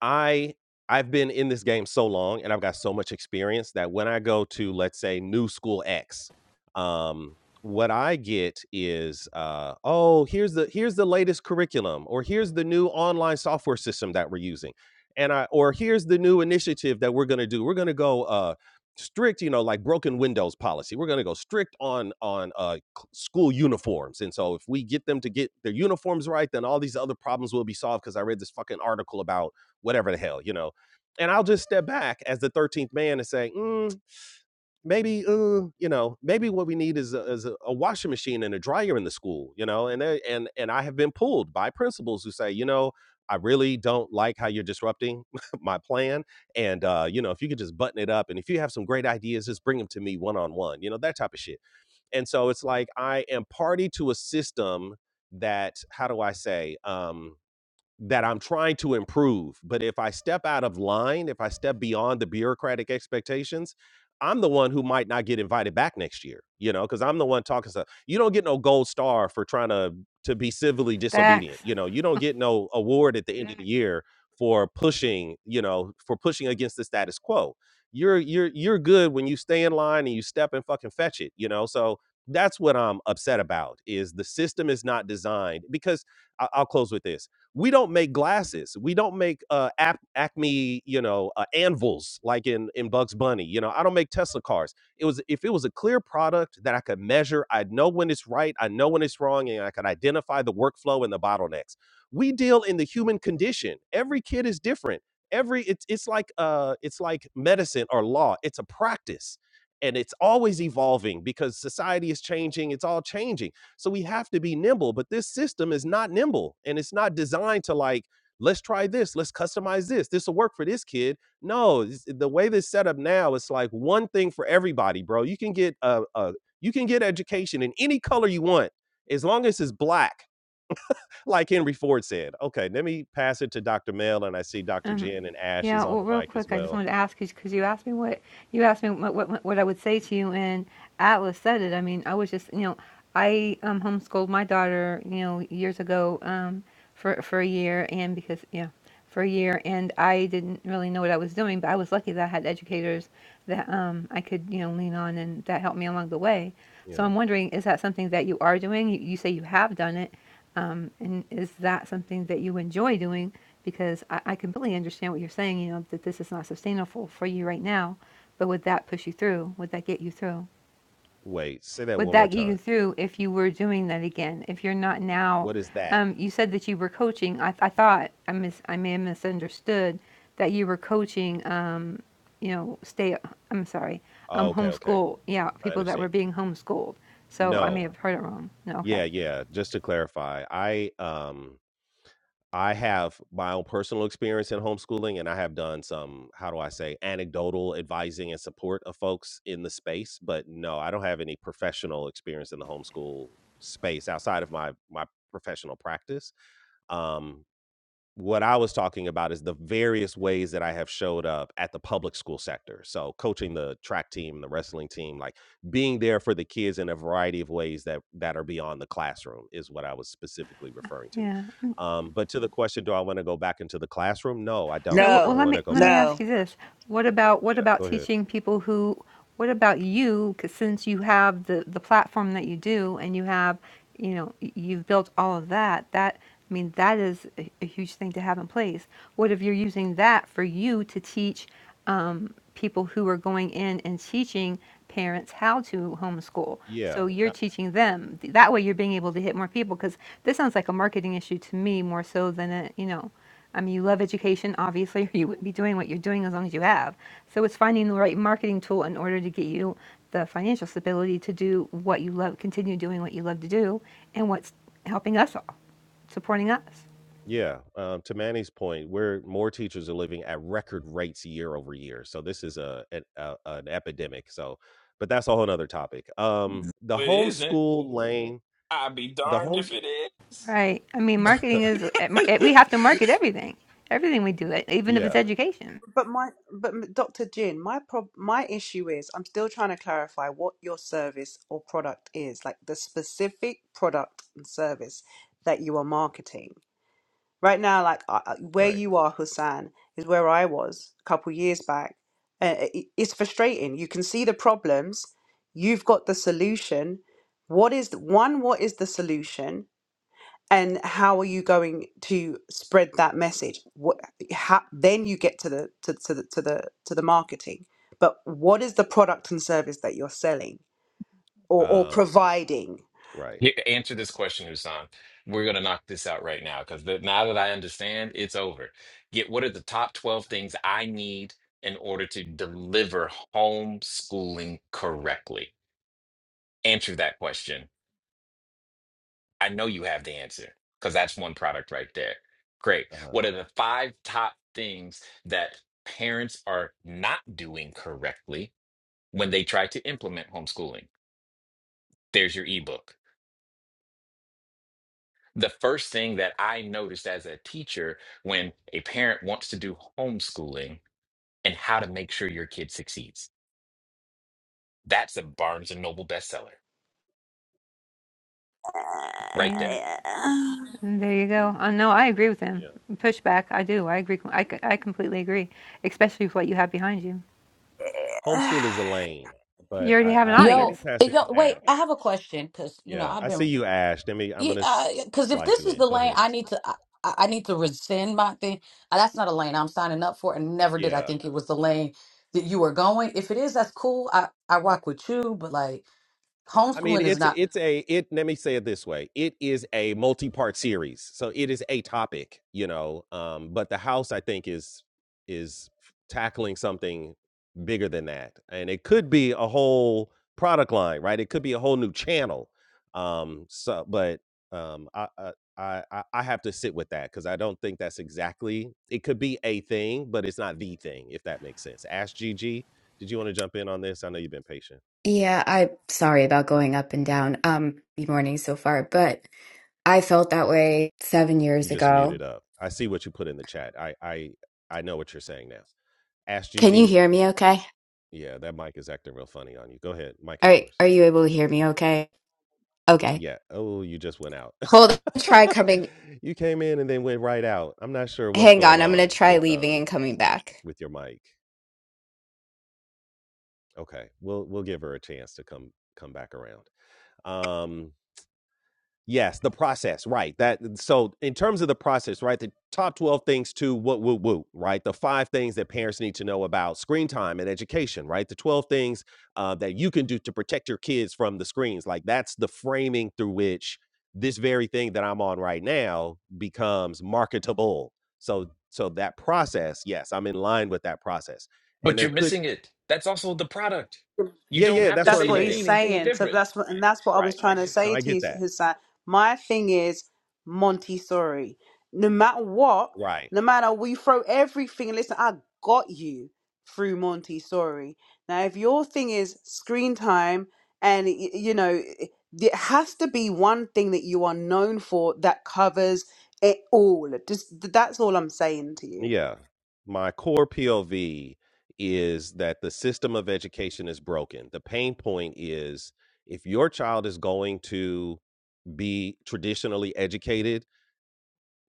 S1: I I've been in this game so long and I've got so much experience that when I go to let's say new school X, um, what I get is uh, oh here's the here's the latest curriculum or here's the new online software system that we're using, and I or here's the new initiative that we're gonna do. We're gonna go uh, strict, you know, like broken windows policy. We're gonna go strict on on uh, c- school uniforms, and so if we get them to get their uniforms right, then all these other problems will be solved. Because I read this fucking article about whatever the hell, you know. And I'll just step back as the 13th man and say, mm, maybe, uh, you know, maybe what we need is a, is a, a washing machine and a dryer in the school, you know. And they, and and I have been pulled by principals who say, you know, I really don't like how you're disrupting my plan, and uh, you know, if you could just button it up, and if you have some great ideas, just bring them to me one on one, you know, that type of shit. And so it's like I am party to a system that, how do I say, um, that I'm trying to improve. But if I step out of line, if I step beyond the bureaucratic expectations, I'm the one who might not get invited back next year, you know, because I'm the one talking stuff. You don't get no gold star for trying to to be civilly disobedient.
S10: Facts.
S1: You know, you don't get no award at the end of the year for pushing, you know, for pushing against the status quo. You're you're you're good when you stay in line and you step and fucking fetch it, you know. So that's what I'm upset about is the system is not designed because I- I'll close with this we don't make glasses. We don't make uh, Ac- Acme, you know, uh, anvils like in in Bugs Bunny. You know, I don't make Tesla cars. It was if it was a clear product that I could measure, I'd know when it's right, I know when it's wrong, and I could identify the workflow and the bottlenecks. We deal in the human condition. Every kid is different. Every it's it's like uh it's like medicine or law. It's a practice, and it's always evolving because society is changing. It's all changing so we have to be nimble, but this system is not nimble and it's not designed to like, let's try this, let's customize this. This will work for this kid. No, it's- the way this set up now, it's like one thing for everybody, bro. You can get a, a you can get education in any color you want as long as it's black, like Henry Ford said. Okay, let me pass it to Dr. Mel, and I see Dr.
S10: Um,
S1: Jen and Ash is
S10: yeah,
S1: on
S10: well,
S1: the
S10: real
S1: mic as
S10: quick, I just
S1: well.
S10: wanted to ask you because you asked me what you asked me what, what what I would say to you, and Atlas said it. I mean, I was just you know, I um homeschooled my daughter you know years ago um for for a year and because yeah for a year and I didn't really know what I was doing, but I was lucky that I had educators that um I could you know lean on and that helped me along the way. So
S1: Yeah.
S10: I'm wondering, is that something that you are doing? You, you say you have done it. Um, and is that something that you enjoy doing? Because I, I completely understand what you're saying, you know, that this is not sustainable for you right now. But would that push you through? Would that get you through?
S1: Wait, say that
S10: Would
S1: one more
S10: that get you
S1: time.
S10: through if you were doing that again? If you're not now,
S1: What is that?
S10: um, you said that you were coaching. I, I thought I mis- I may have misunderstood that you were coaching. Um, you know, stay. I'm sorry.
S1: Oh,
S10: Um,
S1: okay, okay.
S10: homeschool. Yeah,
S1: I
S10: people that
S1: understand.
S10: were being homeschooled. So I may
S1: No.
S10: have heard it wrong. No, okay.
S1: Yeah, yeah. Just to clarify, I um I have my own personal experience in homeschooling and I have done some, how do I say, anecdotal advising and support of folks in the space, but no, I don't have any professional experience in the homeschool space outside of my my professional practice. Um what I was talking about is the various ways that I have showed up at the public school sector. So coaching the track team, the wrestling team, like being there for the kids in a variety of ways that that are beyond the classroom is what I was specifically referring to.
S10: Yeah.
S1: Um, but to the question, do I want to go back into the classroom? No, I don't.
S10: Well,
S1: I
S10: well,
S1: don't
S6: no,
S10: let
S1: want to
S10: me
S1: go
S10: let me
S1: back into the
S6: no.
S10: ask you this:
S1: classroom.
S10: What about what
S1: Yeah,
S10: about
S1: go ahead.
S10: teaching people who? What about you? 'cause since you have the the platform that you do, and you have, you know, y- you've built all of that. That I mean, that is a, a huge thing to have in place. What if you're using that for you to teach um, people who are going in and teaching parents how to homeschool? So
S1: Yeah,
S10: you're teaching them. That way, you're being able to hit more people. Because this sounds like a marketing issue to me more so than a you know. I mean, you love education, obviously, or you wouldn't be doing what you're doing as long as you have. So it's finding the right marketing tool in order to get you the financial stability to do what you love, continue doing what you love to do, and what's helping us all, supporting us.
S1: Yeah, um, to Manny's point, where more teachers are living at record rates year over year, so this is a an, a, an epidemic. So, but that's a whole other topic. Um, the
S2: Well, it isn't.
S1: homeschool lane,
S2: I'd be
S1: the
S2: darned if
S1: homes,
S2: it is.
S10: Right. I mean, marketing is, at mar- eh, we have to market everything, everything we do, eh, even if it's
S1: yeah,
S10: education.
S9: But my, but m- Dr. Jin, my prob, my issue is I'm still trying to clarify what your service or product is, like the specific product and service that you are marketing. Right now, like uh, uh, where
S1: right,
S9: you are, Hussein, is where I was a couple years back. Uh, it- it's frustrating. You can see the problems. You've got the solution. What is the, one? What is the solution? and how are you going to spread that message what how then you get to the to, to the to the to the marketing but what is the product and service that you're selling or or
S1: um,
S9: providing
S1: right,
S2: Here, answer this question, Husan. We're gonna knock this out right now because now that I understand, it's over. Get what are the top twelve things I need in order to deliver homeschooling correctly? Answer that question. I know you have the answer because that's one product right there. Great.
S1: uh,
S2: What are the five top things that parents are not doing correctly when they try to implement homeschooling? There's your ebook. The first thing that I noticed as a teacher when a parent wants to do homeschooling and how to make sure your kid succeeds. That's a Barnes and Noble bestseller right
S10: Bam.
S2: there.
S10: And there you go. Uh, no, I agree with him.
S1: yeah,
S10: Pushback, I do. I agree. com- I, c- I completely agree, especially with what you have behind you.
S1: homeschool is a lane,
S10: You
S1: but
S10: already
S1: I,
S10: have an
S1: I let me
S10: audience.
S4: Yo,
S1: pass it
S4: yo,
S1: to
S4: wait,
S1: Ash.
S4: I have a question because, you know,
S1: Yeah,
S4: I've
S1: I
S4: been
S1: see you, Ash. Let me, I'm
S4: Yeah,
S1: gonna s-
S4: because if
S1: slide
S4: this
S1: you
S4: is
S1: in.
S4: the
S1: Go
S4: lane
S1: ahead.
S4: I need to, I, I I need to rescind my thing. Uh, That's not a lane I'm signing up for, and never did I
S1: Yeah,
S4: think it was the lane that you were going. If it is, that's cool. I I rock with you, but like
S1: I mean,
S4: homeschooling is
S1: it's
S4: not.
S1: it's a it. Let me say it this way: it is a multi-part series, so it is a topic, you know. Um, but the house, I think, is is tackling something bigger than that, and it could be a whole product line, right? It could be a whole new channel. Um, so, but um, I. I I, I I have to sit with that because I don't think that's exactly. It could be a thing, but it's not the thing, if that makes sense. Ask Gigi. Did you want to jump in on this? I know you've been patient.
S12: Yeah, I'm sorry about going up and down um the morning so far, but I felt that way seven
S1: You
S12: years
S1: just
S12: ago.
S1: muted up. I see what you put in the chat. I I I know what you're saying now. Ask
S12: Can you
S1: Gigi.
S12: hear me okay?
S1: Yeah, that mic is acting real funny on you. Go ahead. Mic
S12: All
S1: is
S12: right,
S1: yours.
S12: are you able to hear me okay? Okay.
S1: Yeah. Oh, you just went out.
S12: Hold on, try coming.
S1: you came in and then went right out. I'm not sure what's
S12: Hang
S1: going
S12: on, I'm gonna
S1: on
S12: try
S1: with
S12: leaving
S1: um
S12: and coming back.
S1: with your mic. Okay. We'll we'll give her a chance to come come back around. Um Yes, the process, right? That so in terms of the process, right? The top 12 things to what woo woo, right? The five things that parents need to know about screen time and education, right? The 12 things uh, that you can do to protect your kids from the screens. Like that's the framing through which this very thing that I'm on right now becomes marketable. So so that process, yes, I'm in line with that process. And
S2: But
S1: there
S2: you're
S1: could
S2: missing it. That's also the product. You
S1: Yeah,
S2: don't
S1: yeah,
S2: have
S1: that's
S2: to
S1: what
S9: That's
S2: say
S1: I'm
S9: what
S1: saying.
S2: anything,
S9: he's
S2: anything
S9: saying. So
S2: different.
S9: that's what, and that's what I was
S1: Right.
S9: trying to
S1: No,
S9: say
S1: I
S9: to
S1: get
S9: his,
S1: that.
S9: his son. My thing is Montessori. No matter what,
S1: Right.
S9: no matter we throw everything. Listen, I got you through Montessori. Now, if your thing is screen time, and y- you know, it has to be one thing that you are known for that covers it all. Just that's all I'm saying to you.
S1: Yeah. My core POV is that the system of education is broken. The pain point is if your child is going to be traditionally educated,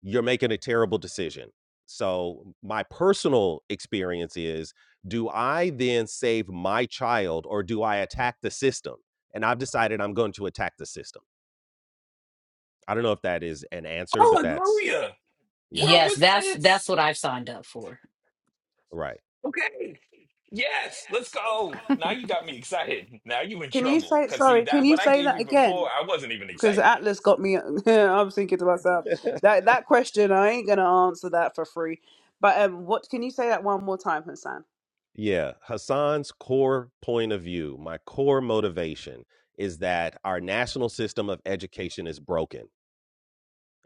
S1: you're making a terrible decision. So, my personal experience is do I then save my child or do I attack the system? And I've decided I'm going to attack the system. I don't know if that is an answer, but that's,
S2: Hallelujah.
S1: yeah,
S2: Where
S4: Yes,
S2: was
S4: that's
S2: this?
S4: that's what I've signed up for.
S1: right.
S2: Okay. Yes, let's go. Now you got me excited. Now you in
S9: Can you
S2: trouble.
S9: say
S2: Cause see
S9: sorry? Can
S2: that
S9: you
S2: what I
S9: say
S2: gave
S9: that
S2: you
S9: again?
S2: before, I wasn't even
S9: Because
S2: excited.
S9: Atlas got me. I was thinking to myself that that question I ain't gonna answer that for free. But um, what can you say that one more time, Hassan?
S1: Yeah, Hassan's core point of view, my core motivation is that our national system of education is broken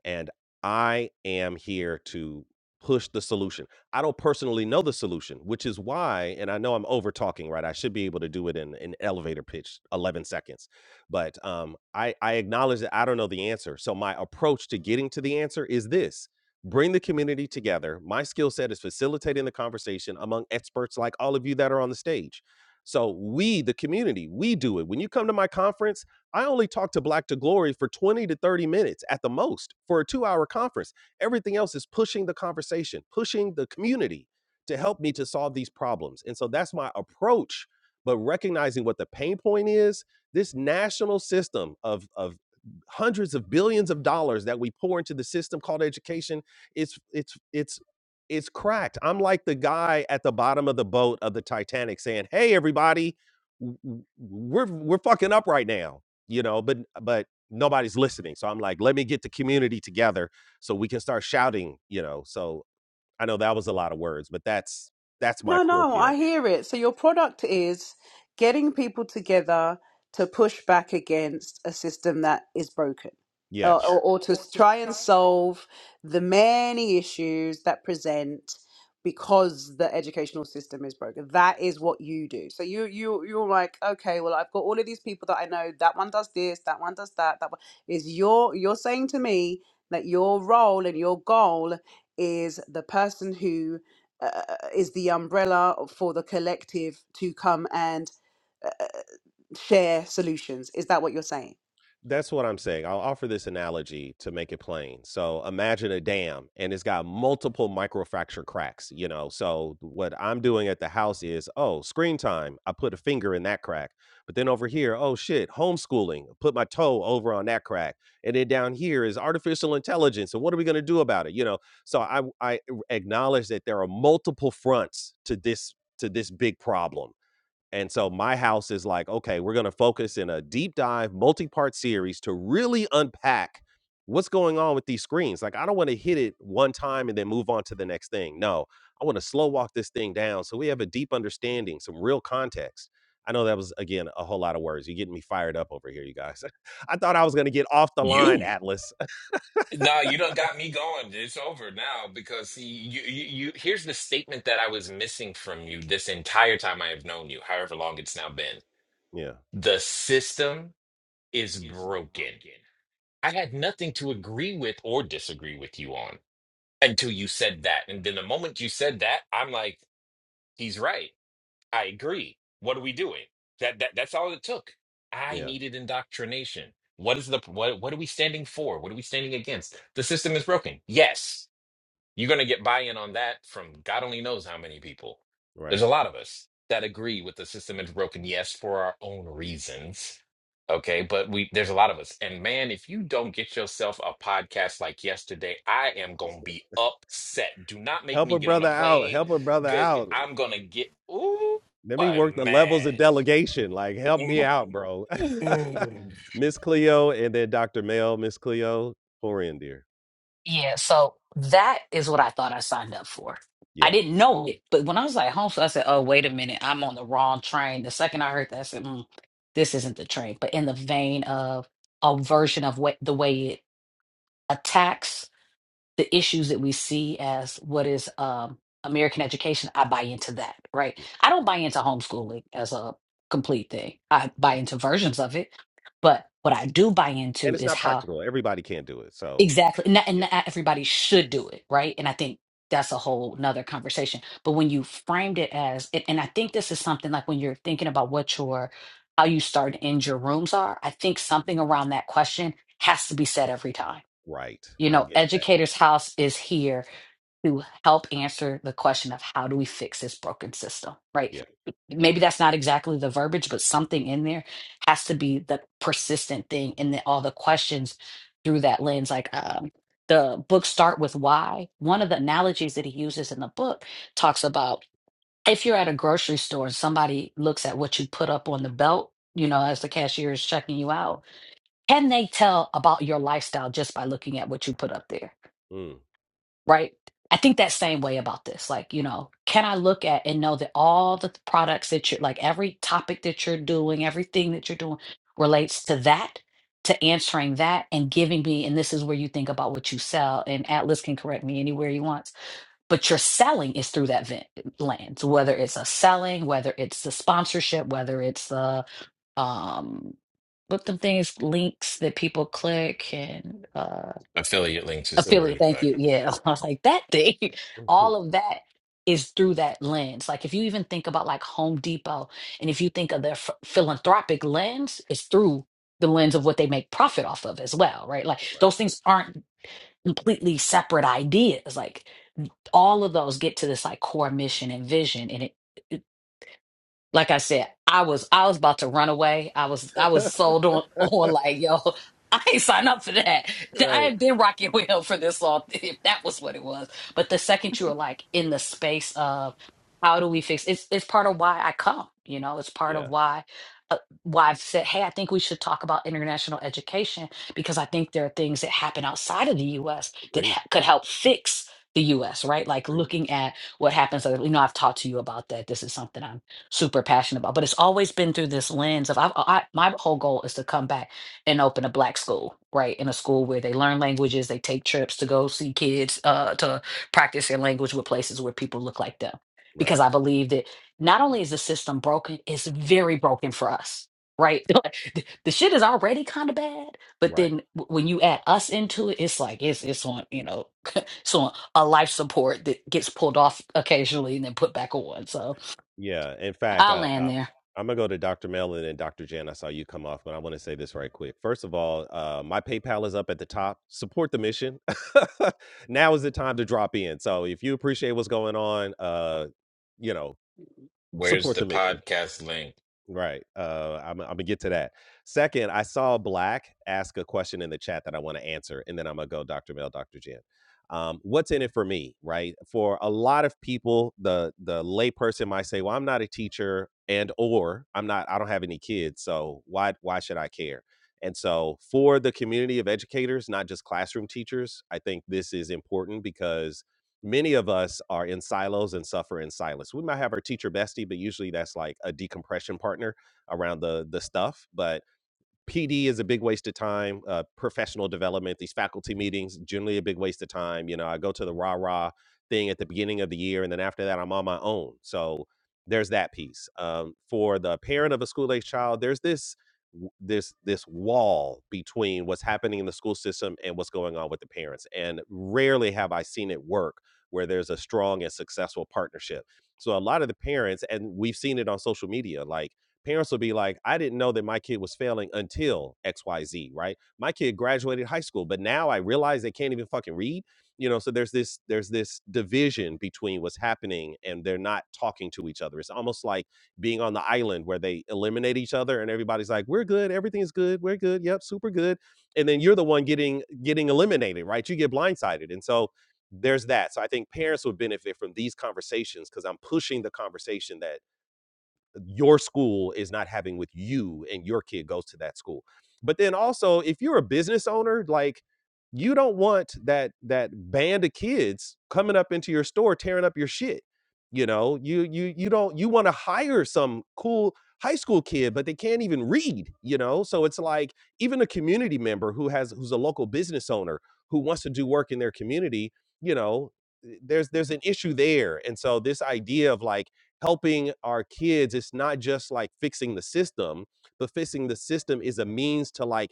S1: and I am here to push the solution. I don't personally know the solution, which is why, and I know I'm over talking, right? I should be able to do it in an elevator pitch, 11 seconds, but um, I, I acknowledge that I don't know the answer. So my approach to getting to the answer is this. Bring the community together. My skill set is facilitating the conversation among experts like all of you that are on the stage. So, we, the community, we do it. When you come to my conference, I only talk to Black to Glory for 20 to 30 minutes at the most for a two hour conference. Everything else is pushing the conversation, pushing the community to help me to solve these problems. And so that's my approach. But recognizing what the pain point is, this national system of, of hundreds of billions of dollars that we pour into the system called education, it's it's it's it's cracked. I'm like the guy at the bottom of the boat of the Titanic saying, "Hey, everybody, w- w- we're we're fucking up right now you know but but nobody's listening so i'm like let me get the community together so we can start shouting you know so i know that was a lot of words but that's that's my
S9: No,
S1: core
S9: no,
S1: pov
S9: I hear it. So your product is getting people together to push back against a system that is broken, or,
S1: yes
S9: or, or to s- try and solve the many issues that present because the educational system is broken. That is what you do. So you you you're like, okay, well, I've got all of these people that I know. That one does this. That one does that. That one is your. You're saying to me that your role and your goal is the person who uh, uh, uh, uh, is the umbrella for the collective to come and uh, uh, share solutions. Is that what you're saying?
S1: That's what I'm saying. I'll offer this analogy to make it plain. So imagine a dam and it's got multiple microfracture cracks, you know. So what I'm doing at the house is, oh, screen time. I put a finger in that crack. But then over here, oh shit, homeschooling. Put my toe over on that crack. And then down here is artificial intelligence. And what are we going to do about it? You know. So I I acknowledge that there are multiple fronts to this to this big problem and so my house is like, okay, we're going to focus in a deep dive, multi part series to really unpack what's going on with these screens. Like, I don't want to hit it one time and then move on to the next thing. No, I want to slow walk this thing down so we have a deep understanding, some real context. I know that was, again, a whole lot of words. You're getting me fired up over here, you guys. I thought I was going to get off the line,
S2: You?
S1: Atlas.
S2: No, you don't got me going. It's over now because see you, you you here's the statement that I was missing from you this entire time I have known you, however long it's now been.
S1: yeah,
S2: The system is broken. I had nothing to agree with or disagree with you on until you said that. And then the moment you said that, I'm like, he's right I agree. What are we doing? That that that's all it took. I
S1: yeah,
S2: needed indoctrination. What is the what what are we standing for? What are we standing against? The system is broken. Yes. You're going to get buy in on that from God only knows how many people. There's
S1: right.
S2: a lot of us that agree with the system is broken, yes, for our own reasons. Okay, but we there's a lot of us. And man, if you don't get yourself a podcast like yesterday, I am gonna be upset. Do not make
S1: Help
S2: me
S1: a
S2: get on
S1: brother
S2: a
S1: out.
S2: plane.
S1: Help a brother
S2: Good,
S1: out.
S2: I'm gonna get ooh,
S1: Let me work the
S2: I'm
S1: levels of
S2: mad.
S1: delegation. Like, help me out, bro.
S2: Ooh.
S1: Miss Cleo and then Dr. Mel, Miss Cleo, pour in, dear.
S4: Yeah, so that is what I thought I signed up for. I
S1: Yeah.
S4: didn't know it, but when I was like homeschool, I said, "Oh, wait a minute, I'm on the wrong train." The second I heard that, I said, mm, "This isn't the train." But in the vein of a version of what the way it attacks the issues that we see as what is um, American education, I buy into that, right?
S1: Yeah.
S4: I don't buy into homeschooling as a complete thing. I buy
S1: Right.
S4: into versions of it, but what I do buy
S1: And
S4: into
S1: it's
S4: is
S1: not
S4: how
S1: practical. Everybody can't do it. So,
S4: exactly, and not, and
S1: yeah.
S4: not everybody should do it, right? And I think that's a whole nother conversation. But when you framed it as, and and I think this is something like when you're thinking about what your how you start and end your rooms are, I think something around that question has to be said every time.
S1: Right.
S4: You
S1: I'm
S4: know,
S1: getting that.
S4: educator's house is here to help answer the question of how do we fix this broken system, right?
S1: Yeah.
S4: Maybe that's not exactly the verbiage, but something in there has to be the persistent thing. And then all the questions through that lens, like um, the book Start With Why, one of the analogies that he uses in the book talks about if you're at a grocery store and somebody looks at what you put up on the belt, you know, as the cashier is checking you out, can they tell about your lifestyle just by looking at what you put up there?
S1: Mm,
S4: right? I think that same way about this. Like, you know, can I look at and know that all the th- products that you're like every topic that you're doing, everything that you're doing relates to that, to answering that and giving me, and this is where you think about what you sell. And Atlas can correct me anywhere he wants, but your selling is through that vent lens, whether it's a selling, whether it's the sponsorship, whether it's the um what the things links that people click and uh,
S2: Affiliate links is the
S1: really
S4: affiliate
S1: is.
S2: word.
S4: thank you yeah i was like that thing
S1: Yeah.
S4: all of that is through that lens like if you even think about like home depot and if you think of their ph- philanthropic lens it's through the lens of what they make profit off of as well right like those things aren't completely separate ideas like all of those get to this like core mission and vision and it like I said, I was I was about to run away. I was I was sold on on
S1: right.
S4: like yo, I ain't signed up for that. I
S1: right.
S4: ain't been rocking with him for this long if that was what it was. But the second you were like in the space of how do we fix it's it's part of why I come. You know, it's part
S1: Yeah.
S4: of why uh, why I've said, hey, I think we should talk about international education because I think there are things that happen outside of the U.S. that
S1: Agreed.
S4: ha- could help fix the U.S. Right, like
S1: Agreed.
S4: looking at what happens. uh, You know, I've talked to you about that. This is something I'm super passionate about. But it's always been through this lens of I, I my whole goal is to come back and open a black school, right? In a school where they learn languages, they take trips to go see kids, uh, to practice their language with places where people look like them.
S1: Right.
S4: Because I believe that not only is the system broken, it's very broken for us. Right, the, the shit is already kind of bad, but
S1: Right.
S4: then w- when you add us into it, it's like it's it's on you know, it's on a life support that gets pulled off occasionally and then put back on. So
S1: Yeah. In fact,
S4: I'll
S1: I,
S4: land
S1: I
S4: there.
S1: I'm gonna go to Dr. Mellon and Dr. Jan. I saw you come off, but I want to say this right quick. First of all, uh, my PayPal is up at the top. Support the mission. now is the time to drop in. So if you appreciate what's going on, uh, you know,
S2: Where's
S1: support
S2: the
S1: the mission.
S2: podcast link?
S1: Right. Uh, I'm I'm gonna get to that. Second, I saw Black ask a question in the chat that I want to answer, and then I'm gonna go Dr. Mel, Dr. Jen. Um, what's in it for me, right? For a lot of people, the the layperson might say, "Well, I'm not a teacher, and or I'm not, I don't have any kids, so why why should I care?" And so, for the community of educators, not just classroom teachers, I think this is important because many of us are in silos and suffer in silence. We might have our teacher bestie, but usually that's like a decompression partner around the the stuff. But PD is a big waste of time. Uh, professional development, these faculty meetings, generally a big waste of time. You know, I go to the rah rah thing at the beginning of the year, and then after that, I'm on my own. So there's that piece. Um, for the parent of a school age child, there's this w- this this wall between what's happening in the school system and what's going on with the parents. And rarely have I seen it work where there's a strong and successful partnership. So a lot of the parents, and we've seen it on social media, like parents will be like, I didn't know that my kid was failing until XYZ, right? My kid graduated high school, but now I realize they can't even fucking read. You know, so there's this there's this division between what's happening and they're not talking to each other. It's almost like being on the island where they eliminate each other and everybody's like, We're good, everything's good, we're good, yep, super good. And then you're the one getting getting eliminated, right? You get blindsided. And so there's that. So I think parents would benefit from these conversations because I'm pushing the conversation that your school is not having with you and your kid goes to that school but then also if you're a business owner like you don't want that that band of kids coming up into your store tearing up your shit you know you you you don't you want to hire some cool high school kid but they can't even read you know so it's like even a community member who has who's a local business owner who wants to do work in their community you know there's there's an issue there and so this idea of like helping our kids it's not just like fixing the system but fixing the system is a means to like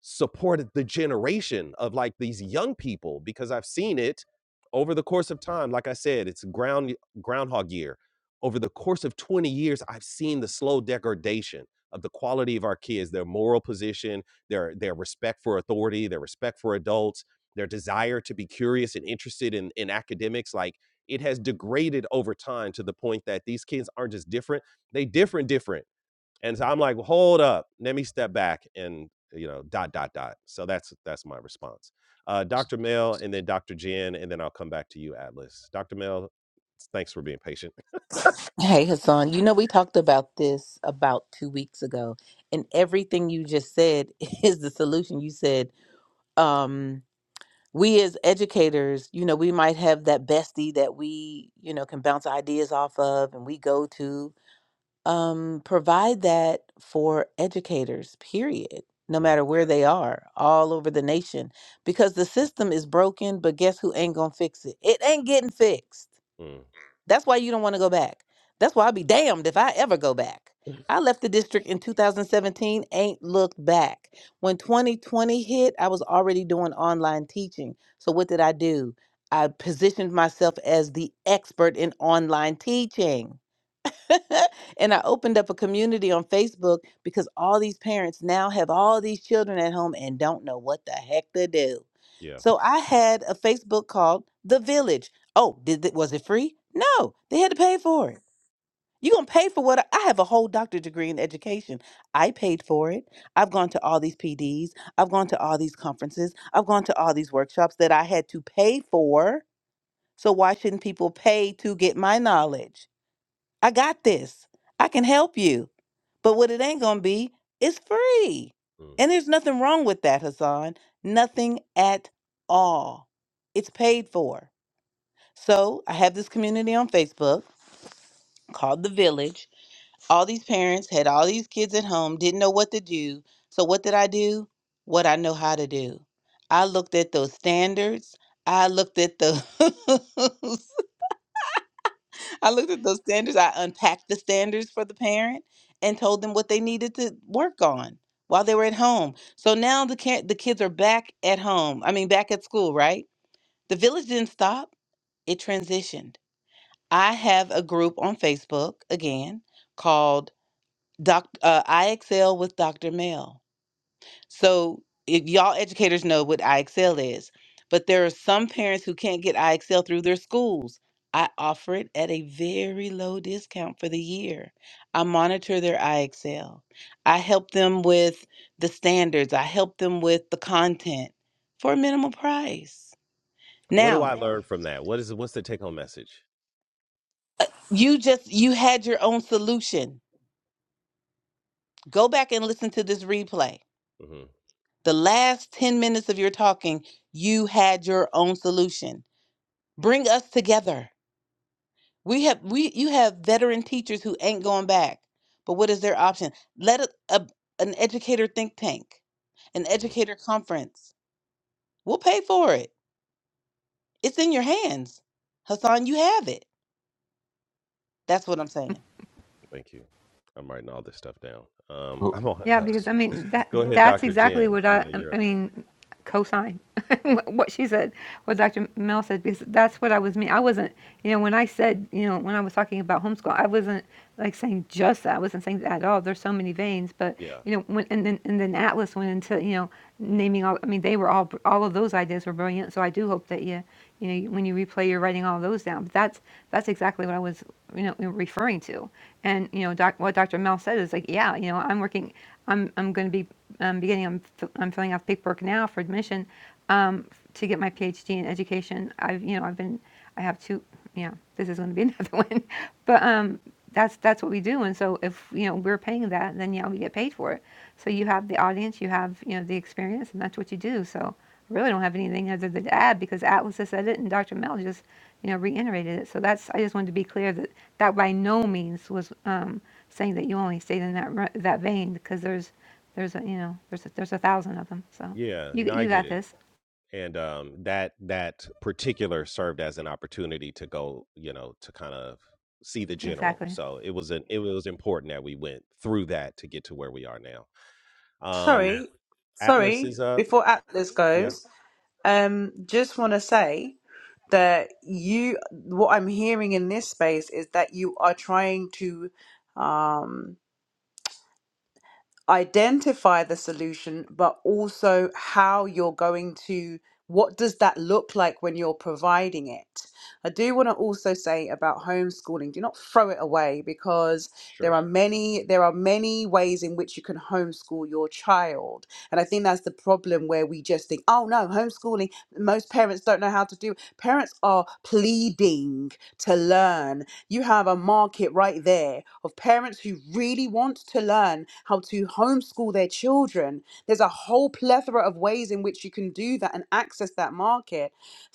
S1: support the generation of like these young people because i've seen it over the course of time like i said it's ground groundhog year over the course of 20 years i've seen the slow degradation of the quality of our kids their moral position their their respect for authority their respect for adults their desire to be curious and interested in in academics like it has degraded over time to the point that these kids aren't just different they different different and so i'm like well, hold up let me step back and you know dot dot dot so that's that's my response uh, dr mel and then dr jen and then i'll come back to you atlas dr mel thanks for being patient
S6: Hey Hassan, you know we talked about this about two weeks ago, and everything you just said is the solution. You said, um, we as educators, you know, we might have that bestie that we, you know, can bounce ideas off of and we go to. um, provide that for educators, period, no
S1: yeah
S6: matter where they are, all over the nation, because the system is broken, but guess who ain't gonna fix it? It ain't getting fixed.
S1: mm,
S6: That's why you don't wanna go back. That's why I'll be damned if I ever go back. I left the district in 2017, ain't looked back. When 2020 hit, I was already doing online teaching. So, what did I do? I positioned myself as the expert in online teaching and I opened up a community on Facebook because all these parents now have all these children at home and don't know what the heck to do.
S1: yeah
S6: So I had a Facebook called The Village. Oh, did it, was it free? No, they had to pay for it. You're going to pay for what I, I have a whole doctorate degree in education. I paid for it. I've gone to all these PDs. I've gone to all these conferences. I've gone to all these workshops that I had to pay for. So why shouldn't people pay to get my knowledge? I got this. I can help you. But what it ain't going to be is free.
S1: mm.
S6: And there's nothing wrong with that, Hassan. Nothing at all. It's paid for. So I have this community on Facebook called The Village. All these parents had all these kids at home, didn't know what to do. So, what did I do? What I know how to do. I looked at those standards. I looked at those I looked at those standards. I unpacked the standards for the parent and told them what they needed to work on while they were at home. So now the ca- the kids are back at home. I mean, back at school, right? The village didn't stop. It transitioned. I have a group on Facebook again called Doc uh, IXL with Dr. Mel so if y'all educators know what IXL is, but there are some parents who can't get IXL through their schools. I offer it at a very low discount for the year. I monitor their IXL. I help them with the standards. I help them with the content for a minimal price.
S1: what do
S6: Now,
S1: i Yeah. learn from that what is what's the take home message
S6: you just you had your own solution. Go back and listen to this replay.
S1: hmm
S6: The last 10 minutes of your talking, you had your own solution. Bring us together We have we you have veteran teachers who ain't going back. But what is their option? Let a, a an educator think tank, an
S1: hmm
S6: educator conference. We'll pay for it. It's in your hands. Hassan, you have it. That's what I'm saying.
S1: thank you i'm writing all this stuff down um i'm on
S10: Yeah,
S1: uh,
S10: because I mean that
S1: go No, ahead
S10: that's
S1: dr good. You're
S10: exactly
S1: jen
S10: what
S1: yeah
S10: I
S1: No,
S10: um,
S1: you're
S10: I mean cosign what she said, what Dr. Mel said because that's what I was mean. I wasn't, you know, when I said, you know, when I was talking about homeschool, I wasn't like saying just that. I wasn't saying that at all. There's so many veins, but
S1: everyone.
S10: you know, when and then and then Atlas went into, you know, naming all. I mean, they were all all of those ideas were brilliant. So I do hope that you, you know, when you replay, you're writing all those down. But that's that's exactly what I was, you know, referring to. And you know, doc, what Dr. Mel said is like, yeah, you know, I'm working. I'm I'm going to be um, beginning. I'm f- I'm filling out paperwork now for admission um, to get my PhD in education. I've you know I've been I have two. Yeah, this is going to be another one. But um, that's that's what we do. And so if you know we're paying that, then yeah, we get paid for it. So you have the audience, you have you know the experience, and that's what you do. So I really don't have anything other than to add because Atlas has said it and Dr. Mel just you know reiterated it. So that's I just wanted to be clear that that by no means was um, saying that you only stayed in that ru- that vein because there's there's a you know there's a, there's a thousand of them. So
S1: Yeah,
S10: you
S1: no, I
S10: you
S1: get
S10: got
S1: it.
S10: this
S1: And um that that particular served as an opportunity to go, you know, to kind of see the general.
S10: exactly.
S1: So it was an it was important that we went through that to get to where we are now. Um
S9: Sorry,
S1: Atlas
S9: sorry.
S1: is up.
S9: Before Atlas
S1: Yeah.
S9: goes, um, just want to say that you, what I'm hearing in this space is that you are trying to. Um, identify the solution, but also how you're going to, what does that look like when you're providing it? I do want to also say about homeschooling, do not throw it away because there are
S1: Sure.
S9: many there are many ways in which you can homeschool your child. And I think that's the problem where we just think, oh no, homeschooling, most parents don't know how to do. it." Parents are pleading to learn you have a market right there of parents who really want to learn how to homeschool their children. There's a whole plethora of ways in which you can do that and access that market.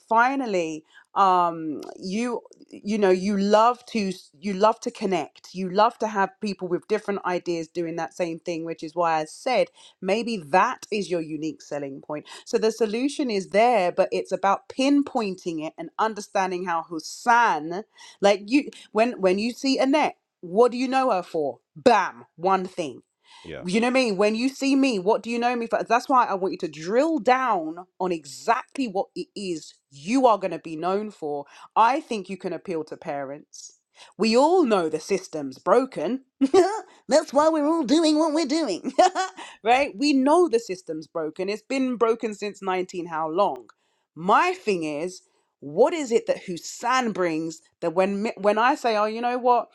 S9: Finally, um you you know you love to s- you love to connect you love to have people with different ideas doing that same thing which is why i said maybe that is your unique selling point so the solution is there but it's about pinpointing it and understanding how hussan like you when when you see Annette, what do you know her for? Bam, one thing.
S1: Yeah.
S9: You know me, when you see me, what do you know me for? That's why I want you to drill down on exactly what it is you are going to be known for. I think you can appeal to parents. We all know the system's broken. That's why we're all doing what we're doing, right? We know the system's broken. It's been broken since 19, how long? My thing is, what is it that Hussein brings that when me- when I say, oh, you know what?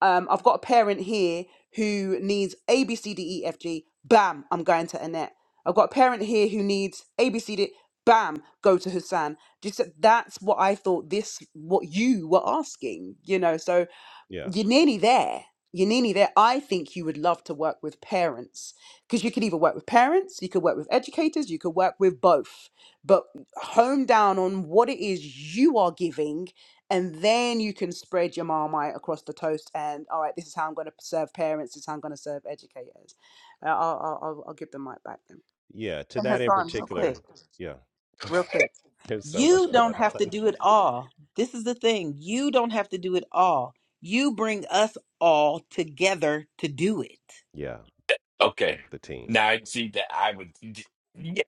S9: Um, I've got a parent here who needs A, B, C, D, E, F, G. Bam, I'm going to Annette. I've got a parent here who needs A, B, C, D. Bam, go to Hassan. Just that- that's what I thought. This what you were asking, you know. So
S1: Yeah.
S9: you're nearly there. You're nearly there. I think you would love to work with parents because you could either work with parents, you could work with educators, you could work with both, but hone down on what it is you are giving. And then you can spread your marmite across the toast. And all right, this is how I'm going to serve parents. This is how I'm going to serve educators. Uh, I'll, I'll, I'll I'll give the mic back then.
S1: Yeah. To
S6: And
S1: that in
S6: Hassan, real quick.
S1: particular. Yeah.
S6: real quick.
S1: There's so
S6: You
S1: much
S6: don't
S1: going
S6: have to
S1: on.
S6: do it all. This is the thing. You don't have to do it all. You bring us all together to do it.
S1: Yeah.
S2: Okay.
S1: The team.
S2: Now I see that I would. d- Yes.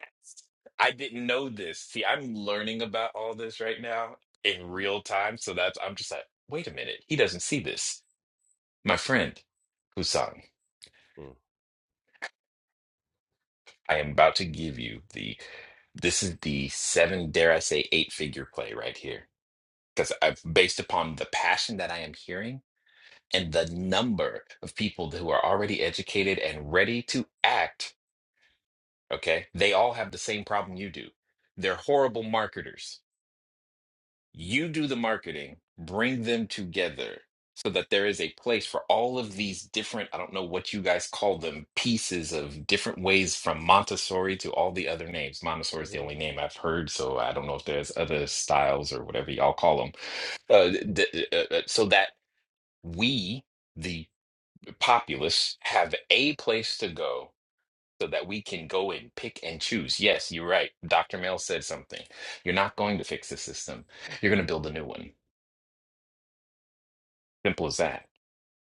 S2: I didn't know this. See, I'm learning about all this right now in real time. So that's, I'm just like, wait a minute. He doesn't see this. My friend, Husan,
S1: Mm.
S2: I am about to give you the, this is the seven, dare I say, eight figure play right here. Because I've based upon the passion that I am hearing and the number of people who are already educated and ready to act. Okay. They all have the same problem you do. They're horrible marketers. You do the marketing, bring them together so that there is a place for all of these different, I don't know what you guys call them, pieces of different ways from Montessori to all the other names. Montessori is the
S1: hmm
S2: only name I've heard, so I don't know if there's other styles or whatever y'all call them. Uh, d- uh, uh, so that we, the populace, have a place to go so that we can go and pick and choose. Yes, you're right. Dr. Mel said something. You're not going to fix the system. You're going to build a new one. Simple as that.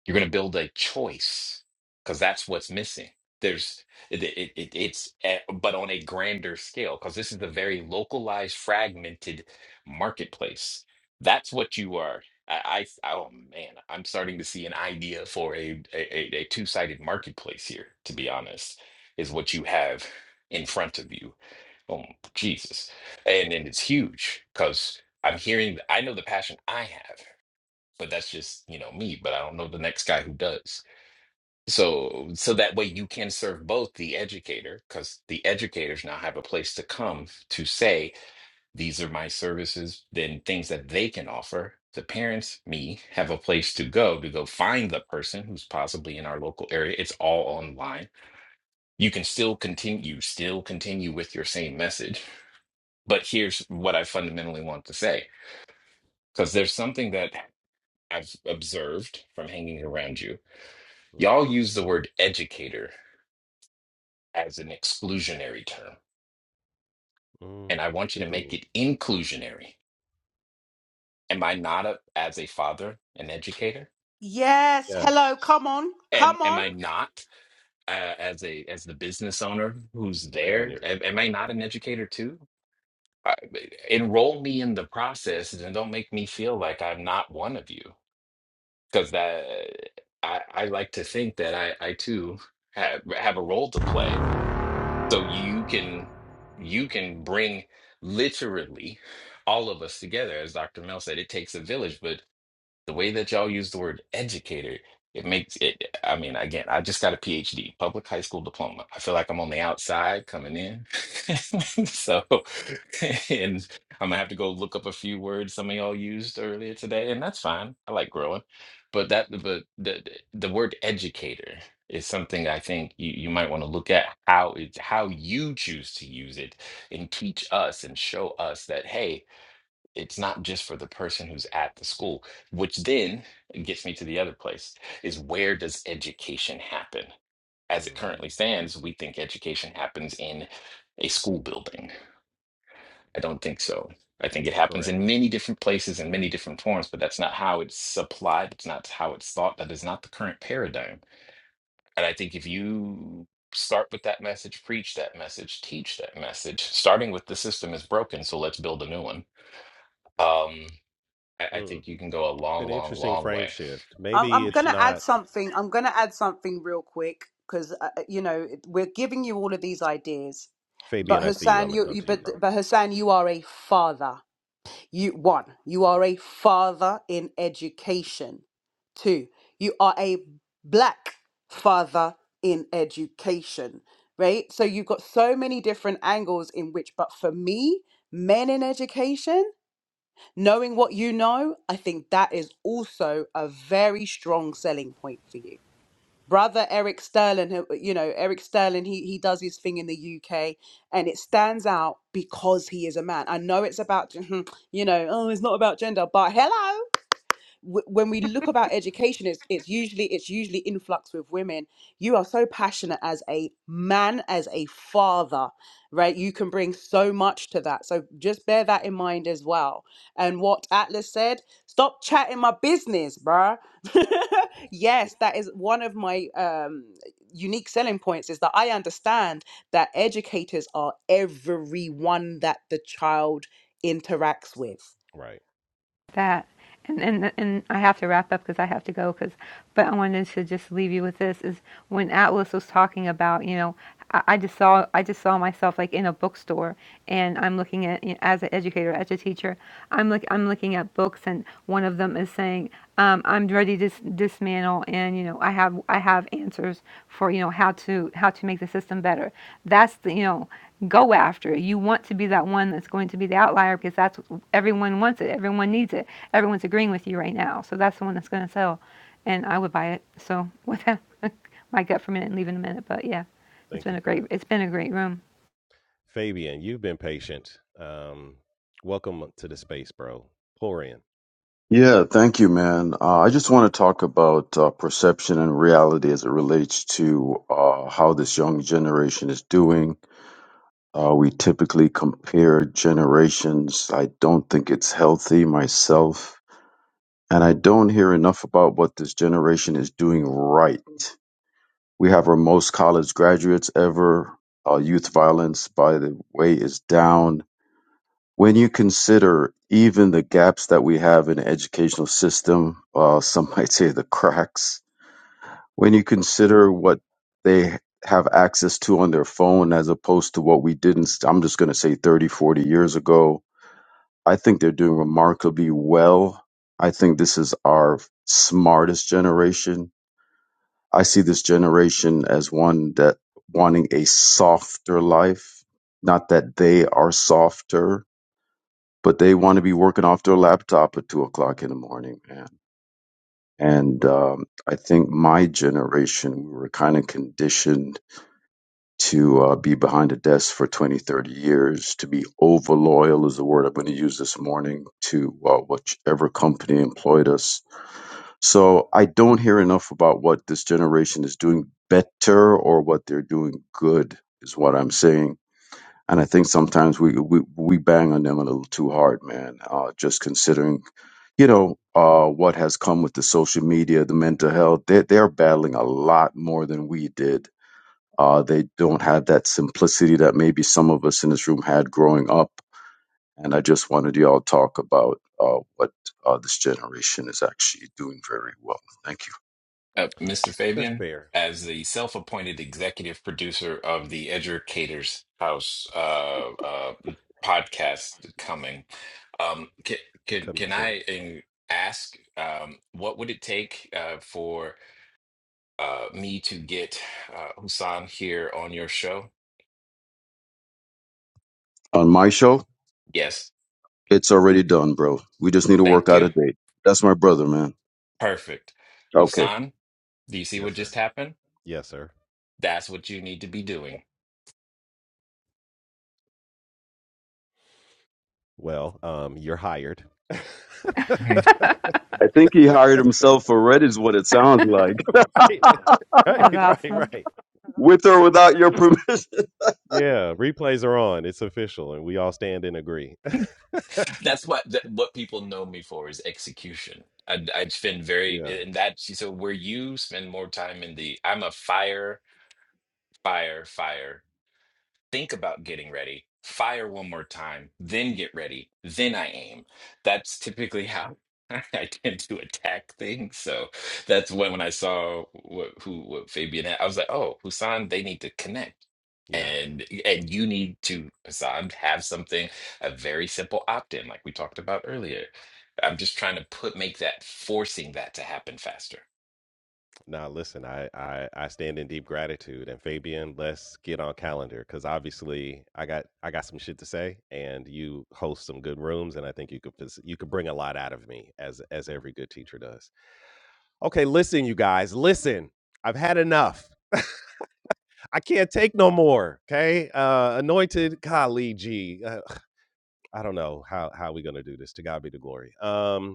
S2: You're going to build a choice because that's what's missing. There's it, it, it- it's eh, but on a grander scale because this is a very localized, fragmented marketplace. That's what you are. I, I oh man, I'm starting to see an idea for a a, a a two-sided marketplace here. To be honest, is what you have in front of you Oh, Jesus. And and it's huge because I'm hearing, I know the passion I have, but that's just, you know, me, but I don't know the next guy who does. So, so that way you can serve both the educator, because the educators now have a place to come to say, these are my services, then things that they can offer. The parents, me, have a place to go to go find the person who's possibly in our local area. It's all online. You can still continue, you still continue with your same message but here's what I fundamentally want to say, because there's something that I've observed from hanging around you.
S1: Mm.
S2: Y'all use the word educator as an exclusionary term,
S1: Mm.
S2: and I want you to make
S1: Continue.
S2: it inclusionary. Am I not a, as a father an educator?
S9: Yes.
S1: Yes.
S9: Hello. Come on.
S2: Am
S9: Come
S2: am
S9: on.
S2: I not uh, as a as the business owner who's
S1: Maybe I
S2: there?
S1: need to.
S2: Am, am I
S1: clarify that.
S2: not an educator too? I, enroll me in the process and don't make me feel like I'm not one of you because that I, I like to think that I, I too have have a role to play. So you can you can bring literally all of us together, as Dr. Mel said, it takes a village, but the way that y'all use the word educator, it makes it. I mean, again, I just got a PhD, public high school diploma. I feel like I'm on the outside coming in. So, and I'm gonna have to go look up a few words some of y'all used earlier today, and that's fine. I like growing, but that, but the the word educator is something I think you, you might want to look at how it how you choose to use it and teach us and show us that hey it's not just for the person who's at the school, which then gets me to the other place is where does education happen? As it
S1: hmm
S2: currently stands, we think education happens in a school building. I don't think so. I think it happens in
S1: Correct.
S2: many different places in many different forms, but that's not how it's supplied. It's not how it's thought. That is not the current paradigm. And I think if you start with that message, preach that message, teach that message, starting with the system is broken, so let's build a new one Um, I, I
S1: Mm.
S2: think you can go a
S1: It's
S2: long,
S1: an
S2: long,
S1: interesting
S2: long
S1: frame
S2: way.
S1: shift.
S9: I'm
S1: Maybe
S9: I'm
S1: it's
S9: gonna add
S1: not
S9: something. I'm gonna add something real quick because uh, uh, you know we're giving you all of these ideas,
S1: Fabian.
S9: but
S1: I see you. I'm
S9: Hassan,
S1: gonna
S9: you,
S1: come
S9: you
S1: to you,
S9: but
S1: bro.
S9: but Hassan, you are a father. You one, you are a father in education. Two, you are a black father in education. Right. So you've got so many different angles in which, but for me, men in education. Knowing what you know, I think that is also a very strong selling point for you. Brother Eric Sterling, who- uh, you know, Eric Sterling, he, he does his thing in the UK and it stands out because he is a man. I know it's about, you know, oh, it's not about gender, but hello w- when we look about education it's it's usually it's usually influx with women you are so passionate as a man as a father right you can bring so much to that so just bear that in mind as well and what atlas said stop chatting my business bruh yes that is one of my um unique selling points is that i understand that educators are everyone that the child interacts with
S1: Right.
S10: that and and and I have to wrap up because I have to go because but I wanted to just leave you with this is when Atlas was talking about you know I, I just saw I just saw myself like in a bookstore and I'm looking at you know, as an educator as a teacher I'm look I'm looking at books and one of them is saying um, I'm ready dis- dismantle and you know i have i have answers for you know how to how to make the system better that's the you know go after it. you want to be that one that's going to be the outlier because that's what everyone wants it everyone needs it everyone's agreeing with you right now so that's the one that's going to sell and i would buy it so with that my gut for a minute and leave in a minute but yeah it's
S1: Thank
S10: been
S1: you
S10: a
S1: for
S10: great
S1: that.
S10: it's been a great room
S1: Fabian, you've been patient. Um, welcome to the space, bro. Pour in.
S13: Yeah, thank you, man. Uh, I just want to talk about uh, perception and reality as it relates to uh, how this young generation is doing. Uh, we typically compare generations. I don't think it's healthy myself. And I don't hear enough about what this generation is doing right. We have our most college graduates ever. Uh, youth violence, by the way, is down when you consider even the gaps that we have in the educational system, uh, some might say the cracks, when you consider what they have access to on their phone as opposed to what we didn't, I'm just going to say 30, 40 years ago, I think they're doing remarkably well. I think this is our smartest generation. I see this generation as one that wanting a softer life, not that they are softer but they want to be working off their laptop at two o'clock in the morning, man. And um, I think my generation, we were kind of conditioned to uh, be behind a desk for 20, 30 years, to be over loyal is the word I'm going to use this morning to uh, whichever company employed us. So I don't hear enough about what this generation is doing better or what they're doing good, is what I'm saying and I think sometimes we we, we bang on them a little too hard, man. Uh, just considering, you know, uh, what has come with the social media, the mental health, they they're battling a lot more than we did. Uh, they don't have that simplicity that maybe some of us in this room had growing up. And I just wanted y'all to talk about uh, what uh, this generation is actually doing very well. Thank you.
S2: Uh, Mr.
S1: That's
S2: Fabian,
S1: fair.
S2: as the self-appointed executive producer of the Educators House uh, uh, podcast coming, um, can, can
S1: Coming
S2: can
S1: soon.
S2: I um, ask um, what would it take uh, for uh, me to get uh, Husan here on your show?
S13: On my show,
S2: Yes,
S13: it's already done, bro. We just need to work
S2: thank
S13: out a
S2: you.
S13: date. That's my brother, man.
S2: Perfect.
S13: Okay.
S2: Husan, do you see
S1: Yes,
S2: what
S1: sir.
S2: just happened?
S1: Yes, sir.
S2: That's what you need to be doing.
S1: Well, um, you're hired. right.
S13: I think he hired himself for Reddit is what it sounds like.
S10: that
S1: right,
S10: was
S1: right,
S10: awesome
S1: right.
S13: With or without your permission.
S1: Yeah, replays are on. It's official, and we all stand and agree.
S2: That's what that, what people know me for is execution. I, I spend very
S1: yeah,
S2: and that so where you spend more time in the I'm a fire, fire, fire think about getting ready, fire one more time, then get ready, then I aim. That's typically how I tend to attack things. So that's when when I saw what who what Fabian had, I was like, oh, Husan, they need to connect.
S1: yeah.
S2: And and you need to, Hassan, have something, a very simple opt-in, like we talked about earlier. I'm just trying to put make that forcing that to happen faster.
S1: Now, listen, I, I I stand in deep gratitude. And Fabian, let's get on calendar because obviously I got I got some shit to say, and you host some good rooms, and I think you could you could bring a lot out of me as as every good teacher does. Okay, listen, you guys, listen. I've had enough. I can't take no more. Okay, uh, anointed colleague. G. Uh, I don't know how how we gonna do this. To God be the glory. Um,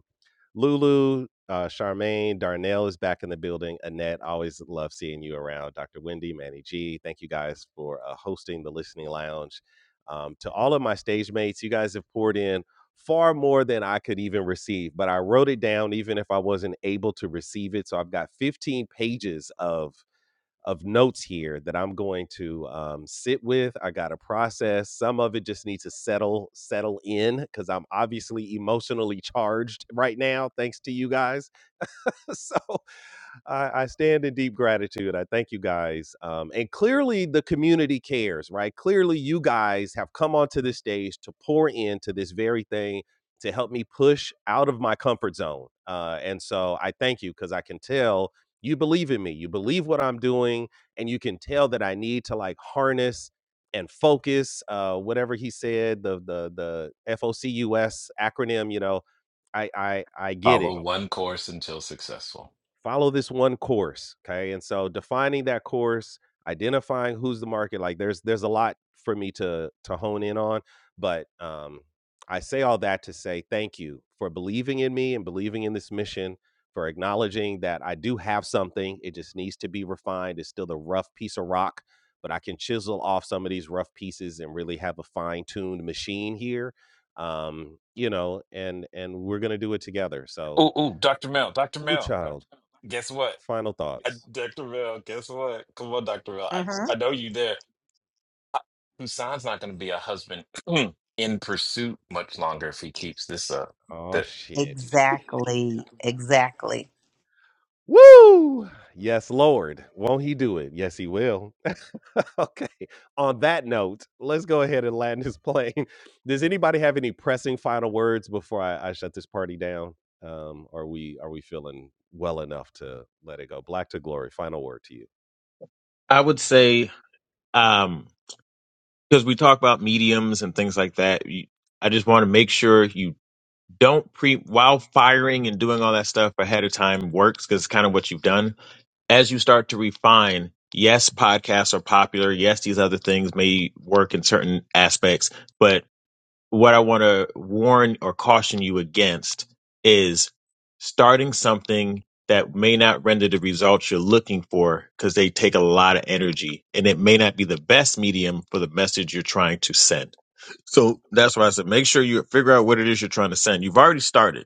S1: Lulu, uh, Charmaine, Darnell is back in the building. Annette, always love seeing you around. Dr. Wendy, Manny G, thank you guys for uh, hosting the Listening Lounge. Um, to all of my stage mates, you guys have poured in far more than I could even receive, but I wrote it down even if I wasn't able to receive it. So I've got 15 pages of of notes here that I'm going to um, sit with. I got to process. Some of it just needs to settle settle in because I'm obviously emotionally charged right now, thanks to you guys. so I, I stand in deep gratitude. I thank you guys. Um, and clearly, the community cares, right? Clearly, you guys have come onto this stage to pour into this very thing to help me push out of my comfort zone. Uh, and so I thank you because I can tell you believe in me. You believe what I'm doing, and you can tell that I need to like harness and focus. Uh, whatever he said, the the the FOCUS acronym, you know, I I I get it
S2: Follow one course until successful.
S1: follow this one course okay and so defining that course identifying who's the market like there's there's a lot for me to to hone in on but um i say all that to say thank you for believing in me and believing in this mission for acknowledging that i do have something it just needs to be refined it's still the rough piece of rock but i can chisel off some of these rough pieces and really have a fine-tuned machine here um you know and and we're gonna do it together so
S2: Ooh, ooh, Dr. Mel, Dr.
S1: blue
S2: Mel,
S1: child
S2: guess what?
S1: Final
S2: I,
S1: thoughts.
S2: Dr. Bill, guess what? Come on, Dr. Bill. I,
S6: hmm
S2: I know you there. I, Hussein's not going to be a husband in pursuit much longer if he keeps this up.
S1: Oh shit.
S6: Exactly. Exactly.
S1: Woo! Yes, Lord. Won't he do it? Yes, he will. okay. On that note, let's go ahead and land this plane. Does anybody have any pressing final words before I, I shut this party down? Um, are we are we feeling well enough to let it go? Black to glory. Final word to you.
S7: I would say um because we talk about mediums and things like that. You, I just want to make sure you don't pre while firing and doing all that stuff ahead of time works because it's kind of what you've done. As you start to refine, yes, podcasts are popular. Yes, these other things may work in certain aspects, but. what I want to warn or caution you against is starting something that may not render the results you're looking for because they take a lot of energy and it may not be the best medium for the message you're trying to send.
S1: Mm,
S7: So that's why I said make sure you figure out what it is you're trying to send. You've already started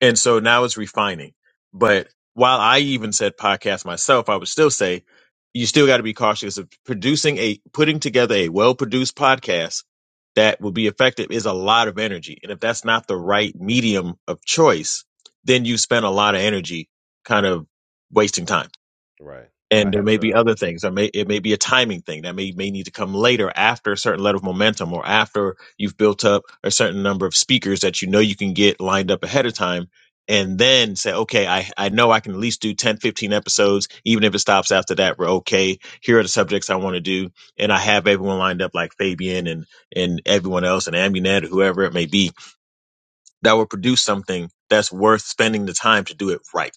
S7: and so now it's refining. But while I even said podcast myself, I would still say you still got to be cautious of producing a putting together a well produced podcast that will be effective is a lot of energy. And if that's
S1: right.
S7: not the right medium of choice, then you spend a lot of energy kind of wasting time
S1: right. I
S7: and there
S1: have.
S7: may be
S1: Uh,
S7: other things. There may it may be a timing thing that may may need to come later after a certain level of momentum or after you've built up a certain number of speakers that you know you can get lined up ahead of time and then say okay I, I know i can at least do 10, 15 episodes even if it stops after that we're okay here are the subjects i want to do and i have everyone lined up like fabian and and everyone else and ambunet or whoever it may be that will produce something that's worth spending the time to do it right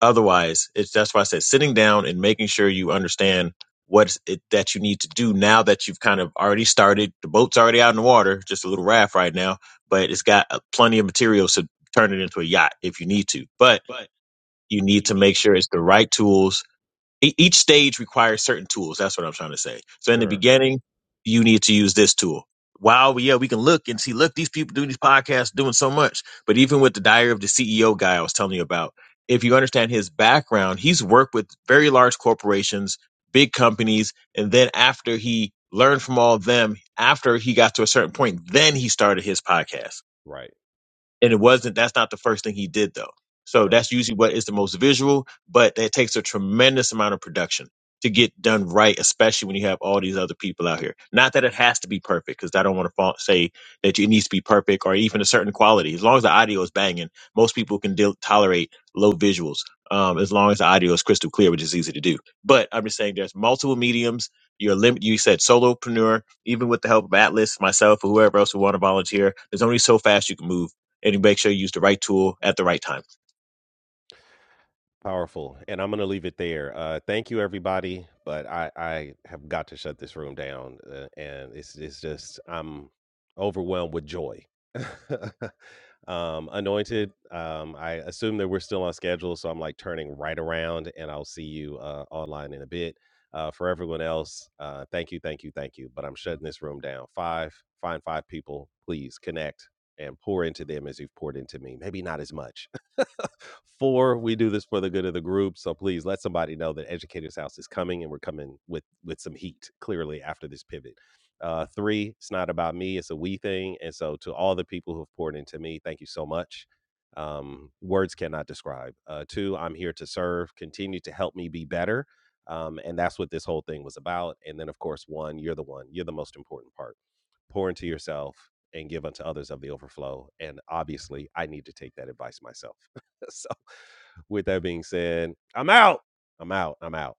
S7: Otherwise, it's that's why I said sitting down and making sure you understand what it that you need to do now that you've kind of already started. The boat's already out in the water, just a little raft right now, but it's got uh, plenty of materials to turn it into a yacht if you need to. But you need to make sure it's the right tools e- each stage requires certain tools. That's what I'm trying to say. So in the
S1: sure.
S7: beginning, you need to use this tool. Wow, yeah, we can look and see, look, these people doing these podcasts doing so much. But even with the diary of the CEO guy I was telling you about, if you understand his background, he's worked with very large corporations, big companies, and then after he learned from all of them, after he got to a certain point, then he started his podcast
S1: Right.
S7: and it wasn't that's not the first thing he did though so
S1: Correct.
S7: that's usually what is the most visual but that takes a tremendous amount of production to get done right especially when you have all these other people out here not that it has to be perfect because i don't want to fa- say that it needs to be perfect or even a certain quality as long as the audio is banging most people can deal, tolerate low visuals um, as long as the audio is crystal clear which is easy to do but i'm just saying there's multiple mediums you're lim- you said solopreneur even with the help of atlas myself or whoever else who want to volunteer there's only so fast you can move and you make sure you use the right tool at the right time.
S1: Powerful. And I'm going to leave it there. Uh, thank you, everybody. But I, I have got to shut this room down. Uh, and it's, it's just, I'm overwhelmed with joy. um, anointed, um, I assume that we're still on schedule. So I'm like turning right around and I'll see you uh, online in a bit. Uh, for everyone else, uh, thank you, thank you, thank you. But I'm shutting this room down. Five, find five people, please connect and pour into them as you've poured into me. Maybe not as much Four, we do this for the good of the group. So please let somebody know that Educators House is coming and we're coming with with some heat, clearly, after this pivot. Uh, three, it's not about me, it's a we thing. And so to all the people who have poured into me, thank you so much. Um, words cannot describe. Uh, two, I'm here to serve, continue to help me be better. Um, and that's what this whole thing was about. And then, of course, one, you're the one, you're the most important part pour into yourself and give unto others of the overflow. And obviously, I need to take that advice myself. so, with that being said, I'm out. I'm out. I'm out.